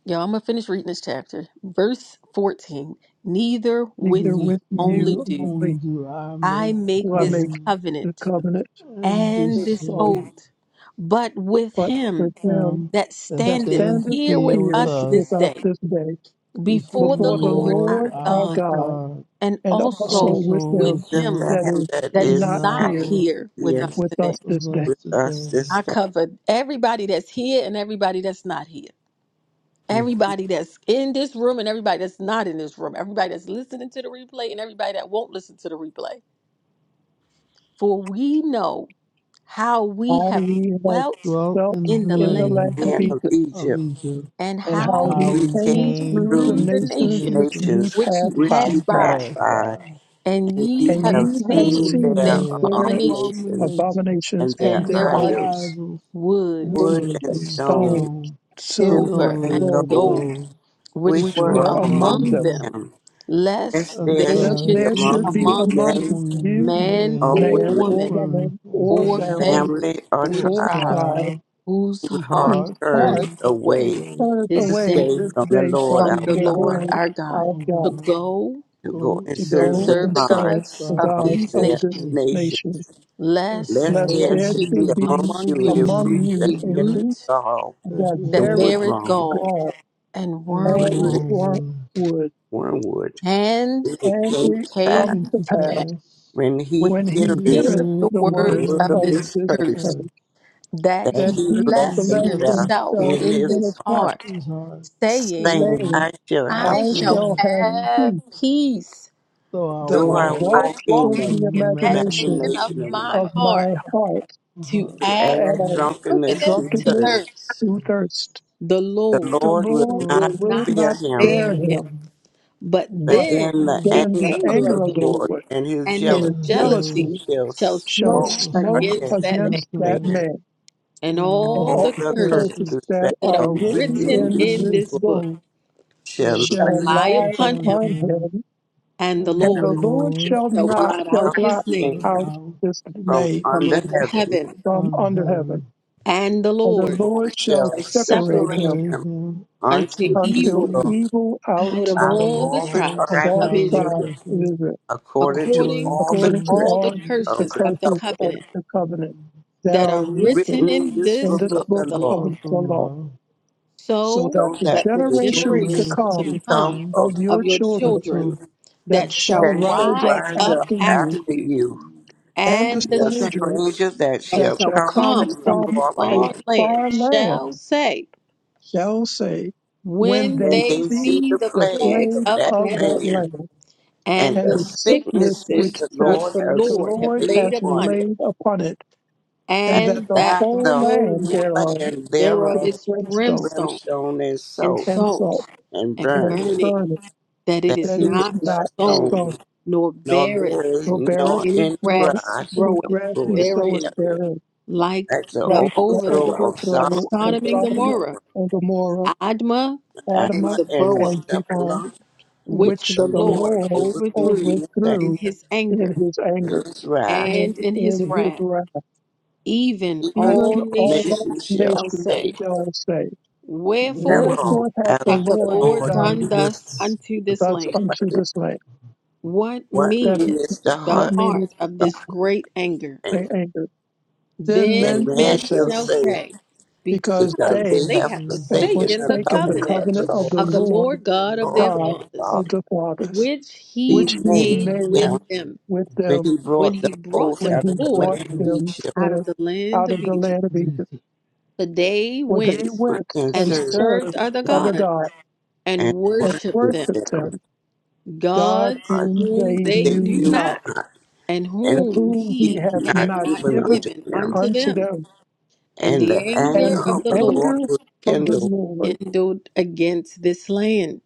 Speaker 1: Y'all, I'm going to finish reading this chapter. Verse 14 Neither
Speaker 8: it
Speaker 1: with
Speaker 2: Neither
Speaker 8: was
Speaker 1: you
Speaker 2: with
Speaker 1: only
Speaker 8: you
Speaker 2: you
Speaker 1: do
Speaker 8: only
Speaker 2: only
Speaker 8: do I
Speaker 1: I
Speaker 8: make
Speaker 1: make
Speaker 8: the
Speaker 2: do I
Speaker 1: this
Speaker 2: make
Speaker 8: covenant,
Speaker 2: the
Speaker 1: covenant
Speaker 2: covenant.
Speaker 8: and this
Speaker 1: and
Speaker 2: with
Speaker 1: this
Speaker 2: all.
Speaker 8: soul
Speaker 1: oath, but with
Speaker 2: but with
Speaker 1: him
Speaker 2: him
Speaker 8: him
Speaker 1: that
Speaker 8: that
Speaker 2: that
Speaker 1: standeth
Speaker 8: standeth
Speaker 2: standeth
Speaker 1: here
Speaker 8: here
Speaker 1: with
Speaker 8: with
Speaker 2: here
Speaker 1: us
Speaker 8: us
Speaker 2: with
Speaker 1: this
Speaker 2: us
Speaker 1: day.
Speaker 2: this day
Speaker 8: before
Speaker 1: before
Speaker 8: the
Speaker 1: the
Speaker 2: before the
Speaker 1: Lord
Speaker 8: Lord
Speaker 2: Lord
Speaker 1: our
Speaker 2: our
Speaker 8: our
Speaker 1: God,
Speaker 2: God,
Speaker 8: God,
Speaker 1: and
Speaker 2: and also
Speaker 1: also
Speaker 8: also
Speaker 2: with
Speaker 1: with
Speaker 2: him
Speaker 8: with
Speaker 15: Lift
Speaker 1: him
Speaker 15: at
Speaker 8: him
Speaker 2: that
Speaker 15: him
Speaker 2: is
Speaker 15: that
Speaker 8: that
Speaker 1: that
Speaker 8: is
Speaker 1: is
Speaker 2: not
Speaker 15: is out
Speaker 1: not
Speaker 8: not
Speaker 2: here
Speaker 1: here with
Speaker 15: here
Speaker 8: with,
Speaker 1: us
Speaker 2: with
Speaker 1: today.
Speaker 2: us
Speaker 8: with
Speaker 2: this day.
Speaker 8: us
Speaker 15: with us
Speaker 8: today.
Speaker 15: this
Speaker 1: I
Speaker 15: day.
Speaker 1: covered everybody that's here and everybody that's not here.
Speaker 15: Mm.
Speaker 1: Everybody that's in this room and everybody that's not in this room. Everybody that's listening to the replay and everybody that won't listen to the replay. For we know how we
Speaker 2: How
Speaker 1: have
Speaker 2: we have
Speaker 1: dwelt
Speaker 8: dwelt
Speaker 2: felt
Speaker 8: in
Speaker 1: in
Speaker 8: the
Speaker 1: the
Speaker 2: in the
Speaker 8: land
Speaker 1: land
Speaker 2: land
Speaker 1: of
Speaker 2: of
Speaker 15: Man of
Speaker 1: Egypt
Speaker 2: Egypt,
Speaker 8: of
Speaker 15: Egypt,
Speaker 8: Egypt,
Speaker 1: and
Speaker 2: and
Speaker 15: how
Speaker 2: how
Speaker 1: how
Speaker 2: we
Speaker 8: how
Speaker 1: we
Speaker 15: we
Speaker 8: we
Speaker 15: came
Speaker 2: came
Speaker 1: came
Speaker 8: came
Speaker 2: through
Speaker 15: through
Speaker 2: the
Speaker 1: through
Speaker 8: to
Speaker 1: the
Speaker 8: the
Speaker 2: nations
Speaker 1: nation
Speaker 2: which
Speaker 8: nation
Speaker 2: ye
Speaker 15: nations
Speaker 1: which
Speaker 2: passed
Speaker 1: you
Speaker 8: which
Speaker 2: by,
Speaker 15: which
Speaker 8: ye
Speaker 15: you
Speaker 1: passed
Speaker 15: pass
Speaker 1: by
Speaker 8: passed
Speaker 15: by,
Speaker 8: by.
Speaker 1: And
Speaker 15: and
Speaker 1: ye
Speaker 15: ye
Speaker 2: and
Speaker 1: have
Speaker 8: Ye
Speaker 15: have
Speaker 2: ye have
Speaker 15: seen
Speaker 1: seen
Speaker 8: seen
Speaker 15: their
Speaker 1: their
Speaker 2: seen
Speaker 8: their
Speaker 2: their
Speaker 1: abominations
Speaker 15: abominations
Speaker 8: abomination
Speaker 15: and
Speaker 2: abominations
Speaker 15: their
Speaker 2: and
Speaker 1: and
Speaker 8: and
Speaker 2: their
Speaker 1: their
Speaker 8: their
Speaker 2: idols,
Speaker 1: idols,
Speaker 15: idols,
Speaker 8: idols,
Speaker 1: wood
Speaker 8: and
Speaker 2: wood
Speaker 15: wood
Speaker 8: wood
Speaker 15: and
Speaker 1: and
Speaker 2: and
Speaker 8: and
Speaker 1: stone,
Speaker 15: stone,
Speaker 2: stone,
Speaker 8: stone,
Speaker 2: silver
Speaker 15: silver
Speaker 1: silver
Speaker 8: silver
Speaker 2: and
Speaker 1: and
Speaker 15: and
Speaker 2: gold,
Speaker 8: and
Speaker 15: gold,
Speaker 1: gold,
Speaker 8: gold,
Speaker 1: which
Speaker 8: which
Speaker 15: which
Speaker 2: which
Speaker 1: were
Speaker 15: were
Speaker 2: were
Speaker 8: were
Speaker 15: among
Speaker 8: among
Speaker 2: among
Speaker 1: among
Speaker 2: them
Speaker 1: them,
Speaker 8: the
Speaker 15: them.
Speaker 1: lest
Speaker 15: Lest there
Speaker 1: there
Speaker 15: should
Speaker 2: lest
Speaker 15: be
Speaker 1: should
Speaker 2: there
Speaker 1: be
Speaker 15: among
Speaker 2: should
Speaker 8: astonishing
Speaker 2: be
Speaker 15: you
Speaker 1: among
Speaker 2: among
Speaker 15: men
Speaker 1: you
Speaker 8: among
Speaker 2: you
Speaker 1: man
Speaker 8: men,
Speaker 15: or
Speaker 1: or
Speaker 2: man
Speaker 15: women,
Speaker 2: or
Speaker 1: woman,
Speaker 8: women,
Speaker 2: woman
Speaker 8: or
Speaker 2: or
Speaker 1: or
Speaker 8: family,
Speaker 2: family
Speaker 1: family,
Speaker 15: family or
Speaker 1: or
Speaker 8: or
Speaker 2: or
Speaker 15: tribe,
Speaker 1: tribe,
Speaker 2: tribe
Speaker 8: tribe,
Speaker 1: whose
Speaker 15: whose
Speaker 8: whose
Speaker 15: heart
Speaker 1: heart
Speaker 2: whose
Speaker 8: heart
Speaker 15: turns
Speaker 2: heart
Speaker 1: turneth
Speaker 8: turned
Speaker 1: away
Speaker 15: away
Speaker 8: away
Speaker 2: turneth
Speaker 1: this
Speaker 8: this
Speaker 15: this
Speaker 2: away
Speaker 1: day
Speaker 15: day
Speaker 8: day.
Speaker 2: this
Speaker 15: from the
Speaker 2: day
Speaker 15: Lord our
Speaker 1: from
Speaker 8: Come
Speaker 2: from
Speaker 8: the
Speaker 1: the
Speaker 2: the
Speaker 1: Lord
Speaker 15: God,
Speaker 2: Lord
Speaker 8: Lord,
Speaker 1: our God,
Speaker 2: our
Speaker 8: our
Speaker 1: to
Speaker 2: God
Speaker 8: God,
Speaker 1: go
Speaker 15: to go
Speaker 8: go
Speaker 15: and
Speaker 2: to
Speaker 8: and
Speaker 1: and
Speaker 15: serve
Speaker 2: go
Speaker 15: the
Speaker 8: serve
Speaker 2: and
Speaker 1: serve the
Speaker 2: serve
Speaker 1: gods
Speaker 15: gods
Speaker 2: the
Speaker 8: God
Speaker 1: of
Speaker 15: of
Speaker 8: of
Speaker 2: gods
Speaker 1: these
Speaker 2: of
Speaker 15: their
Speaker 8: these
Speaker 1: nations
Speaker 2: this
Speaker 8: nations,
Speaker 15: nation
Speaker 2: nation,
Speaker 8: lest
Speaker 1: lest
Speaker 15: lest
Speaker 8: thou
Speaker 2: lest
Speaker 15: there
Speaker 1: there
Speaker 8: should
Speaker 2: there
Speaker 15: should
Speaker 1: should
Speaker 8: be
Speaker 15: be
Speaker 1: be
Speaker 2: should be
Speaker 15: amongst
Speaker 1: among
Speaker 15: you a
Speaker 1: you
Speaker 2: among
Speaker 15: root
Speaker 8: among the
Speaker 15: that
Speaker 2: you
Speaker 1: a
Speaker 2: a
Speaker 8: others
Speaker 15: beareth
Speaker 2: root
Speaker 1: root
Speaker 15: gall
Speaker 8: that
Speaker 2: that
Speaker 15: and
Speaker 1: that
Speaker 8: blessed
Speaker 2: beareth
Speaker 1: beareth
Speaker 15: woodwrong,
Speaker 1: gall,
Speaker 2: God
Speaker 1: and
Speaker 8: and
Speaker 2: and
Speaker 15: greenwood,
Speaker 1: wormwood,
Speaker 2: work
Speaker 8: warm was.
Speaker 2: wood.
Speaker 15: wormwood.
Speaker 1: and
Speaker 15: And it
Speaker 2: And
Speaker 15: came
Speaker 1: it
Speaker 2: it
Speaker 15: to pass
Speaker 1: came
Speaker 2: comes
Speaker 8: And
Speaker 2: to
Speaker 8: to
Speaker 1: to
Speaker 2: pass
Speaker 1: pass
Speaker 8: pass,
Speaker 15: when
Speaker 1: when
Speaker 15: he
Speaker 2: when
Speaker 1: he
Speaker 8: when
Speaker 2: he
Speaker 8: he
Speaker 15: heareth
Speaker 2: heareth
Speaker 1: heareth the
Speaker 8: hears
Speaker 2: the
Speaker 8: the
Speaker 15: the
Speaker 2: words
Speaker 1: words
Speaker 15: word
Speaker 1: of
Speaker 15: of
Speaker 2: of
Speaker 1: this
Speaker 8: word of
Speaker 15: this
Speaker 2: this
Speaker 8: the
Speaker 1: curse
Speaker 15: curse
Speaker 2: curse
Speaker 8: earth,
Speaker 1: that
Speaker 15: that
Speaker 1: he
Speaker 2: that
Speaker 8: that
Speaker 15: he
Speaker 2: he
Speaker 8: he
Speaker 15: blessed
Speaker 1: blessed
Speaker 2: blessed
Speaker 8: bless
Speaker 15: himself
Speaker 1: himself
Speaker 2: himself
Speaker 15: in
Speaker 8: himself
Speaker 1: in
Speaker 15: his
Speaker 2: in his
Speaker 1: his
Speaker 2: heart,
Speaker 15: heart,
Speaker 1: heart,
Speaker 8: his heart,
Speaker 1: saying,
Speaker 15: saying,
Speaker 2: saying,
Speaker 8: saying,
Speaker 15: I shall
Speaker 2: I
Speaker 8: I
Speaker 15: have
Speaker 1: I
Speaker 8: shall
Speaker 1: shall
Speaker 15: peace,
Speaker 2: shall
Speaker 8: have
Speaker 2: have
Speaker 8: peace,
Speaker 1: have
Speaker 2: peace,
Speaker 1: peace,
Speaker 8: though I
Speaker 1: though
Speaker 2: though
Speaker 15: though
Speaker 2: I
Speaker 15: I
Speaker 8: walk
Speaker 1: I
Speaker 2: walk
Speaker 15: walk in
Speaker 1: walk
Speaker 2: in
Speaker 15: the
Speaker 2: the
Speaker 8: in
Speaker 1: in the imagination
Speaker 2: imagination
Speaker 1: of
Speaker 15: imagination
Speaker 8: imagination
Speaker 15: of my
Speaker 1: my
Speaker 2: of
Speaker 1: heart,
Speaker 2: my heart,
Speaker 8: Uh,
Speaker 1: to
Speaker 15: to
Speaker 1: add
Speaker 15: add
Speaker 2: and
Speaker 8: uh,
Speaker 15: drunkenness
Speaker 1: drunkenness
Speaker 8: Doctor
Speaker 15: to
Speaker 8: Miss
Speaker 1: to
Speaker 2: drunkenness
Speaker 15: thirst.
Speaker 1: thirst.
Speaker 2: to thirst.
Speaker 1: The
Speaker 15: The
Speaker 1: Lord.
Speaker 2: The
Speaker 15: Lord will
Speaker 2: Lord
Speaker 15: not
Speaker 8: Lord
Speaker 1: will
Speaker 8: of
Speaker 2: will
Speaker 1: not
Speaker 8: the
Speaker 15: spare
Speaker 2: not
Speaker 15: him
Speaker 2: spare
Speaker 1: spare him.
Speaker 2: him,
Speaker 8: Spirit,
Speaker 1: But
Speaker 15: But
Speaker 2: but
Speaker 1: then
Speaker 15: then the
Speaker 8: Lord
Speaker 1: the
Speaker 2: then
Speaker 15: anger
Speaker 2: the
Speaker 15: of
Speaker 1: anger
Speaker 15: the
Speaker 2: anger
Speaker 1: of
Speaker 2: of
Speaker 1: the
Speaker 2: the
Speaker 1: Lord
Speaker 15: Lord
Speaker 2: Lord
Speaker 15: and his
Speaker 1: and
Speaker 2: and
Speaker 1: his
Speaker 2: his
Speaker 15: jealousy
Speaker 1: jealousy
Speaker 8: Joe's
Speaker 2: jealousy
Speaker 15: shall
Speaker 1: shall
Speaker 2: shall
Speaker 1: smote
Speaker 15: smoke
Speaker 8: the
Speaker 2: smoke
Speaker 1: against
Speaker 15: against
Speaker 1: that
Speaker 15: that
Speaker 1: man,
Speaker 2: against that
Speaker 8: and
Speaker 15: man.
Speaker 2: man,
Speaker 1: and
Speaker 2: and
Speaker 1: all
Speaker 8: all
Speaker 2: all
Speaker 15: All
Speaker 1: the
Speaker 8: the
Speaker 15: the
Speaker 2: the
Speaker 15: curses
Speaker 1: curses
Speaker 2: places
Speaker 8: curses
Speaker 2: that
Speaker 15: that
Speaker 1: that
Speaker 2: are
Speaker 15: are
Speaker 1: are
Speaker 8: are
Speaker 2: written
Speaker 15: written in
Speaker 1: written
Speaker 8: written
Speaker 2: in
Speaker 8: in
Speaker 1: in
Speaker 15: this
Speaker 2: this
Speaker 8: this
Speaker 1: this
Speaker 15: book
Speaker 1: book
Speaker 2: book
Speaker 8: book
Speaker 15: shall
Speaker 8: shall
Speaker 15: lay
Speaker 1: shall
Speaker 2: shall
Speaker 8: be
Speaker 1: lie
Speaker 2: lie
Speaker 1: upon
Speaker 8: upon
Speaker 1: him,
Speaker 2: upon
Speaker 8: him,
Speaker 2: him
Speaker 1: and the
Speaker 8: and
Speaker 15: and
Speaker 2: and
Speaker 8: the
Speaker 15: the
Speaker 2: the
Speaker 1: Lord
Speaker 15: Lord
Speaker 2: Lord
Speaker 8: Lord
Speaker 15: shall
Speaker 2: shall
Speaker 1: shall
Speaker 2: not
Speaker 15: blot
Speaker 1: blot
Speaker 2: shall
Speaker 15: out
Speaker 1: out his
Speaker 2: blot
Speaker 15: the
Speaker 1: name
Speaker 8: from
Speaker 15: name
Speaker 2: out
Speaker 8: out
Speaker 2: his
Speaker 15: from
Speaker 2: name
Speaker 1: from
Speaker 15: under
Speaker 1: under
Speaker 8: and
Speaker 15: heaven.
Speaker 1: heaven,
Speaker 2: from
Speaker 8: on
Speaker 2: under heaven,
Speaker 8: heaven,
Speaker 1: and the
Speaker 2: and the
Speaker 15: The
Speaker 1: Lord
Speaker 2: Lord
Speaker 15: Lord
Speaker 2: shall
Speaker 15: shall
Speaker 1: shall
Speaker 2: separate
Speaker 1: separate
Speaker 15: separate
Speaker 2: him
Speaker 1: him
Speaker 8: separate
Speaker 15: him
Speaker 8: him
Speaker 1: unto
Speaker 15: unto
Speaker 8: unto
Speaker 2: unto
Speaker 1: evil
Speaker 8: eat
Speaker 15: evil
Speaker 2: evil
Speaker 1: out
Speaker 2: out
Speaker 1: of
Speaker 8: out
Speaker 15: out of
Speaker 1: all the
Speaker 8: of
Speaker 15: all the
Speaker 8: all
Speaker 2: of
Speaker 8: the
Speaker 1: tribes
Speaker 15: tribes
Speaker 2: all
Speaker 15: of
Speaker 1: of
Speaker 2: the
Speaker 8: tribes
Speaker 1: Israel,
Speaker 8: of
Speaker 15: Israel,
Speaker 2: tribes
Speaker 8: Israel
Speaker 2: of Israel,
Speaker 15: according to
Speaker 1: according
Speaker 8: According
Speaker 15: all the
Speaker 1: to
Speaker 2: according
Speaker 8: to
Speaker 2: to
Speaker 15: curse
Speaker 1: all the
Speaker 2: all the
Speaker 1: curses
Speaker 15: of the
Speaker 1: of the
Speaker 2: curses of
Speaker 1: covenant
Speaker 15: covenant
Speaker 2: the covenant that
Speaker 1: that are
Speaker 2: are
Speaker 1: written
Speaker 15: written
Speaker 2: written
Speaker 15: in
Speaker 1: in
Speaker 15: this
Speaker 2: in
Speaker 1: this
Speaker 15: book
Speaker 2: this
Speaker 15: of
Speaker 8: this
Speaker 1: book of
Speaker 2: book
Speaker 15: the
Speaker 1: the
Speaker 8: book
Speaker 15: law.
Speaker 2: of
Speaker 1: law,
Speaker 8: of
Speaker 2: the
Speaker 8: the
Speaker 2: law,
Speaker 8: law,
Speaker 2: so
Speaker 1: so
Speaker 2: that
Speaker 15: so
Speaker 2: the
Speaker 15: that
Speaker 1: that the
Speaker 15: the
Speaker 2: generation to
Speaker 1: generation
Speaker 15: generations
Speaker 8: generations
Speaker 1: to
Speaker 15: to
Speaker 2: come
Speaker 8: to
Speaker 15: come
Speaker 1: come
Speaker 8: come,
Speaker 2: of
Speaker 15: of
Speaker 1: of
Speaker 2: your
Speaker 1: your
Speaker 8: the
Speaker 2: children
Speaker 1: children
Speaker 15: you
Speaker 8: of
Speaker 1: that
Speaker 8: that
Speaker 2: that
Speaker 8: you
Speaker 1: shall
Speaker 2: shall
Speaker 15: that
Speaker 8: shall
Speaker 15: shall
Speaker 2: rise
Speaker 1: rise
Speaker 2: up
Speaker 15: rise
Speaker 1: up
Speaker 8: also
Speaker 15: up
Speaker 2: after you
Speaker 1: after
Speaker 15: after
Speaker 1: you,
Speaker 15: you,
Speaker 2: and the
Speaker 15: and
Speaker 1: and the
Speaker 15: the
Speaker 2: stranger
Speaker 1: stranger
Speaker 15: stranger that
Speaker 1: that
Speaker 2: that
Speaker 15: shall
Speaker 1: shall
Speaker 2: shall
Speaker 15: come
Speaker 2: come
Speaker 1: come
Speaker 15: from the
Speaker 1: from a
Speaker 2: from
Speaker 15: far
Speaker 2: a
Speaker 15: land,
Speaker 1: far land
Speaker 2: far land
Speaker 1: shall say,
Speaker 2: shall say, when
Speaker 1: when
Speaker 2: they
Speaker 15: and
Speaker 1: they
Speaker 15: they
Speaker 1: see
Speaker 15: see
Speaker 2: see
Speaker 15: the
Speaker 1: the
Speaker 2: the
Speaker 15: plagues
Speaker 1: plagues
Speaker 2: plague
Speaker 15: of
Speaker 1: of
Speaker 15: that
Speaker 2: of
Speaker 1: that
Speaker 2: that
Speaker 15: land,
Speaker 1: land
Speaker 2: land
Speaker 1: and
Speaker 15: and
Speaker 2: and
Speaker 15: the
Speaker 1: the
Speaker 2: the sickness
Speaker 15: sickness
Speaker 1: sicknesses
Speaker 15: which
Speaker 2: which
Speaker 15: the
Speaker 2: that
Speaker 1: which
Speaker 15: Lord
Speaker 1: the
Speaker 2: the
Speaker 15: has
Speaker 1: Lord have
Speaker 2: Lord
Speaker 15: laid
Speaker 1: laid
Speaker 2: has
Speaker 15: upon
Speaker 1: upon it,
Speaker 15: it,
Speaker 2: laid upon it, and
Speaker 15: and
Speaker 2: that
Speaker 1: and
Speaker 2: the
Speaker 1: that
Speaker 15: that
Speaker 1: the
Speaker 2: whole
Speaker 15: the
Speaker 1: whole
Speaker 2: land
Speaker 15: whole
Speaker 1: land
Speaker 2: thereof
Speaker 15: land
Speaker 1: thereof
Speaker 2: is
Speaker 15: thereof
Speaker 1: is
Speaker 2: brimstone
Speaker 1: brimstone
Speaker 15: brimstone and
Speaker 1: and
Speaker 15: salt
Speaker 2: and salt
Speaker 1: salt
Speaker 15: and
Speaker 1: and
Speaker 2: and
Speaker 15: burning,
Speaker 1: burning,
Speaker 2: burning
Speaker 1: that it
Speaker 15: that
Speaker 1: is
Speaker 2: that
Speaker 15: it is
Speaker 2: is
Speaker 1: not
Speaker 2: not
Speaker 15: not
Speaker 1: sown,
Speaker 2: sown,
Speaker 15: sown,
Speaker 1: nor
Speaker 15: nor
Speaker 1: beareth
Speaker 15: there is
Speaker 2: nor beareth,
Speaker 15: nor
Speaker 1: any
Speaker 15: any
Speaker 2: nor
Speaker 1: grass
Speaker 15: grass
Speaker 2: any
Speaker 1: groweth
Speaker 2: grass
Speaker 15: who
Speaker 2: he
Speaker 15: was
Speaker 2: soweth
Speaker 1: therein,
Speaker 15: there
Speaker 2: therein,
Speaker 1: like
Speaker 15: at the
Speaker 1: the
Speaker 2: like the
Speaker 15: overthrow
Speaker 1: overthrow
Speaker 15: of
Speaker 1: of
Speaker 2: overthrow of
Speaker 15: Solomon
Speaker 1: Sodom and
Speaker 15: and
Speaker 2: Sodom
Speaker 15: Gomorrah,
Speaker 1: Gomorrah,
Speaker 2: and Gomorrah
Speaker 1: Admah and
Speaker 2: Adamah
Speaker 15: Anna and
Speaker 2: and
Speaker 1: Zeboam,
Speaker 2: Zebah,
Speaker 15: Zephalah, which
Speaker 1: which
Speaker 2: which
Speaker 15: the
Speaker 1: the
Speaker 2: the
Speaker 15: Lord
Speaker 1: Lord
Speaker 2: Lord
Speaker 15: overthrew
Speaker 1: overthrew
Speaker 15: in his anger,
Speaker 1: in
Speaker 2: overthrew
Speaker 1: his
Speaker 2: in
Speaker 1: anger
Speaker 2: his
Speaker 15: in
Speaker 2: anger
Speaker 15: his wrath,
Speaker 2: and
Speaker 1: and in his
Speaker 2: in his
Speaker 1: wrath.
Speaker 2: wrath.
Speaker 1: Even
Speaker 15: even
Speaker 2: Even
Speaker 1: all
Speaker 15: all
Speaker 2: all
Speaker 15: nations
Speaker 1: nations
Speaker 15: shall
Speaker 1: shall
Speaker 2: nations
Speaker 15: say,
Speaker 1: say,
Speaker 2: shall say,
Speaker 1: Wherefore
Speaker 8: wherever
Speaker 15: thereof
Speaker 2: Wherefore hath
Speaker 15: has
Speaker 2: the
Speaker 1: hath the
Speaker 15: the
Speaker 2: Lord
Speaker 8: the
Speaker 1: Lord
Speaker 15: Lord
Speaker 8: Lord
Speaker 1: done
Speaker 2: done
Speaker 15: done
Speaker 8: of
Speaker 1: thus
Speaker 15: this.
Speaker 1: unto this
Speaker 2: thus
Speaker 1: land?
Speaker 2: unto this land?
Speaker 1: What
Speaker 15: What
Speaker 2: That
Speaker 1: meaneth
Speaker 15: meaneth the
Speaker 1: the
Speaker 2: what
Speaker 15: heart
Speaker 2: meaneth
Speaker 1: heart of this
Speaker 2: by
Speaker 1: great anger?
Speaker 15: thing?
Speaker 2: anger? Then
Speaker 15: Then
Speaker 2: men
Speaker 1: Then
Speaker 2: shall
Speaker 15: man
Speaker 1: men
Speaker 15: shall
Speaker 2: say,
Speaker 1: shall
Speaker 15: say,
Speaker 1: say,
Speaker 2: Because
Speaker 15: because
Speaker 1: Because
Speaker 2: they
Speaker 15: they
Speaker 1: they
Speaker 15: have
Speaker 1: have
Speaker 8: ordained
Speaker 2: have
Speaker 8: that
Speaker 15: forsaken
Speaker 1: forsaken
Speaker 15: the
Speaker 1: the
Speaker 8: he
Speaker 2: forsaken the
Speaker 15: covenant
Speaker 1: covenant
Speaker 15: of
Speaker 2: covenant
Speaker 15: the
Speaker 2: of the
Speaker 8: shall
Speaker 1: of
Speaker 15: Lord,
Speaker 1: the
Speaker 2: Lord
Speaker 1: Lord God of
Speaker 15: God of
Speaker 1: their
Speaker 2: God
Speaker 15: the
Speaker 1: fathers,
Speaker 2: of
Speaker 15: Father.
Speaker 2: the fathers,
Speaker 1: which he
Speaker 15: He
Speaker 2: which he
Speaker 8: And
Speaker 15: made
Speaker 8: the
Speaker 1: made with
Speaker 15: them
Speaker 2: made
Speaker 8: name
Speaker 1: them
Speaker 2: with
Speaker 15: when
Speaker 2: them
Speaker 15: he
Speaker 1: when
Speaker 15: brought them
Speaker 1: he brought
Speaker 15: forth
Speaker 1: them
Speaker 2: when
Speaker 15: out of
Speaker 2: he
Speaker 8: of
Speaker 15: the
Speaker 8: the
Speaker 1: forth
Speaker 2: brought
Speaker 15: land of
Speaker 8: Lord
Speaker 2: them
Speaker 15: Egypt,
Speaker 1: out of
Speaker 2: forth
Speaker 1: the land
Speaker 2: out
Speaker 1: of
Speaker 2: of the
Speaker 1: Egypt.
Speaker 2: land of
Speaker 8: is
Speaker 2: Egypt.
Speaker 8: to
Speaker 1: For they
Speaker 2: For they
Speaker 15: they
Speaker 1: went
Speaker 15: went
Speaker 2: went
Speaker 15: and
Speaker 2: and
Speaker 1: and
Speaker 15: served
Speaker 1: served
Speaker 2: served
Speaker 1: other
Speaker 15: God
Speaker 2: other
Speaker 1: gods
Speaker 2: gods
Speaker 1: and
Speaker 15: and
Speaker 2: and
Speaker 1: worshipped them,
Speaker 15: worshiped
Speaker 2: worshipped
Speaker 15: them.
Speaker 2: them, God
Speaker 1: gods
Speaker 15: God
Speaker 2: whom
Speaker 1: whom
Speaker 2: they
Speaker 1: they
Speaker 15: they
Speaker 2: knew
Speaker 1: knew
Speaker 15: knew
Speaker 2: not,
Speaker 1: not
Speaker 15: not,
Speaker 1: and
Speaker 15: and
Speaker 2: and
Speaker 1: whom
Speaker 2: whom
Speaker 15: he
Speaker 2: he
Speaker 15: had
Speaker 1: he
Speaker 2: had
Speaker 1: had
Speaker 15: not
Speaker 2: not
Speaker 1: not
Speaker 15: given
Speaker 2: given
Speaker 15: unto
Speaker 1: given
Speaker 15: them.
Speaker 1: unto
Speaker 2: unto
Speaker 1: them.
Speaker 2: them.
Speaker 1: And
Speaker 15: And
Speaker 1: the
Speaker 15: the
Speaker 1: anger
Speaker 2: And
Speaker 15: anger
Speaker 1: of
Speaker 2: the
Speaker 15: of
Speaker 1: the
Speaker 15: the Lord
Speaker 1: Lord
Speaker 2: anger
Speaker 15: was
Speaker 2: of the
Speaker 1: was
Speaker 15: kindled.
Speaker 2: Lord
Speaker 1: kindled against this land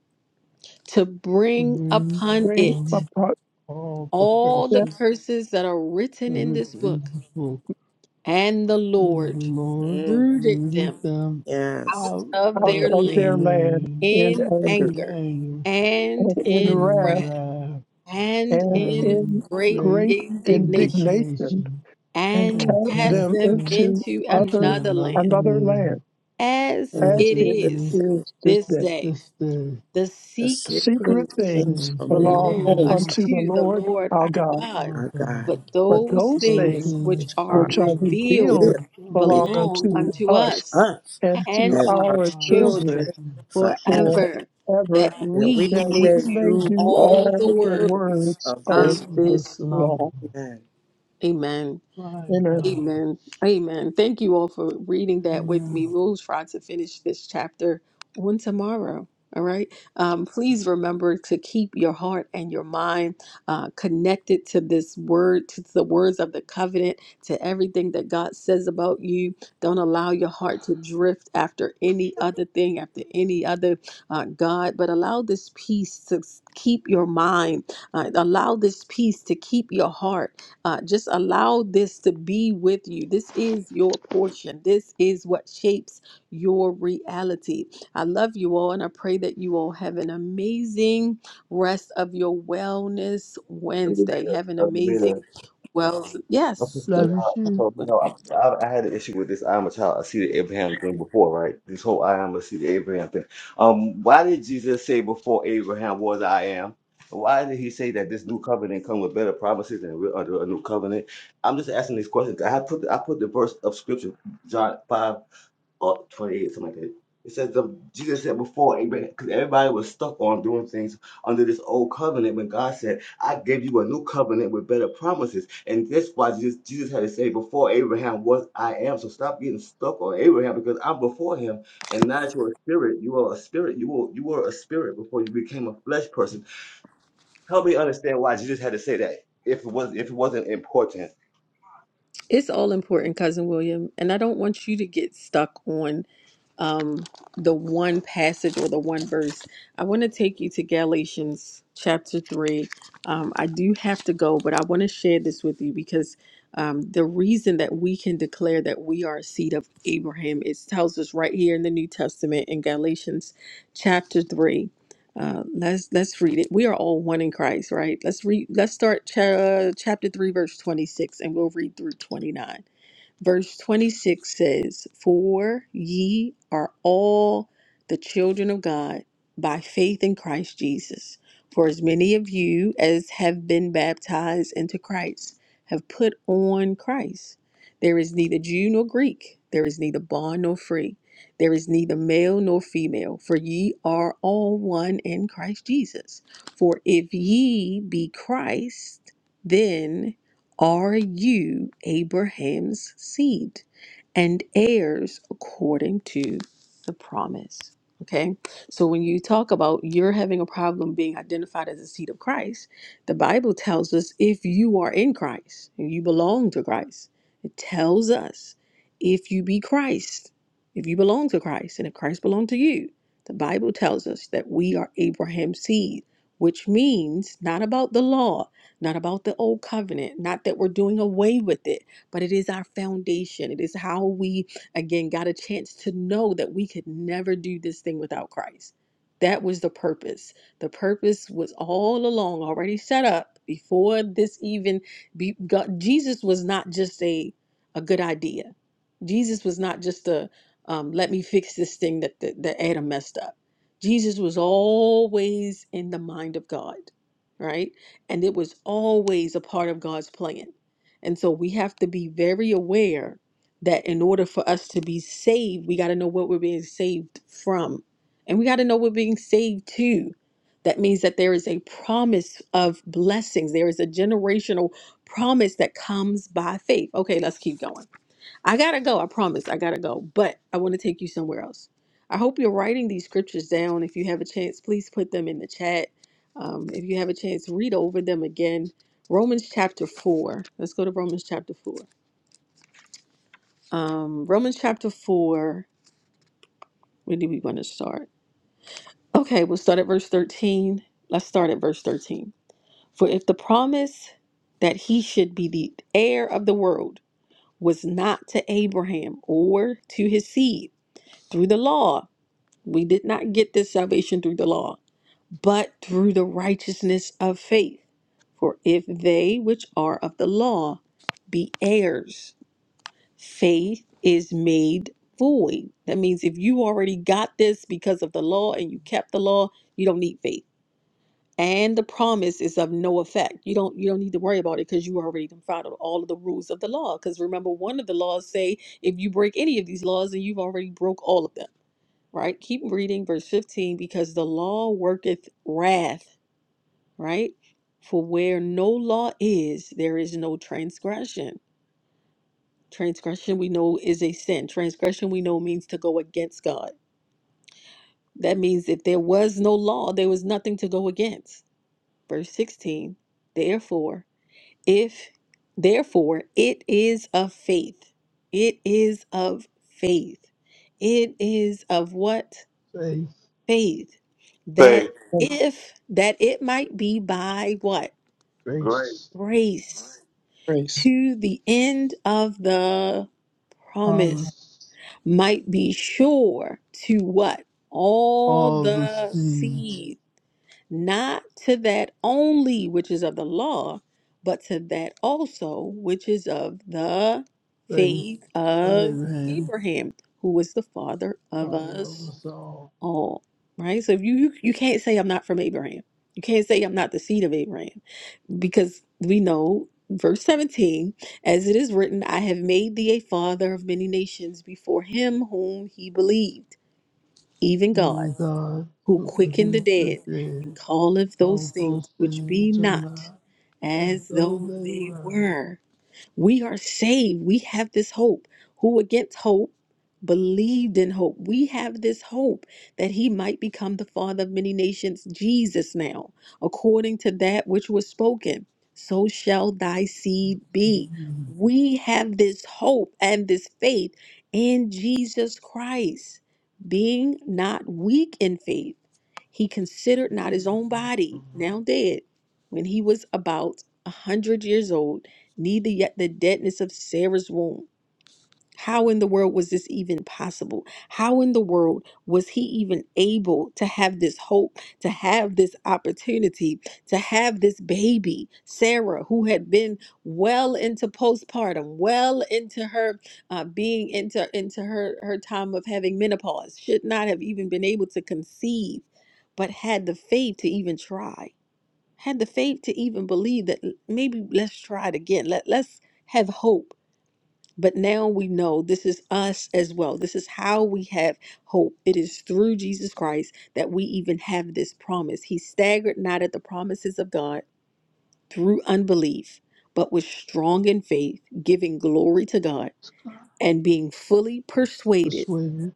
Speaker 1: to bring
Speaker 8: bring
Speaker 1: upon
Speaker 2: came
Speaker 1: it
Speaker 8: on
Speaker 2: upon
Speaker 8: all the
Speaker 1: all the
Speaker 2: them
Speaker 8: curses
Speaker 1: curses that are
Speaker 8: that
Speaker 1: written
Speaker 8: are
Speaker 1: in this
Speaker 8: written in
Speaker 1: book.
Speaker 8: this book.
Speaker 1: And the
Speaker 8: and the
Speaker 1: Lord
Speaker 8: Lord
Speaker 13: Mm.
Speaker 1: rooted
Speaker 8: lifted
Speaker 1: them
Speaker 8: them
Speaker 13: Yes.
Speaker 1: out
Speaker 8: out
Speaker 1: of
Speaker 2: out
Speaker 8: of
Speaker 1: their
Speaker 2: of
Speaker 8: the
Speaker 1: land
Speaker 2: their land
Speaker 8: land
Speaker 2: in
Speaker 1: in
Speaker 2: anger,
Speaker 8: in
Speaker 1: anger
Speaker 8: anger
Speaker 1: and
Speaker 2: and in
Speaker 1: in
Speaker 8: and in
Speaker 2: wrath,
Speaker 1: wrath
Speaker 8: wrath
Speaker 1: and
Speaker 2: and
Speaker 1: in
Speaker 8: and
Speaker 2: in
Speaker 1: great
Speaker 8: great
Speaker 2: great
Speaker 1: indignation
Speaker 2: indignation,
Speaker 8: indignation,
Speaker 2: and
Speaker 1: and
Speaker 8: and
Speaker 2: cast
Speaker 8: cast
Speaker 1: cast
Speaker 2: them
Speaker 1: them
Speaker 8: them
Speaker 2: into
Speaker 1: into
Speaker 2: other
Speaker 8: into
Speaker 1: another
Speaker 8: another
Speaker 1: land
Speaker 2: another land
Speaker 8: land,
Speaker 1: as
Speaker 13: And
Speaker 8: as
Speaker 2: as
Speaker 1: it
Speaker 2: it
Speaker 8: it is
Speaker 1: is
Speaker 2: is this
Speaker 1: this
Speaker 2: day.
Speaker 1: day.
Speaker 8: this day,
Speaker 1: The
Speaker 13: The
Speaker 1: secret
Speaker 13: secret
Speaker 2: Secret
Speaker 1: things
Speaker 13: is
Speaker 2: things
Speaker 8: things
Speaker 13: from the
Speaker 2: belong
Speaker 1: belong
Speaker 13: nose
Speaker 8: belong
Speaker 13: of
Speaker 2: unto the
Speaker 8: to
Speaker 1: unto the
Speaker 2: Lord
Speaker 1: Lord
Speaker 2: our
Speaker 1: our
Speaker 2: God,
Speaker 1: God,
Speaker 8: our
Speaker 13: our
Speaker 8: God.
Speaker 13: God.
Speaker 1: but
Speaker 2: but
Speaker 1: those
Speaker 2: those
Speaker 8: Those
Speaker 1: things
Speaker 2: things
Speaker 1: which
Speaker 13: which
Speaker 8: things
Speaker 1: are
Speaker 13: are
Speaker 8: was
Speaker 2: which are
Speaker 8: the
Speaker 1: revealed
Speaker 13: revealed
Speaker 2: revealed
Speaker 13: before
Speaker 2: belong
Speaker 1: belong
Speaker 2: unto
Speaker 1: unto
Speaker 2: us
Speaker 1: us
Speaker 13: us
Speaker 2: and to
Speaker 1: and
Speaker 13: as
Speaker 1: to our
Speaker 13: our
Speaker 2: our
Speaker 13: truths
Speaker 8: oxygen
Speaker 1: children
Speaker 2: children
Speaker 13: forever,
Speaker 1: forever,
Speaker 2: forever,
Speaker 1: that
Speaker 13: that we
Speaker 1: we
Speaker 2: that we
Speaker 1: may
Speaker 13: may
Speaker 2: may
Speaker 1: do
Speaker 13: do
Speaker 2: do all
Speaker 1: all
Speaker 13: all
Speaker 1: the
Speaker 2: the
Speaker 13: the
Speaker 1: work
Speaker 13: words
Speaker 2: words
Speaker 13: of
Speaker 2: of
Speaker 13: this
Speaker 1: of
Speaker 8: of
Speaker 13: law.
Speaker 2: this
Speaker 8: this
Speaker 1: this law.
Speaker 8: love,
Speaker 2: law.
Speaker 13: Amen.
Speaker 1: Amen.
Speaker 8: my
Speaker 2: Inner
Speaker 8: God.
Speaker 1: Amen. Amen. Thank you all for reading that with
Speaker 8: Amen.
Speaker 1: me. We'll try to finish this chapter on tomorrow. All right. Um, please remember to keep your heart and your mind uh, connected to this word, to the words of the covenant, to everything that God says about you. Don't allow your heart to drift after any other thing, after any other uh, God, but allow this peace to s- keep your mind. Uh, allow this peace to keep your heart uh, just allow this to be with you. This is your portion. This is what shapes your reality. I love you all, and I pray that you all have an amazing rest of your Wellness
Speaker 6: And we've been
Speaker 1: Wednesday. Have an
Speaker 6: there. We've been there.
Speaker 1: amazing well. Yes,
Speaker 8: Love you too.
Speaker 6: So, you know, I, I I had an issue with this I am a child, I see the Abraham thing before, right? This whole I am a seed of Abraham thing. Um, why did Jesus say before Abraham was I am? Why did he say that this new covenant come with better promises and we're under a new covenant? I'm just asking these questions. I put I put the verse of scripture, John five. or 28, something like that. It says the, Jesus said before Abraham, because everybody was stuck on doing things under this old covenant when God said, I gave you a new covenant with better promises. And that's why Jesus, Jesus had to say, Before Abraham was I am. So stop getting stuck on Abraham because I'm before him. And now that you're a spirit, you are a spirit. You were, you were a spirit before you became a flesh person. Help me understand why Jesus had to say that if it was if it wasn't important.
Speaker 1: it's all important, cousin William, and I don't want you to get stuck on um, the one passage or the one verse. I want to take you to Galatians chapter 3. Um, I do have to go, but I want to share this with you because um, the reason that we can declare that we are a seed of Abraham, it tells us right here in the New Testament in Galatians chapter 3. Uh, let's let's read it. We are all one in Christ, right? Let's read. Let's start cha- uh, chapter three, verse twenty six, and we'll read through twenty nine. Verse 26 says, For ye are all the children of God by faith in Christ Jesus. For as many of you as have been baptized into Christ have put on Christ. There is neither Jew nor Greek, there is neither bond nor free, there is neither male nor female, for ye are all one in Christ Jesus. For if ye be Christ, are you Abraham's seed and heirs according to the promise? Okay, so when you talk about you're having a problem being identified as a seed of Christ, the Bible tells us if you are in Christ and you belong to Christ, it tells us if you be Christ, if you belong to Christ, and if Christ belonged to you, the Bible tells us that we are Abraham's seed, which means not about the law, not about the old covenant, not that we're doing away with it, but it is our foundation. It is how we, again, got a chance to know that we could never do this thing without Christ. That was the purpose. The purpose was all along already set up before this even. Be, God, Jesus was not just a a good idea. Jesus was not just a um, let me fix this thing that, that that Adam messed up. Jesus was always in the mind of God, right? And it was always a part of God's plan. And so we have to be very aware that in order for us to be saved, we got to know what we're being saved from. And we got to know we're being saved to. That means that there is a promise of blessings, there is a generational promise that comes by faith. Okay, let's keep going. I gotta go. I promise. I gotta go. But I want to take you somewhere else. I hope you're writing these scriptures down. If you have a chance, please put them in the chat. Um, if you have a chance, read over them again. Romans chapter 4. Let's go to Romans chapter 4. Um, Romans chapter 4. Where do we want to start? Okay, we'll start at verse 13. Let's start at verse 13. For if the promise that he should be the heir of the world was not to Abraham or to his seed, through the law. We did not get this salvation through the law, but through the righteousness of faith. For if they which are of the law be heirs, faith is made void. That means if you already got this because of the law and you kept the law, you don't need faith. And the promise is of no effect. You don't you don't need to worry about it because you already done followed all of the rules of the law. Because remember, one of the laws say if you break any of these laws, then you've already broke all of them right? Keep reading verse 15 because the law worketh wrath, right? For where no law is, there is no transgression. Transgression we know is a sin. Transgression we know means to go against God. That means if there was no law, there was nothing to go against. Verse 16, therefore, if, therefore, it is of faith. It is of faith. It is of what?
Speaker 8: Faith,
Speaker 1: faith that
Speaker 6: Say
Speaker 2: of
Speaker 1: if that it might be by what
Speaker 6: Great.
Speaker 8: grace,
Speaker 1: grace
Speaker 2: grace
Speaker 1: to the end of the promise
Speaker 8: promise,
Speaker 1: might be sure to what all
Speaker 8: all the
Speaker 1: the
Speaker 8: seeds,
Speaker 1: seed not to that only which is of the law but to that also which is of the
Speaker 8: faith
Speaker 1: faith
Speaker 8: of
Speaker 1: of
Speaker 8: Abraham,
Speaker 1: Abraham who was the father of
Speaker 8: Father
Speaker 1: us
Speaker 8: of us all.
Speaker 1: all, right? So if you, you you can't say I'm not from Abraham. You can't say I'm not the seed of Abraham because we know verse 17 as it is written I have made thee a father of many nations before him whom he believed even God
Speaker 8: You are God
Speaker 1: who
Speaker 8: who
Speaker 1: quickened the
Speaker 8: produced the
Speaker 1: dead and
Speaker 8: dead,
Speaker 1: calleth those
Speaker 8: all
Speaker 1: things
Speaker 8: those
Speaker 1: which
Speaker 8: things
Speaker 1: be
Speaker 8: which are
Speaker 1: not
Speaker 8: not as
Speaker 1: as
Speaker 8: though
Speaker 1: though
Speaker 8: they
Speaker 1: they
Speaker 8: were.
Speaker 1: were we are saved. We have this hope. Who against hope believed in hope. We have this hope that he might become the father of many nations, Jesus now, according to that which was spoken. So shall thy seed be.
Speaker 8: Mhm.
Speaker 1: We have this hope and this faith in Jesus Christ, being not weak in faith he considered
Speaker 8: This
Speaker 1: not his
Speaker 8: is
Speaker 1: own
Speaker 8: not the
Speaker 1: body,
Speaker 8: words.
Speaker 1: now dead, when he was about a hundred years old, neither yet the deadness of Sarah's womb. How in the world was this even possible? How in the world was he even able to have this hope, to have this opportunity, to have this baby, Sarah, who had been well into postpartum, well into her uh, being into into her her time of having menopause, should not have even been able to conceive, but had the faith to even try, had the faith to even believe that maybe let's try it again. Let let's have hope but now we know this is us as well. This is how we have hope. It is through Jesus Christ that we even have this promise. He staggered not at the promises of God through unbelief, but was strong in faith, giving glory to God and being fully persuaded
Speaker 8: Persuaded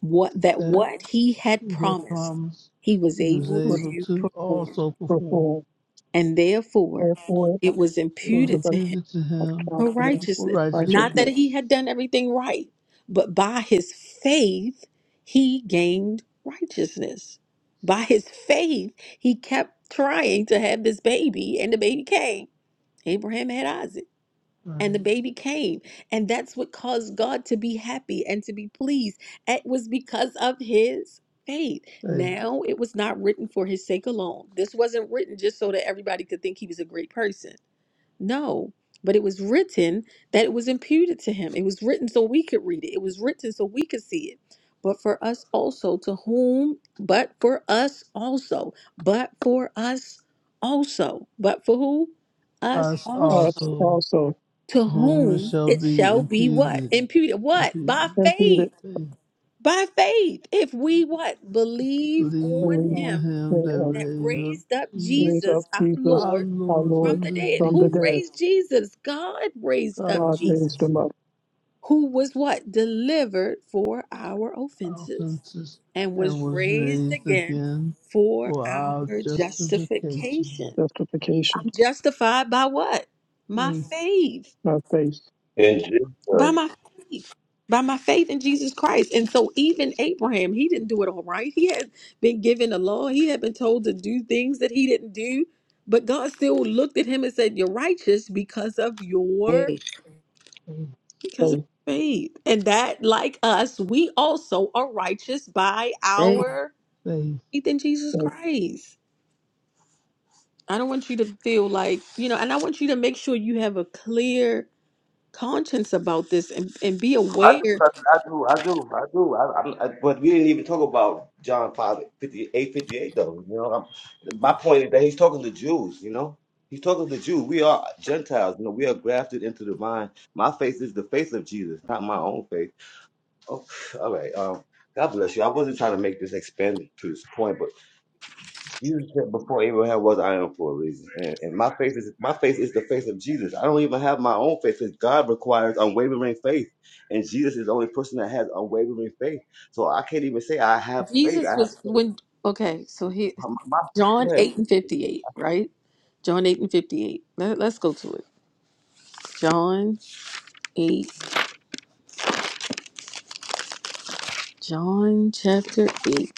Speaker 1: what that
Speaker 8: that
Speaker 1: what he had
Speaker 8: he had
Speaker 1: promised
Speaker 8: promised
Speaker 1: he was
Speaker 8: he was
Speaker 1: able
Speaker 2: was
Speaker 8: able
Speaker 1: to
Speaker 8: to
Speaker 1: perform.
Speaker 8: also perform.
Speaker 2: performed,
Speaker 1: And therefore
Speaker 2: therefore it
Speaker 1: it was
Speaker 8: It was
Speaker 2: was
Speaker 1: imputed
Speaker 2: a
Speaker 8: imputed to him
Speaker 2: account
Speaker 1: for
Speaker 2: to him
Speaker 8: for
Speaker 1: righteousness. Not that
Speaker 2: righteousness.
Speaker 1: he
Speaker 8: righteousness.
Speaker 1: had done everything right, but by his faith, he gained righteousness. By his faith, he kept trying to have this baby, and the baby came. Abraham had Isaac.
Speaker 8: Right.
Speaker 1: And the baby came, and that's what caused God to be happy and to be pleased. It was because of his faith.
Speaker 8: Hey,
Speaker 1: Now, it was not written for his sake alone. This wasn't written just so that everybody could think he was a great person. No, but it was written that it was imputed to him. It was written so we could read it. It was written so we could see it. But for us also, to whom, but for us also, but for us also, but for who? Us
Speaker 8: us
Speaker 2: Us
Speaker 1: also.
Speaker 8: also
Speaker 2: also
Speaker 1: To
Speaker 8: to whom it
Speaker 1: whom
Speaker 8: shall
Speaker 1: it
Speaker 8: be
Speaker 1: shall be what?
Speaker 8: impeded,
Speaker 1: Imputed. What? By
Speaker 8: impeded.
Speaker 2: imputed
Speaker 1: faith.
Speaker 8: They
Speaker 1: By faith. If we what? Believe
Speaker 8: believe
Speaker 1: on
Speaker 2: believe.
Speaker 8: on
Speaker 1: him
Speaker 8: him
Speaker 2: in
Speaker 8: that
Speaker 2: him.
Speaker 1: that
Speaker 8: raised up
Speaker 1: raised up
Speaker 8: Jesus
Speaker 2: raise
Speaker 1: Jesus
Speaker 2: up
Speaker 1: our
Speaker 2: Jesus
Speaker 8: our
Speaker 1: Lord
Speaker 2: our
Speaker 8: Lord
Speaker 1: from
Speaker 2: Lord
Speaker 8: from
Speaker 1: the
Speaker 8: the
Speaker 1: dead.
Speaker 2: from the
Speaker 1: Who
Speaker 8: dead.
Speaker 2: dead.
Speaker 1: raised Jesus? God raised up
Speaker 8: God
Speaker 2: God
Speaker 8: did
Speaker 2: raised
Speaker 1: Jesus,
Speaker 2: him up.
Speaker 1: who was what? Delivered for our
Speaker 8: our
Speaker 1: offenses
Speaker 8: offenses
Speaker 1: and
Speaker 8: and
Speaker 1: was
Speaker 8: was
Speaker 1: raised
Speaker 8: raised
Speaker 1: again
Speaker 8: again
Speaker 1: for
Speaker 8: for our
Speaker 1: our
Speaker 8: justification.
Speaker 1: justification.
Speaker 2: Justification,
Speaker 1: I'm justified by what? My
Speaker 8: Grace,
Speaker 1: faith.
Speaker 2: not faith.
Speaker 6: in Jesus.
Speaker 1: By my faith. By my faith in Jesus Christ. And so even Abraham, he didn't do it all right. He had been given the law. He had been told to do things that he didn't do. But God still looked at him and said, You're righteous because of your
Speaker 13: Hey,
Speaker 8: faith,
Speaker 1: because of
Speaker 2: Faith.
Speaker 1: faith. And that, like us, we also are righteous by
Speaker 13: hey.
Speaker 1: our
Speaker 8: faith.
Speaker 1: faith in Jesus
Speaker 2: faith.
Speaker 1: Christ. I don't want you to feel like, you know, and I want you to make sure you have a clear conscience about this and, and be
Speaker 6: I do,
Speaker 1: aware.
Speaker 6: cousin. I do. I do. I do. I, I'm, I, but we didn't even talk about John 5 58 58 though. You know, I'm, my point is that he's talking to Jews. You know, he's talking to Jews. We are Gentiles. You know, we are grafted into the vine. My faith is the faith of Jesus, not my own faith. Oh, all right. Um, God bless you. I wasn't trying to make this expanded to this point, but. Jesus said before Abraham was I am for a reason. And, and my faith is my faith is the faith of Jesus. I don't even have my own faith because God requires unwavering faith. And Jesus is the only person that has unwavering faith. So I can't even say I have faith. I
Speaker 1: Jesus
Speaker 6: have
Speaker 1: was
Speaker 6: faith.
Speaker 1: when okay, so he
Speaker 6: My, my,
Speaker 1: John
Speaker 6: go ahead.
Speaker 1: 8 and 58, right? John 8 and 58. Let, us go to it. John 8, John chapter 8,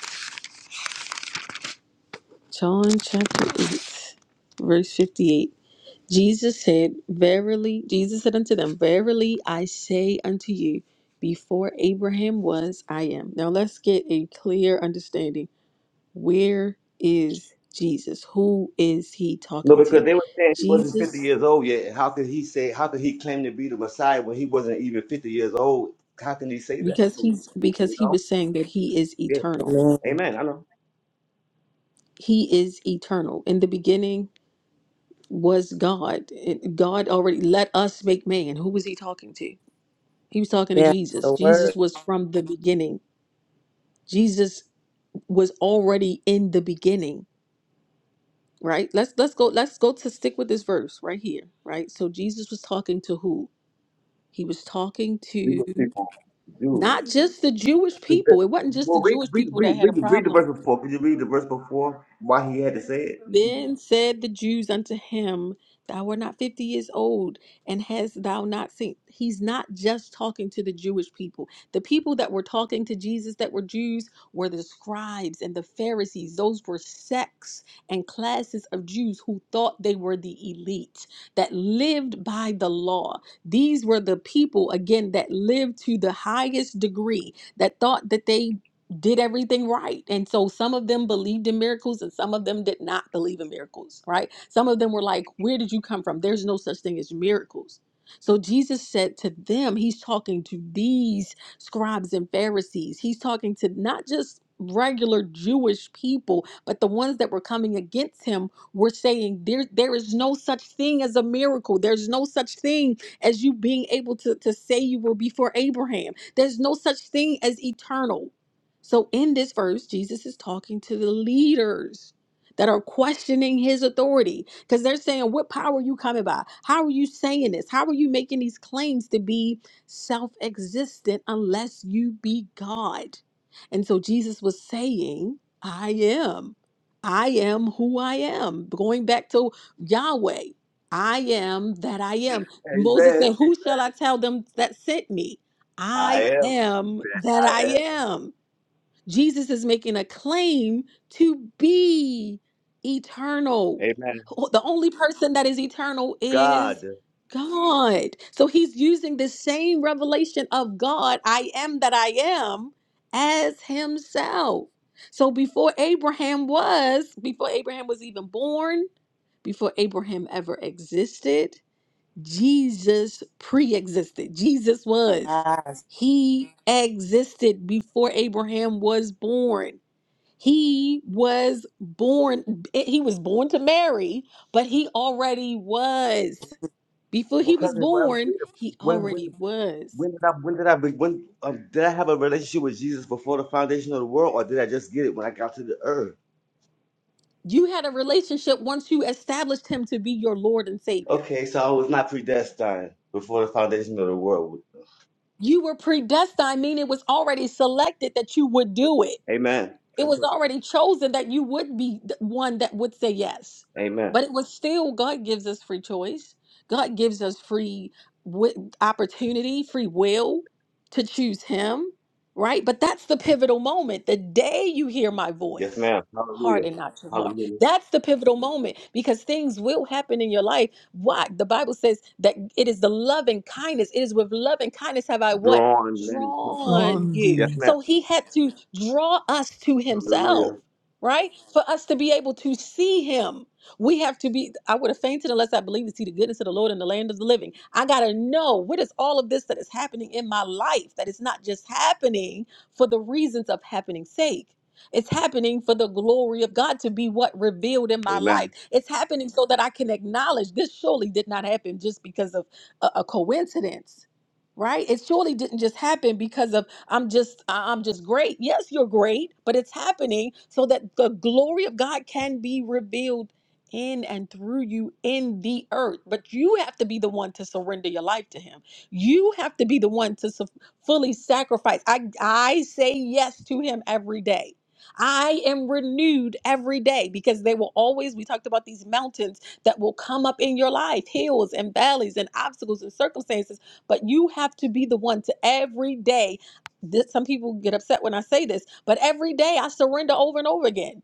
Speaker 1: John chapter 8, verse 58. Jesus said, Verily, Jesus said unto them, Verily I say unto you, before Abraham was, I am. Now let's get a clear understanding. Where is Jesus? Who is he
Speaker 6: No,
Speaker 1: talking to?
Speaker 6: because they were saying he wasn't 50
Speaker 1: Jesus,
Speaker 6: years old yet. How could he say, how could he claim to be the Messiah when he wasn't even 50 years old? How can he say that?
Speaker 1: because
Speaker 6: You
Speaker 1: he's because he
Speaker 6: know?
Speaker 1: was saying that he is
Speaker 6: Yeah.
Speaker 1: eternal.
Speaker 13: Amen.
Speaker 6: Amen. I know.
Speaker 1: He is eternal. In the beginning was God. It- God already let us make man. Who was he talking to? He was talking to
Speaker 13: Yes,
Speaker 1: Jesus.
Speaker 13: the
Speaker 1: Jesus
Speaker 13: word.
Speaker 1: was from the beginning. Jesus was already in the beginning right let's let's go let's go to stick with this verse right here right so jesus was talking to who he was talking
Speaker 6: We
Speaker 1: to
Speaker 6: were people, Jews.
Speaker 1: not just the jewish
Speaker 6: The- the-
Speaker 1: people it wasn't just the
Speaker 6: Well, read,
Speaker 1: jewish
Speaker 6: read,
Speaker 1: people that
Speaker 6: read,
Speaker 1: had a
Speaker 6: read, read the
Speaker 1: problem
Speaker 6: verse before. Could you read the verse before? Why he had to say it?
Speaker 1: Then
Speaker 6: Amen.
Speaker 1: said the Jews unto him, Thou art not fifty years old, and hast thou not seen? He's not just talking to the Jewish people. The people that were talking to Jesus that were Jews were the scribes and the Pharisees. Those were sects and classes of Jews who thought they were the elite, that lived by the law. These were the people, again, that lived to the highest degree, that thought that they did everything right. And so some of them believed in miracles and some of them did not believe in miracles, right? Some of them were like, Where did you come from? There's no such thing as miracles. So Jesus said to them, He's talking to these scribes and Pharisees. He's talking to not just regular Jewish people, but the ones that were coming against him were saying, There there is no such thing as a miracle. There's no such thing as you being able to, to say you were before Abraham. There's no such thing as eternal. So, in this verse, Jesus is talking to the leaders that are questioning his authority because they're saying, What power are you coming by? How are you saying this? How are you making these claims to be self existent unless you be God? And so, Jesus was saying, I am. I am who I am. Going back to Yahweh, I am that I am. Moses said, Who shall I tell them that sent me?
Speaker 6: I
Speaker 1: I
Speaker 6: am.
Speaker 1: am that
Speaker 6: I
Speaker 1: I
Speaker 6: am.
Speaker 1: am. Jesus is making a claim to be eternal.
Speaker 6: Amen.
Speaker 1: Who- The only person that is eternal is
Speaker 6: God.
Speaker 1: God. So he's using the same revelation of God, I am that I am, as himself. So before Abraham was, before Abraham was even born, before Abraham ever existed, Jesus pre existed. Jesus was.
Speaker 13: Yes.
Speaker 1: He existed before Abraham was born. He was born, eh, he was born to Mary, but he already was. Before he was
Speaker 6: Because if I ever
Speaker 1: born,
Speaker 6: did,
Speaker 1: he
Speaker 6: when, when,
Speaker 1: already was.
Speaker 6: when did I, when did I, be- when, um, did I have a relationship with Jesus before the foundation of the world, or did I just get it when I got to the earth?
Speaker 1: You had a relationship once you established him to be your Lord and Savior.
Speaker 6: Okay, so I was not predestined before the foundation of the world.
Speaker 1: You were predestined, meaning it was already selected that you would do it.
Speaker 6: Amen.
Speaker 1: It
Speaker 6: That's
Speaker 1: was
Speaker 6: what-
Speaker 1: already chosen that you would be the one that would say yes.
Speaker 6: Amen.
Speaker 1: But it was still God gives us free choice. God gives us free wi- opportunity, free will to choose Him, right? But that's the pivotal moment. The day you hear my
Speaker 6: Yes,
Speaker 1: voice,
Speaker 6: ma'am. Hallelujah.
Speaker 1: harden not your heart.
Speaker 6: Hallelujah.
Speaker 1: That's the pivotal moment because things will happen in your life. Why? The Bible says that it is the loving kindness. It is with loving kindness have I what?
Speaker 6: Drawn men to me.
Speaker 1: drawn
Speaker 8: John
Speaker 1: you.
Speaker 6: Yes,
Speaker 8: Thee,
Speaker 6: ma'am.
Speaker 1: So he had to draw us to himself,
Speaker 6: Hallelujah.
Speaker 1: right? For us to be able to see him. We have to be, I would have fainted unless I believed to see the goodness of the Lord in the land of the living. I got to know what is all of this that is happening in my life that is not just happening for the reasons of happening's sake. It's happening for the glory of God to be what revealed in my life.
Speaker 6: Amen.
Speaker 1: It's happening so that I can acknowledge this surely did not happen just because of a, a coincidence right it surely didn't just happen because of i'm just I- i'm just great yes you're great but it's happening so that the glory of god can be revealed in and through you in the earth but you have to be the one to surrender your life to him you have to be the one to su- fully sacrifice i i say yes to him every day I am renewed every day because they will always, we talked about these mountains that will come up in your life, hills and valleys and obstacles and circumstances but you have to be the one to every day. This, some people get upset when I say this, but every day I surrender over and over again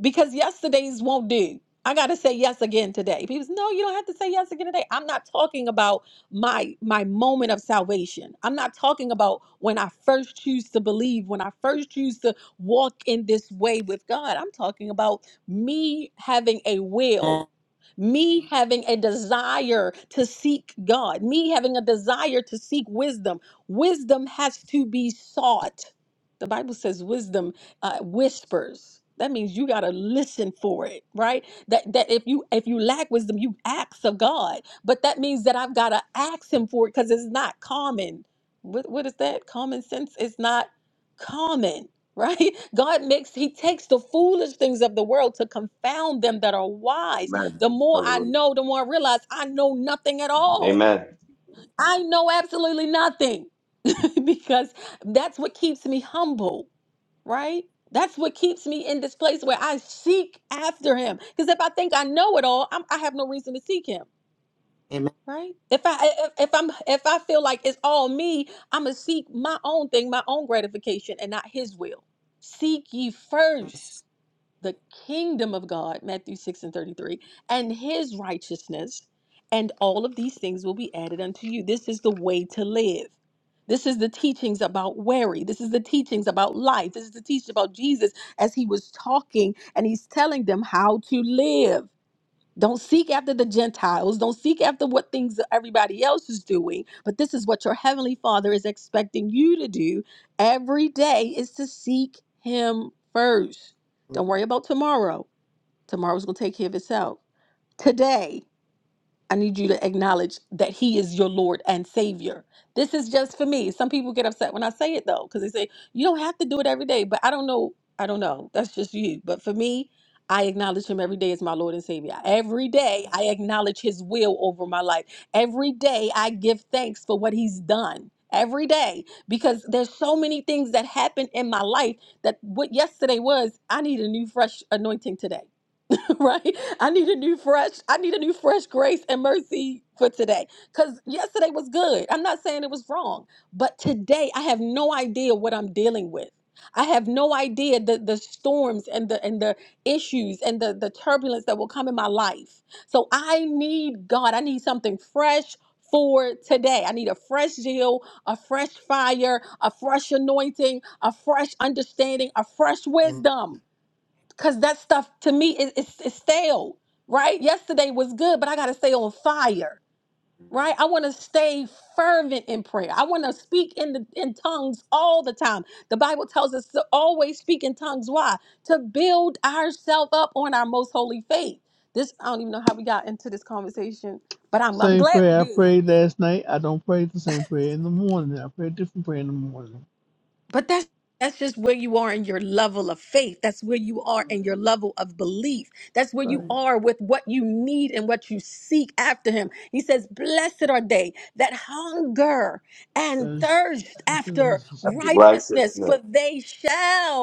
Speaker 1: because yesterday's won't do. I gotta say yes again today. People say, no, you don't have to say yes again today. I'm not talking about my my moment of salvation. I'm not talking about when I first choose to believe, when I first choose to walk in this way with God. I'm talking about me having a will
Speaker 13: Amen.
Speaker 1: me having a desire to seek God, me having a desire to seek wisdom. Wisdom has to be sought. The Bible says wisdom uh, whispers. That means you got to listen for it, right? That that if you if you lack wisdom, you ask of God. But that means that I've got to ask him for it cuz it's not common. What what is that? Common sense is not common right? God makes, He takes the foolish things of the world to confound them that are wise.
Speaker 6: Amen.
Speaker 1: The more I
Speaker 6: Hallelujah.
Speaker 1: know, the more I realize I know nothing at all.
Speaker 6: Amen.
Speaker 1: I know absolutely nothing because that's what keeps me humble, right? That's what keeps me in this place where I seek after him. Because if I think I know it all, I'm, I have no reason to seek him,
Speaker 13: Amen.
Speaker 1: right? If I if, if I'm if I feel like it's all me, I'm gonna seek my own thing, my own gratification, and not his will. Seek ye first the kingdom of God, Matthew 6 and 33, and his righteousness, and all of these things will be added unto you. This is the way to live. This is the teachings about worry. This is the teachings about life. This is the teaching about Jesus as he was talking and he's telling them how to live. Don't seek after the Gentiles. Don't seek after what things that everybody else is doing. But this is what your Heavenly Father is expecting you to do every day is to seek Him first. Don't worry about tomorrow. Tomorrow's going to take care of itself. Today, I need you to acknowledge that He is your Lord and Savior. This is just for me. Some people get upset when I say it though, because they say, you don't have to do it every day. But I don't know. I don't know. That's just you. But for me, I acknowledge Him every day as my Lord and Savior. Every day I acknowledge His will over my life. Every day I give thanks for what He's done. Every day, because there's so many things that happen in my life that what yesterday was, I need a new, fresh anointing today. right? I need a new fresh, I need a new fresh grace and mercy for today. Because yesterday was good. I'm not saying it was wrong, but today I have no idea what I'm dealing with. I have no idea the, the storms and the and the issues and the, the turbulence that will come in my life. So I need God. I need something fresh for today. I need a fresh zeal, a fresh fire, a fresh anointing, a fresh understanding, a fresh
Speaker 13: Amen.
Speaker 1: wisdom Cause that stuff to me is it's, it's stale, right? Yesterday was good, but I gotta stay on fire, right? I want to stay fervent in prayer. I want to speak in the in tongues all the time. The Bible tells us to always speak in tongues. Why? To build ourselves up on our most holy faith. This I don't even know how we got into this conversation, but I'm I'm
Speaker 8: same
Speaker 1: glad we
Speaker 8: prayer I
Speaker 1: did.
Speaker 8: prayed last night. I don't pray the same prayer in the morning. I pray a different prayer in the morning.
Speaker 1: But that's that's just where you are in your level of faith. That's where you are in your level of belief. That's where you
Speaker 8: Right.
Speaker 1: are with what you need and what you seek after him. He says, "Blessed are they that hunger and
Speaker 8: thirst
Speaker 1: thirst
Speaker 8: after
Speaker 1: after
Speaker 6: That's the
Speaker 8: righteousness.
Speaker 1: righteousness,
Speaker 6: righteousness.
Speaker 1: for they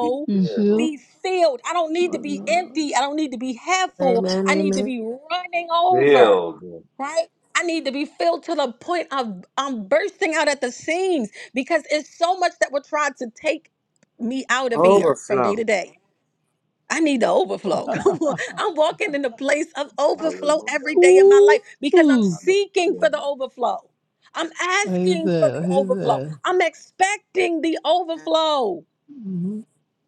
Speaker 6: Be
Speaker 8: You
Speaker 6: filled.
Speaker 8: feel?
Speaker 1: be filled." I don't need
Speaker 8: My
Speaker 1: to be
Speaker 8: God.
Speaker 1: empty. I don't need to be half full. I need to
Speaker 13: Amen.
Speaker 1: be running over
Speaker 6: Filled.
Speaker 1: right? I need to be filled to the point of I'm bursting out at the seams because it's so much that we're trying to take me out of here from day to
Speaker 13: Overflow.
Speaker 1: day. I need the overflow. Come on. I'm walking in the place of
Speaker 6: Hallelujah.
Speaker 1: overflow every day in my life
Speaker 8: Ooh,
Speaker 1: because I'm
Speaker 8: ooh.
Speaker 1: seeking for the overflow. I'm
Speaker 8: I hear
Speaker 1: asking for
Speaker 8: that.
Speaker 1: the
Speaker 8: I hear
Speaker 1: overflow.
Speaker 8: that.
Speaker 1: I'm expecting the overflow.
Speaker 8: Mm-hmm.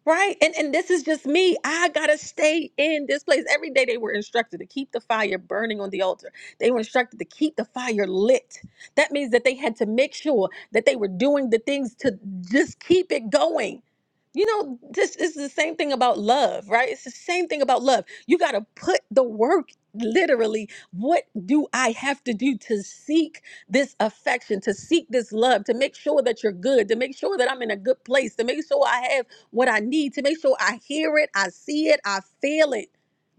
Speaker 1: Right. And and this is just me. I gotta stay in this place. Every day they were instructed to keep the fire burning on the altar. They were instructed to keep the fire lit. That means that they had to make sure that they were doing the things to just keep it going. You know, this is the same thing about love, right? It's the same thing about love. You gotta put the work literally. What do I have to do to seek this affection, to seek this love, to make sure that you're good, to make sure that I'm in a good place, to make sure I have what I need to make sure I hear it, I see it, I feel it.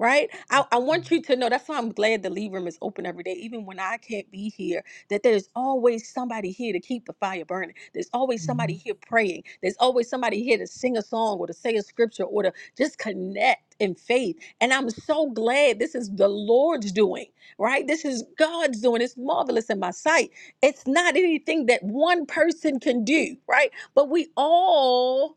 Speaker 1: Right? I, I want you to know that's why I'm glad the lead room is open every day, even when I can't be here, that there's always somebody here to keep the fire burning. There's always
Speaker 8: Mm-hmm.
Speaker 1: somebody here praying. There's always somebody here to sing a song or to say a scripture or to just connect in faith. And I'm so glad this is the Lord's doing, right? This is God's doing. It's marvelous in my sight. It's not anything that one person can do, right? But we all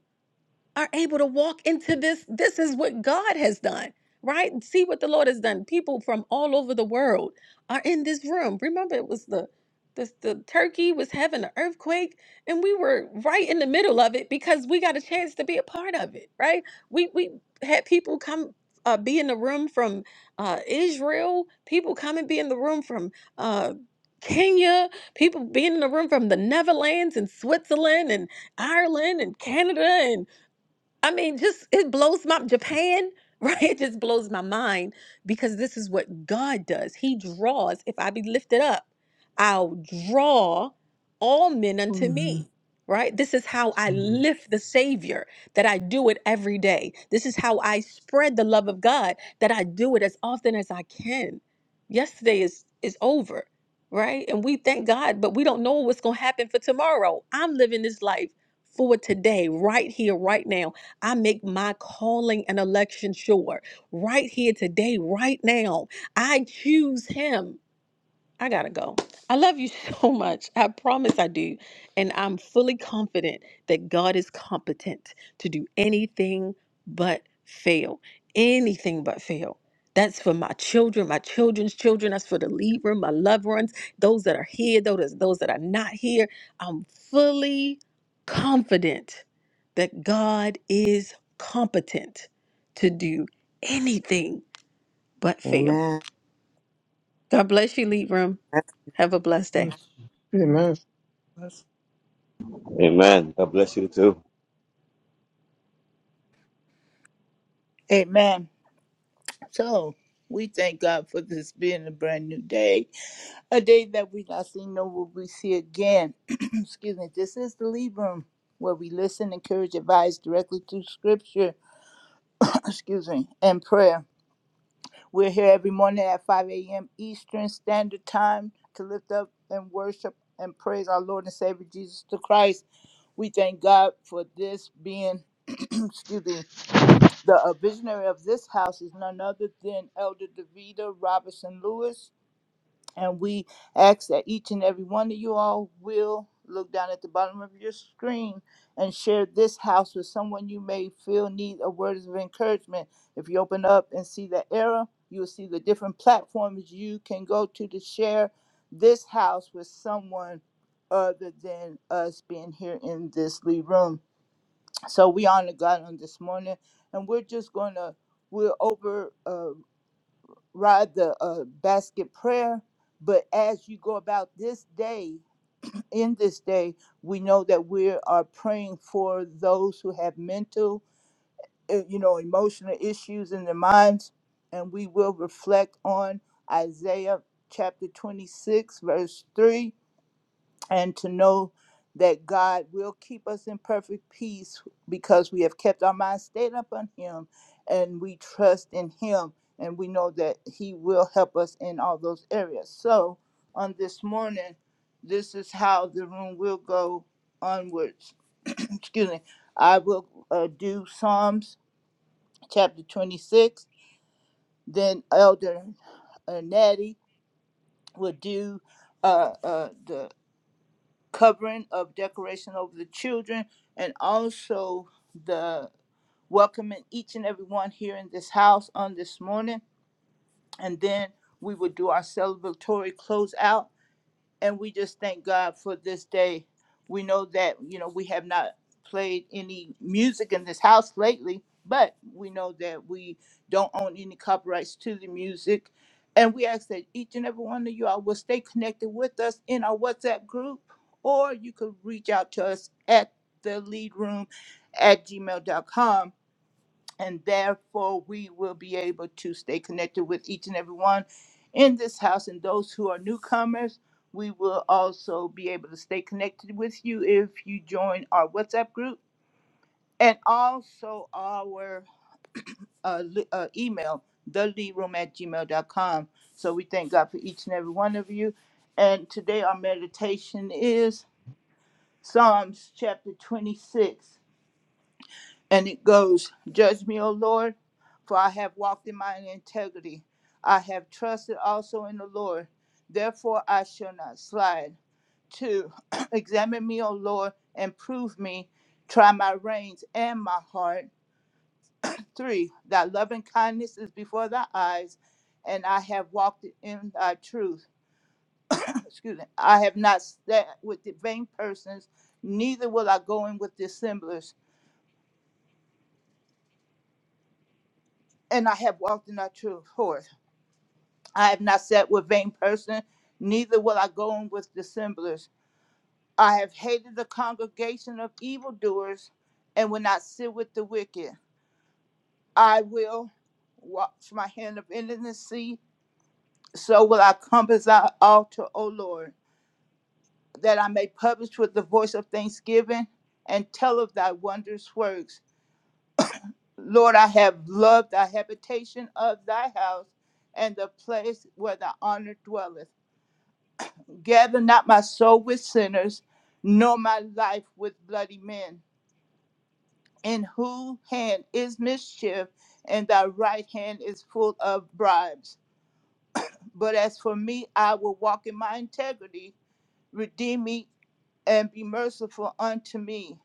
Speaker 1: are able to walk into this. This is what God has done, right? See what the Lord has done. People from all over the world are in this room. Remember, it was the the, the Turkey was having an earthquake, and we were right in the middle of it because we got a chance to be a part of it, right? We we had people come. Uh, be in the room from uh, Israel. People come and be in the room from uh, Kenya. People being in the room from the Netherlands and Switzerland and Ireland and Canada I mean, just it blows my Japan, right? It just blows my mind because this is what God does. He draws. If I be lifted up, I'll draw all men unto me. Right? This is how I
Speaker 8: Mm.
Speaker 1: lift the Savior, that I do it every day. This is how I spread the love of God, that I do it as often as I can. Yesterday is is over, right? And we thank God, but we don't know what's gonna happen for tomorrow. I'm living this life for today, right here, right now I make my calling and election sure right here today, right now. I choose him. I gotta go. I love you so much. I promise I do. And I'm fully confident that God is competent to do anything but fail. Anything but fail. That's for my children, my children's children. That's for the lead room, my loved ones, those that are here, those, those that are not here. I'm fully confident that God is competent to do anything but fail.
Speaker 13: Amen.
Speaker 1: God bless you, lead room. Have a blessed day.
Speaker 2: Amen.
Speaker 6: Amen. God bless you too.
Speaker 7: Amen. So we thank God for this being a brand new day, a day that we not seen nor will we see again. Excuse me. This is the lead room where we listen, encourage, advise directly through scripture. Excuse me, and prayer. We're here every morning at 5 a.m. Eastern Standard Time to lift up and worship and praise our Lord and Savior Jesus the Christ. We thank God for this being, excuse me, the uh, visionary of this house is none other than Elder Davida Robinson Lewis And we ask that each and every one of you all will look down at the bottom of your screen and share this house with someone you may feel need a words of encouragement. If you open up and see the arrow, you will see the different platforms you can go to to share this house with someone other than us being here in this lead room. So we honor God on this morning, and we're just going to we're over. uh, ride the uh, basket prayer. But as you go about this day, in this day, we know that we are praying for those who have mental, uh, you know, emotional issues in their minds. And we will reflect on Isaiah chapter 26, verse 3 and to know that God will keep us in perfect peace because we have kept our minds stayed upon Him and we trust in Him and we know that He will help us in all those areas. So, on this morning, this is how the room will go onwards. Excuse me. I will uh, do Psalms chapter 26, then Elder uh, Natty will do uh, uh, the covering of decoration over the children and also the welcoming each and every one here in this house on this morning and then we will do our celebratory closeout and we just thank God for this day. We know that you know we have not played any music in this house lately, but we know that we don't own any copyrights to the music. And we ask that each and every one of you all will stay connected with us in our WhatsApp group, or you could reach out to us at the lead room at gmail dot com and therefore we will be able to stay connected with each and every one in this house and those who are newcomers we will also be able to stay connected with you if you join our whatsapp group and also our uh, li- uh, email theleadroom at gmail.com so we thank god for each and every one of you and today our meditation is psalms chapter 26 And it goes, Judge me, O Lord, for I have walked in mine integrity. I have trusted also in the Lord. Therefore, I shall not slide. Two, examine me, O Lord, and prove me. Try my reins and my heart. Three, thy loving kindness is before thy eyes, and I have walked in thy truth. Excuse me. I have not sat with the vain persons, neither will I go in with dissemblers, and I have walked in thy truth. Four, I have not sat with vain person, neither will I go in with dissemblers. I have hated the congregation of evildoers, and will not sit with the wicked. I will wash my hand of intimacy, so will I compass thy altar, O Lord, that I may publish with the voice of thanksgiving and tell of thy wondrous works. Lord, I have loved thy habitation of thy house and the place where thy honor dwelleth Gather not my soul with sinners, nor my life with bloody men, in whose hand is mischief, and thy right hand is full of bribes. But as for me, I will walk in my integrity, redeem me, and be merciful unto me.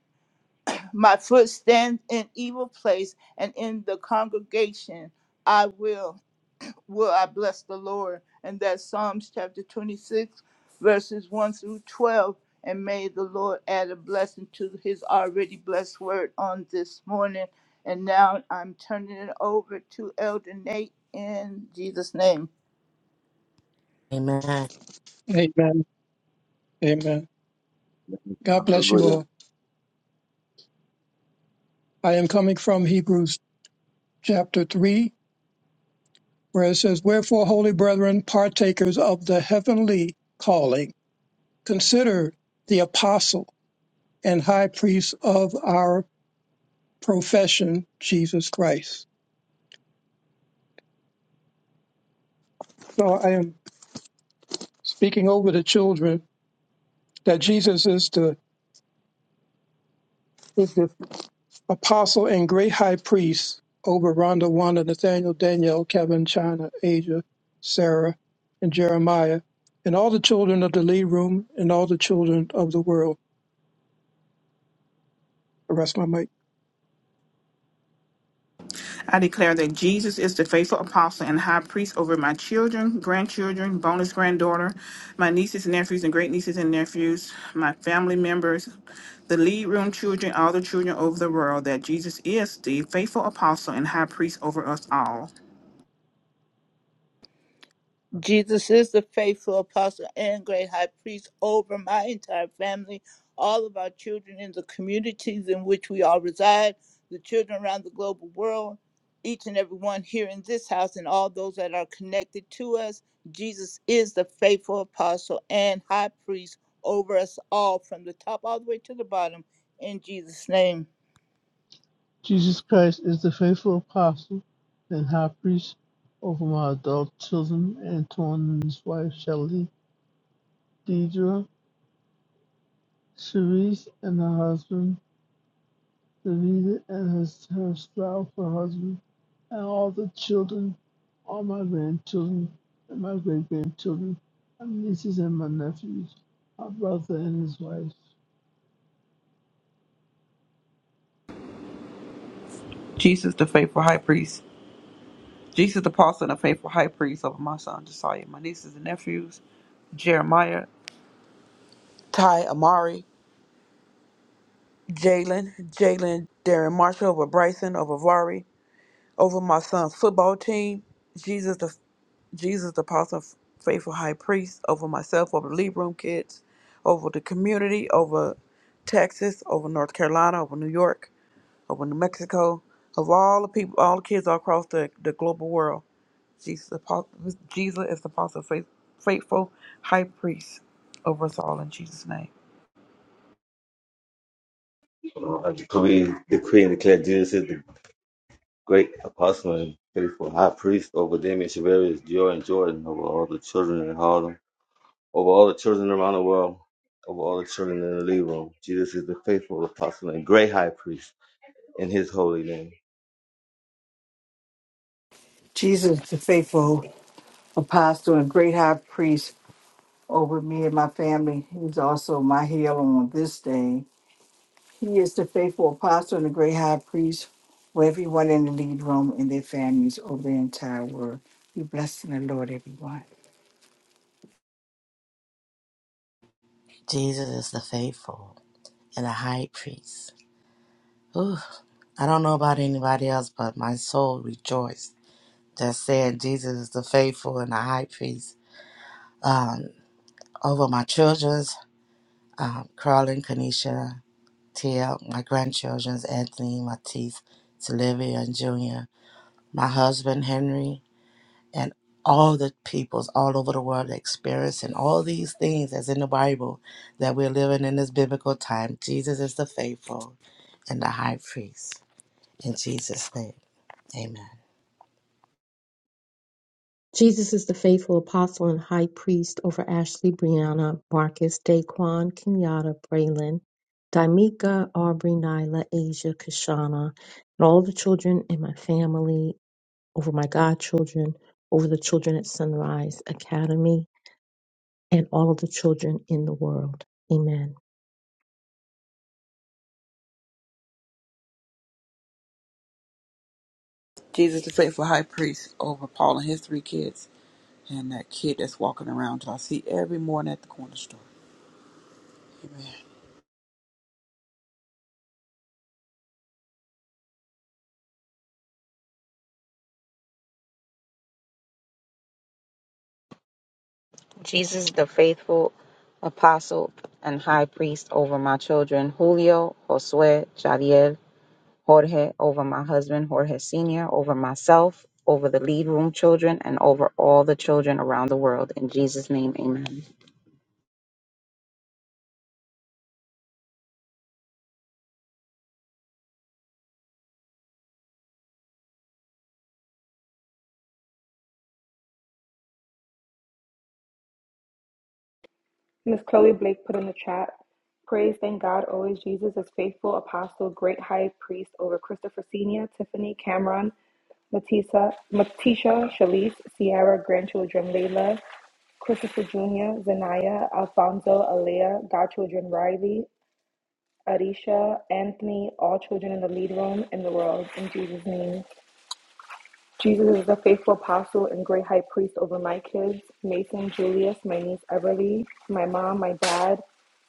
Speaker 7: My foot stands in evil place, and in the congregation I will. will I bless the Lord. And that's Psalms chapter 26, verses 1 through 12. And may the Lord add a blessing to his already blessed word on this morning. And now I'm turning it over to Elder Nate in Jesus' name.
Speaker 13: Amen.
Speaker 2: Amen. Amen. God bless you
Speaker 6: Hallelujah.
Speaker 2: all. I am coming from Hebrews chapter 3, where it says, Wherefore, holy brethren, partakers of the heavenly calling, consider the apostle and high priest of our profession, Jesus Christ. So I am speaking over the children that Jesus is the is the apostle and great high priest over Rhonda, Wanda, Nathaniel, Daniel, Kevin, China, Asia, Sarah, and Jeremiah, and all the children of the lead room and all the children of the world. I rest my mic.
Speaker 4: I declare that Jesus is the faithful apostle and high priest over my children, grandchildren, bonus granddaughter, my nieces and nephews and great nieces and nephews, my family members, the lead room children, all the children over the world, that Jesus is the faithful apostle and high priest over us all.
Speaker 7: Jesus is the faithful apostle and great high priest over my entire family, all of our children in the communities in which we all reside, the children around the global world, each and every one here in this house, and all those that are connected to us. Jesus is the faithful apostle and high priest over us all from the top all the way to the bottom in Jesus' name.
Speaker 8: Jesus Christ is the faithful apostle and high priest over my adult children, Antoine and his wife Shelley, Deidre, Cherise, and her husband. the leader and her, her spouse, her husband, and all the children, all my grandchildren, and my great grandchildren, my nieces and my nephews, my brother and his wife.
Speaker 5: Jesus, the faithful high priest. Jesus, the apostle and a faithful high priest over my son Josiah, my nieces and nephews, Jeremiah, Ty, Amari, Jalen, Jalen, Darren Marshall over Bryson, over Vari, over my son's football team, Jesus the Jesus the apostle, faithful high priest, over myself, over the lead room kids, over the community, over Texas, over North Carolina, over New York, over New Mexico, of all the people, all the kids all across the, the global world. Jesus, Jesus is the apostle, faith, faithful high priest over us all in Jesus' name.
Speaker 6: I decree, decree and declare Jesus is the great apostle and faithful high priest over Damien Shavarius, Joy and Jordan, over all the children in Harlem, over all the children around the world, over all the children in the Lee room. Jesus is the faithful apostle and great high priest in his holy name.
Speaker 9: Jesus, the faithful apostle and great high priest over me and my family, he's also my healer on this day. He is the faithful apostle and the great high priest for everyone in the lead room and their families over the entire world. Be blessed in the Lord, everyone.
Speaker 13: Jesus is the faithful and the high priest. Ooh, I don't know about anybody else, but my soul rejoiced that said Jesus is the faithful and the high priest um, over my children's, um, Carlin, Kanisha, Tia, my grandchildren's, Anthony, Matisse, Sylvia, and Junior, my husband, Henry, and all the peoples all over the world experiencing all these things that's in the Bible that we're living in this biblical time. Jesus is the faithful and the high priest. In Jesus' name, amen.
Speaker 17: Jesus is the faithful apostle and high priest over Ashley, Brianna, Marcus, Daquan, Kenyatta, Braylon, Daimika, Aubrey, Nyla, Asia, Kashana, and all the children in my family, over my godchildren, over the children at Sunrise Academy, and all of the children in the world. Amen.
Speaker 5: Jesus, the faithful high priest over Paul and his three kids and that kid that's walking around that I see every morning at the corner store. Amen.
Speaker 16: Jesus, the faithful apostle and high priest over my children, Julio, Josue, Jadiel, Jorge over my husband, Jorge Sr., over myself, over the lead room children, and over all the children around the world. In Jesus' name, amen.
Speaker 18: Miss Chloe Blake put in the chat. Praise, thank God, always Jesus is faithful, apostle, great high priest over Christopher Senior, Tiffany, Cameron, Matisa, Matisha, Shalice, Sierra, grandchildren, Layla, Christopher Jr., Zanaya, Alfonso, Alea, godchildren, Riley, Arisha, Anthony, all children in the lead room in the world, in Jesus' name. Jesus is the faithful apostle and great high priest over my kids, Mason, Julius, my niece Everly, my mom, my dad,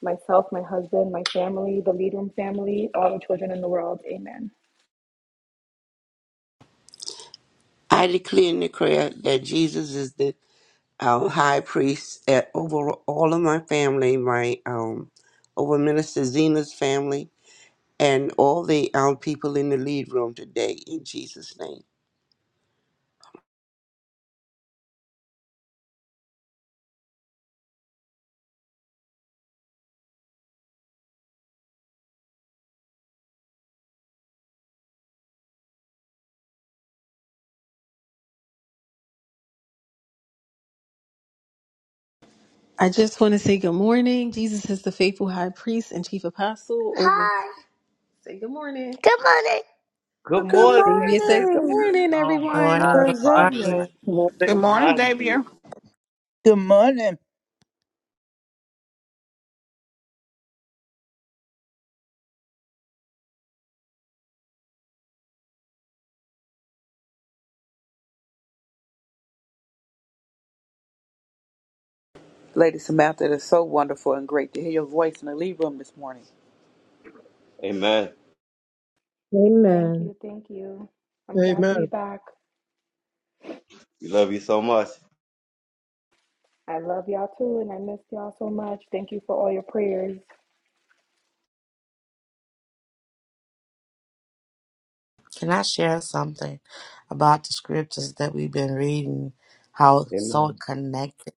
Speaker 18: myself, my husband, my family, the lead room family, all the children in the world. Amen.
Speaker 15: I declare and declare that Jesus is the our high priest at, over all of my family, my um, over Minister Zena's family, and all the um, people in the lead room today. In Jesus' name,
Speaker 1: I just want to say good morning. Jesus is the faithful high priest and chief apostle. Over- Hi. Say good morning.
Speaker 6: Good
Speaker 5: Good
Speaker 6: morning,
Speaker 1: Xavier says good
Speaker 5: morning,
Speaker 6: Xavier.
Speaker 1: morning,
Speaker 6: Oh my
Speaker 1: everyone.
Speaker 13: Morning,
Speaker 6: God,
Speaker 5: Sir
Speaker 6: finally,
Speaker 5: Xavier.
Speaker 13: morning.
Speaker 2: Amen.
Speaker 4: Good morning,
Speaker 6: finally.
Speaker 4: Xavier.
Speaker 7: Good morning,
Speaker 5: Lady Samantha, it is so wonderful and great to hear your voice in the lead room this morning.
Speaker 6: Amen.
Speaker 18: Thank
Speaker 17: Amen.
Speaker 18: you, thank you. I'm glad to be
Speaker 2: Amen.
Speaker 18: back.
Speaker 6: We love you so much.
Speaker 18: I love y'all too, and I miss y'all so much. Thank you for all your prayers.
Speaker 13: Can I share something about the scriptures that we've been reading? How it's so
Speaker 6: Amen.
Speaker 13: connected.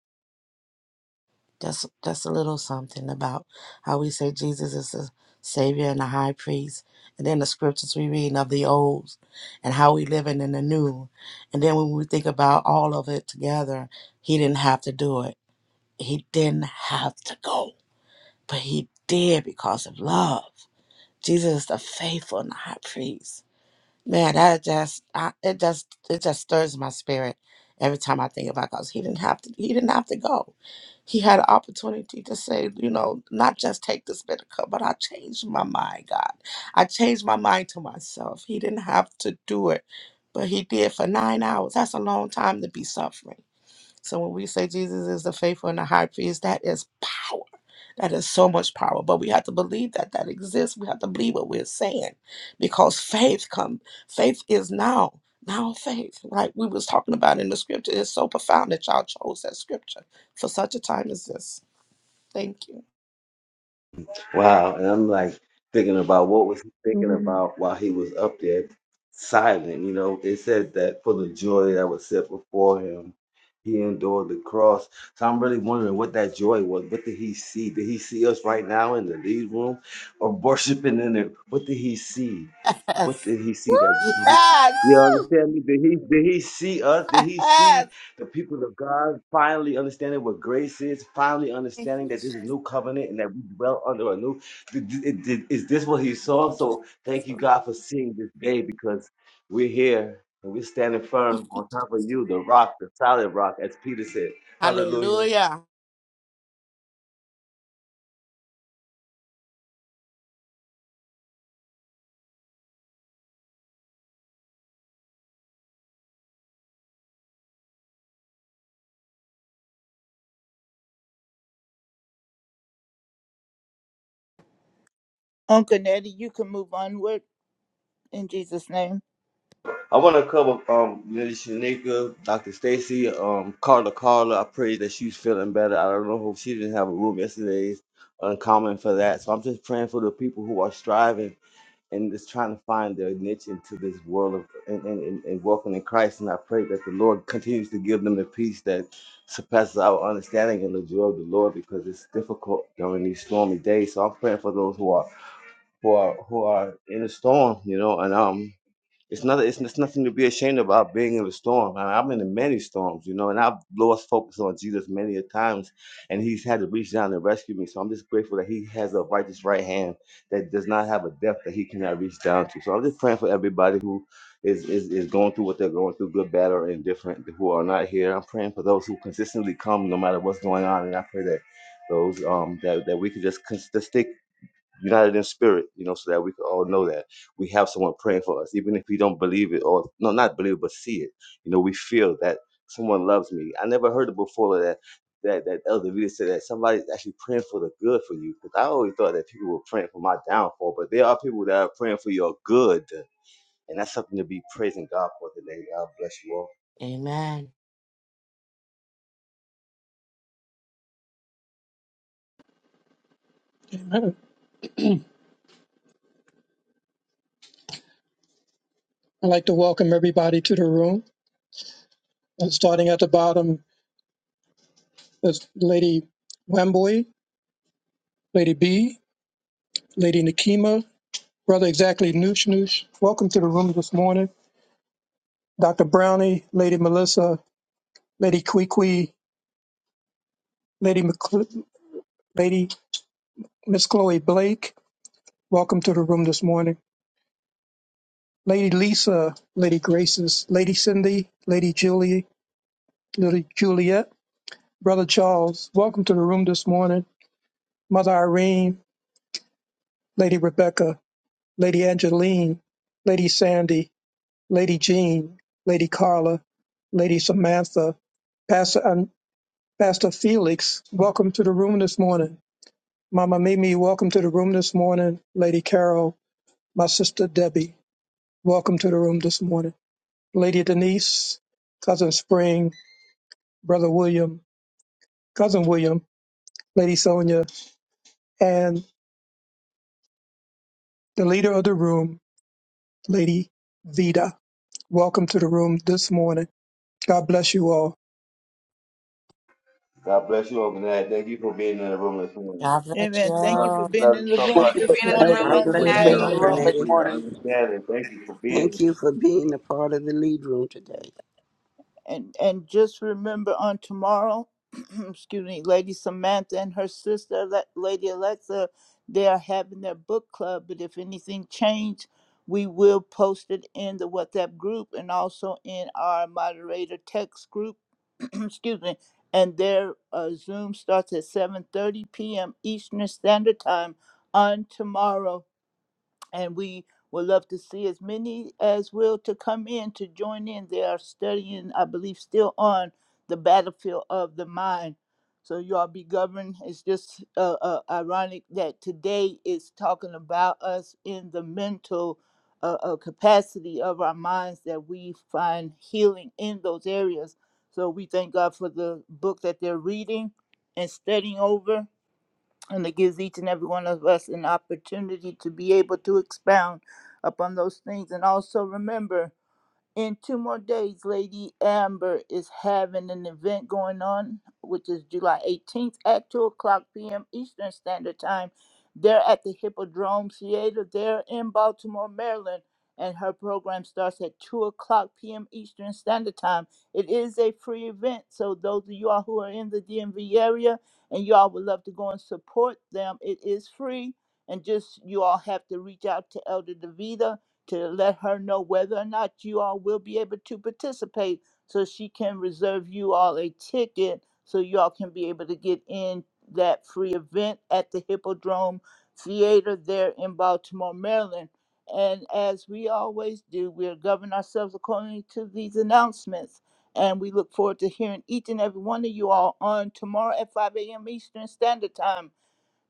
Speaker 13: Just, just a little something about how we say Jesus is the Savior and the High Priest, and then the scriptures we read of the old, and how we living in the new, and then when we think about all of it together, He didn't have to do it. He didn't have to go, but He did because of love. Jesus is the faithful and the High Priest Man, that just I, it just it just stirs my spirit every time I think about God. 'Cause He didn't have to he didn't have to go. He had an opportunity to say, you know, not just take this bitter cup, but I changed my mind, God. I changed my mind to myself. He didn't have to do it, but he did for nine hours. That's a long time to be suffering. So when we say Jesus is the faithful and the high priest, that is power. That is so much power. But we have to believe that that exists. We have to believe what we're saying, because faith come. Faith is now. Now faith, right? We was talking about in the scripture. It's so profound that y'all chose that scripture for such a time as this. Thank you.
Speaker 6: Wow. And I'm like thinking about what was he thinking
Speaker 17: Amen.
Speaker 6: about while he was up there silent. You know, it said that for the joy that was set before him, he endured the cross. So I'm really wondering what that joy was. What did he see? Did he see us right now in the lead room or worshiping in it? What did he see? What did he
Speaker 1: Woo!
Speaker 6: see that? You
Speaker 13: Yes.
Speaker 6: understand me? Did he did he see us? Did he see the people of God finally understanding what grace is? Finally
Speaker 13: Thank you,
Speaker 6: understanding that this
Speaker 13: Jesus.
Speaker 6: is a new covenant and that we dwell under a new. Did, did, did- is this what he saw?
Speaker 13: Thank you,
Speaker 6: So
Speaker 13: Jesus.
Speaker 6: thank you, God, for seeing this day because we're here and we're standing
Speaker 13: Thank
Speaker 6: firm
Speaker 13: you,
Speaker 6: on top of
Speaker 13: Jesus.
Speaker 6: you, the rock, the solid rock, as Peter said. Hallelujah.
Speaker 13: Hallelujah.
Speaker 7: Uncle Nettie. You can move onward in Jesus' name.
Speaker 6: I want to cover um Miss Shanika, Dr. Stacy, um Carla Carla. I pray that she's feeling better. I don't know if she didn't have a room yesterday. It's uncommon for that. So I'm just praying for the people who are striving and just trying to find their niche into this world of and, and, and, and walking in Christ. And I pray that the Lord continues to give them the peace that surpasses our understanding and the joy of the Lord because it's difficult during these stormy days. So I'm praying for those who are who are who are in a storm, you know, and um it's not. It's, it's nothing to be ashamed about being in the storm. I, I'm in many storms, you know, and I've lost focus on Jesus many a times, and He's had to reach down and rescue me. So I'm just grateful that He has a righteous right hand that does not have a depth that He cannot reach down to. So I'm just praying for everybody who is is, is going through what they're going through, good, bad, or indifferent, who are not here. I'm praying for those who consistently come, no matter what's going on, and I pray that those um that, that we could just, cons- just stay united in spirit, you know, so that we can all know that we have someone praying for us, even if we don't believe it or no, not believe it, but see it. You know, we feel that someone loves me. I never heard it before that that that Elder Vita said that somebody's actually praying for the good for you. Because I always thought that people were praying for my downfall, but there are people that are praying for your good, and that's something to be praising God for today. God bless you all.
Speaker 13: Amen.
Speaker 2: Amen. I'd like to welcome everybody to the room. And starting at the bottom is Lady Wembley, Lady B, Lady Nakima, Brother Exactly Noosh Noosh. Welcome to the room this morning. Dr. Brownie, Lady Melissa, Lady Kwee Kwee, Lady Lady Miss Chloe Blake, welcome to the room this morning. Lady Lisa, Lady Graces, Lady Cindy, Lady Julie, Lady Juliet, Brother Charles, welcome to the room this morning. Mother Irene, Lady Rebecca, Lady Angeline, Lady Sandy, Lady Jean, Lady Carla, Lady Samantha, Pastor um, Pastor Felix, welcome to the room this morning. Mama Mimi, welcome to the room this morning. Lady Carol, my sister Debbie. Welcome to the room this morning. Lady Denise, Cousin Spring, Brother William, Cousin William, Lady Sonia, and the leader of the room, Lady Vida. Welcome to the room this morning. God bless you all.
Speaker 6: God bless you all, man. Thank you for being in the room this morning.
Speaker 13: God bless you
Speaker 7: Amen. Thank
Speaker 6: Love
Speaker 7: you
Speaker 6: you,
Speaker 7: for
Speaker 13: all.
Speaker 7: being
Speaker 6: love
Speaker 7: in
Speaker 6: you
Speaker 7: the
Speaker 6: so
Speaker 5: Thank
Speaker 7: room
Speaker 6: much.
Speaker 5: you for
Speaker 7: this
Speaker 13: Thank
Speaker 6: Thank
Speaker 13: you
Speaker 6: you
Speaker 7: morning,
Speaker 5: having
Speaker 6: for
Speaker 15: God
Speaker 5: me.
Speaker 6: your
Speaker 13: for
Speaker 7: Uncle
Speaker 15: bless
Speaker 13: being
Speaker 15: you,
Speaker 13: in
Speaker 5: Been in
Speaker 6: wisdom.
Speaker 5: the
Speaker 13: the
Speaker 7: Natty.
Speaker 6: Thank
Speaker 5: room
Speaker 13: room.
Speaker 6: you
Speaker 5: this
Speaker 6: for
Speaker 15: Akhenaten.
Speaker 6: your
Speaker 5: morning.
Speaker 6: understanding. Thank you for being
Speaker 15: Thank you for being a part of the lead room today.
Speaker 7: And and just remember on tomorrow, excuse me, Lady Samantha and her sister, Le- Lady Alexa, they are having their book club. But if anything changed, we will post it in the WhatsApp group and also in our moderator text group. excuse me. And their uh, Zoom starts at 7:30 p.m. Eastern Standard Time on tomorrow. and we would love to see as many as will to come in to join in. They are studying, I believe, still on the battlefield of the mind. So you all be governed. It's just uh, uh, ironic that today is talking about us in the mental uh, uh, capacity of our minds that we find healing in those areas. So we thank God for the book that they're reading and studying over and it gives each and every one of us an opportunity to be able to expound upon those things. And also remember in two more days, Lady Amber is having an event going on, which is July 18th at 2 o'clock p.m. Eastern Standard Time. They're at the Hippodrome Theater there in Baltimore, Maryland, and her program starts at 2 o'clock p.m. Eastern Standard Time. It is a free event, so those of you all who are in the DMV area and you all would love to go and support them, it is free. And just you all have to reach out to Elder DeVita to let her know whether or not you all will be able to participate so she can reserve you all a ticket so you all can be able to get in that free event at the Hippodrome Theater there in Baltimore, Maryland. And as we always do, we'll govern ourselves according to these announcements. And we look forward to hearing each and every one of you all on tomorrow at 5 a.m. Eastern Standard Time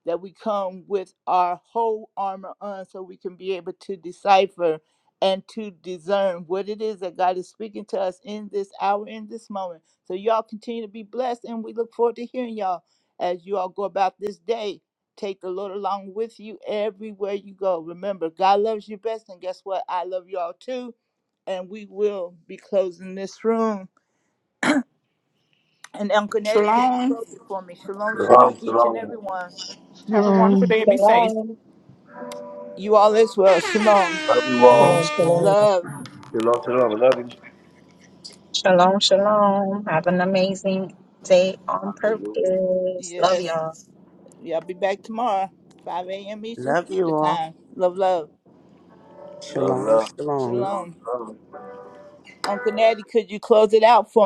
Speaker 7: that we come with our whole armor on so we can be able to decipher and to discern what it is that God is speaking to us in this hour, in this moment. So, y'all continue to be blessed, and we look forward to hearing y'all as you all go about this day. Take the Lord along with you everywhere you go. Remember, God loves you best, and guess what? I love y'all too. And we will be closing this room. And Uncle Nettie, could you
Speaker 4: Shalom.
Speaker 7: close it for me? Shalom, shalom, each and
Speaker 6: Shalom.
Speaker 7: every one.
Speaker 4: Have a wonderful
Speaker 8: Shalom.
Speaker 4: day and be safe.
Speaker 17: Shalom.
Speaker 7: You all as well. Shalom.
Speaker 6: Love you
Speaker 13: Shalom,
Speaker 2: Shalom,
Speaker 6: all.
Speaker 2: shalom.
Speaker 13: shalom,
Speaker 7: Love.
Speaker 6: Shalom, shalom. I love you.
Speaker 16: Shalom, shalom. Have an amazing day on
Speaker 6: Hallelujah.
Speaker 16: purpose. Love
Speaker 7: Yes.
Speaker 16: y'all.
Speaker 7: Y'all be back tomorrow, 5 a.m. Eastern
Speaker 15: Love you
Speaker 7: Standard
Speaker 15: all.
Speaker 7: Time. Love, love.
Speaker 6: Love, love.
Speaker 15: Shalom, shalom.
Speaker 7: Shalom. Uncle Natty, could you close it out for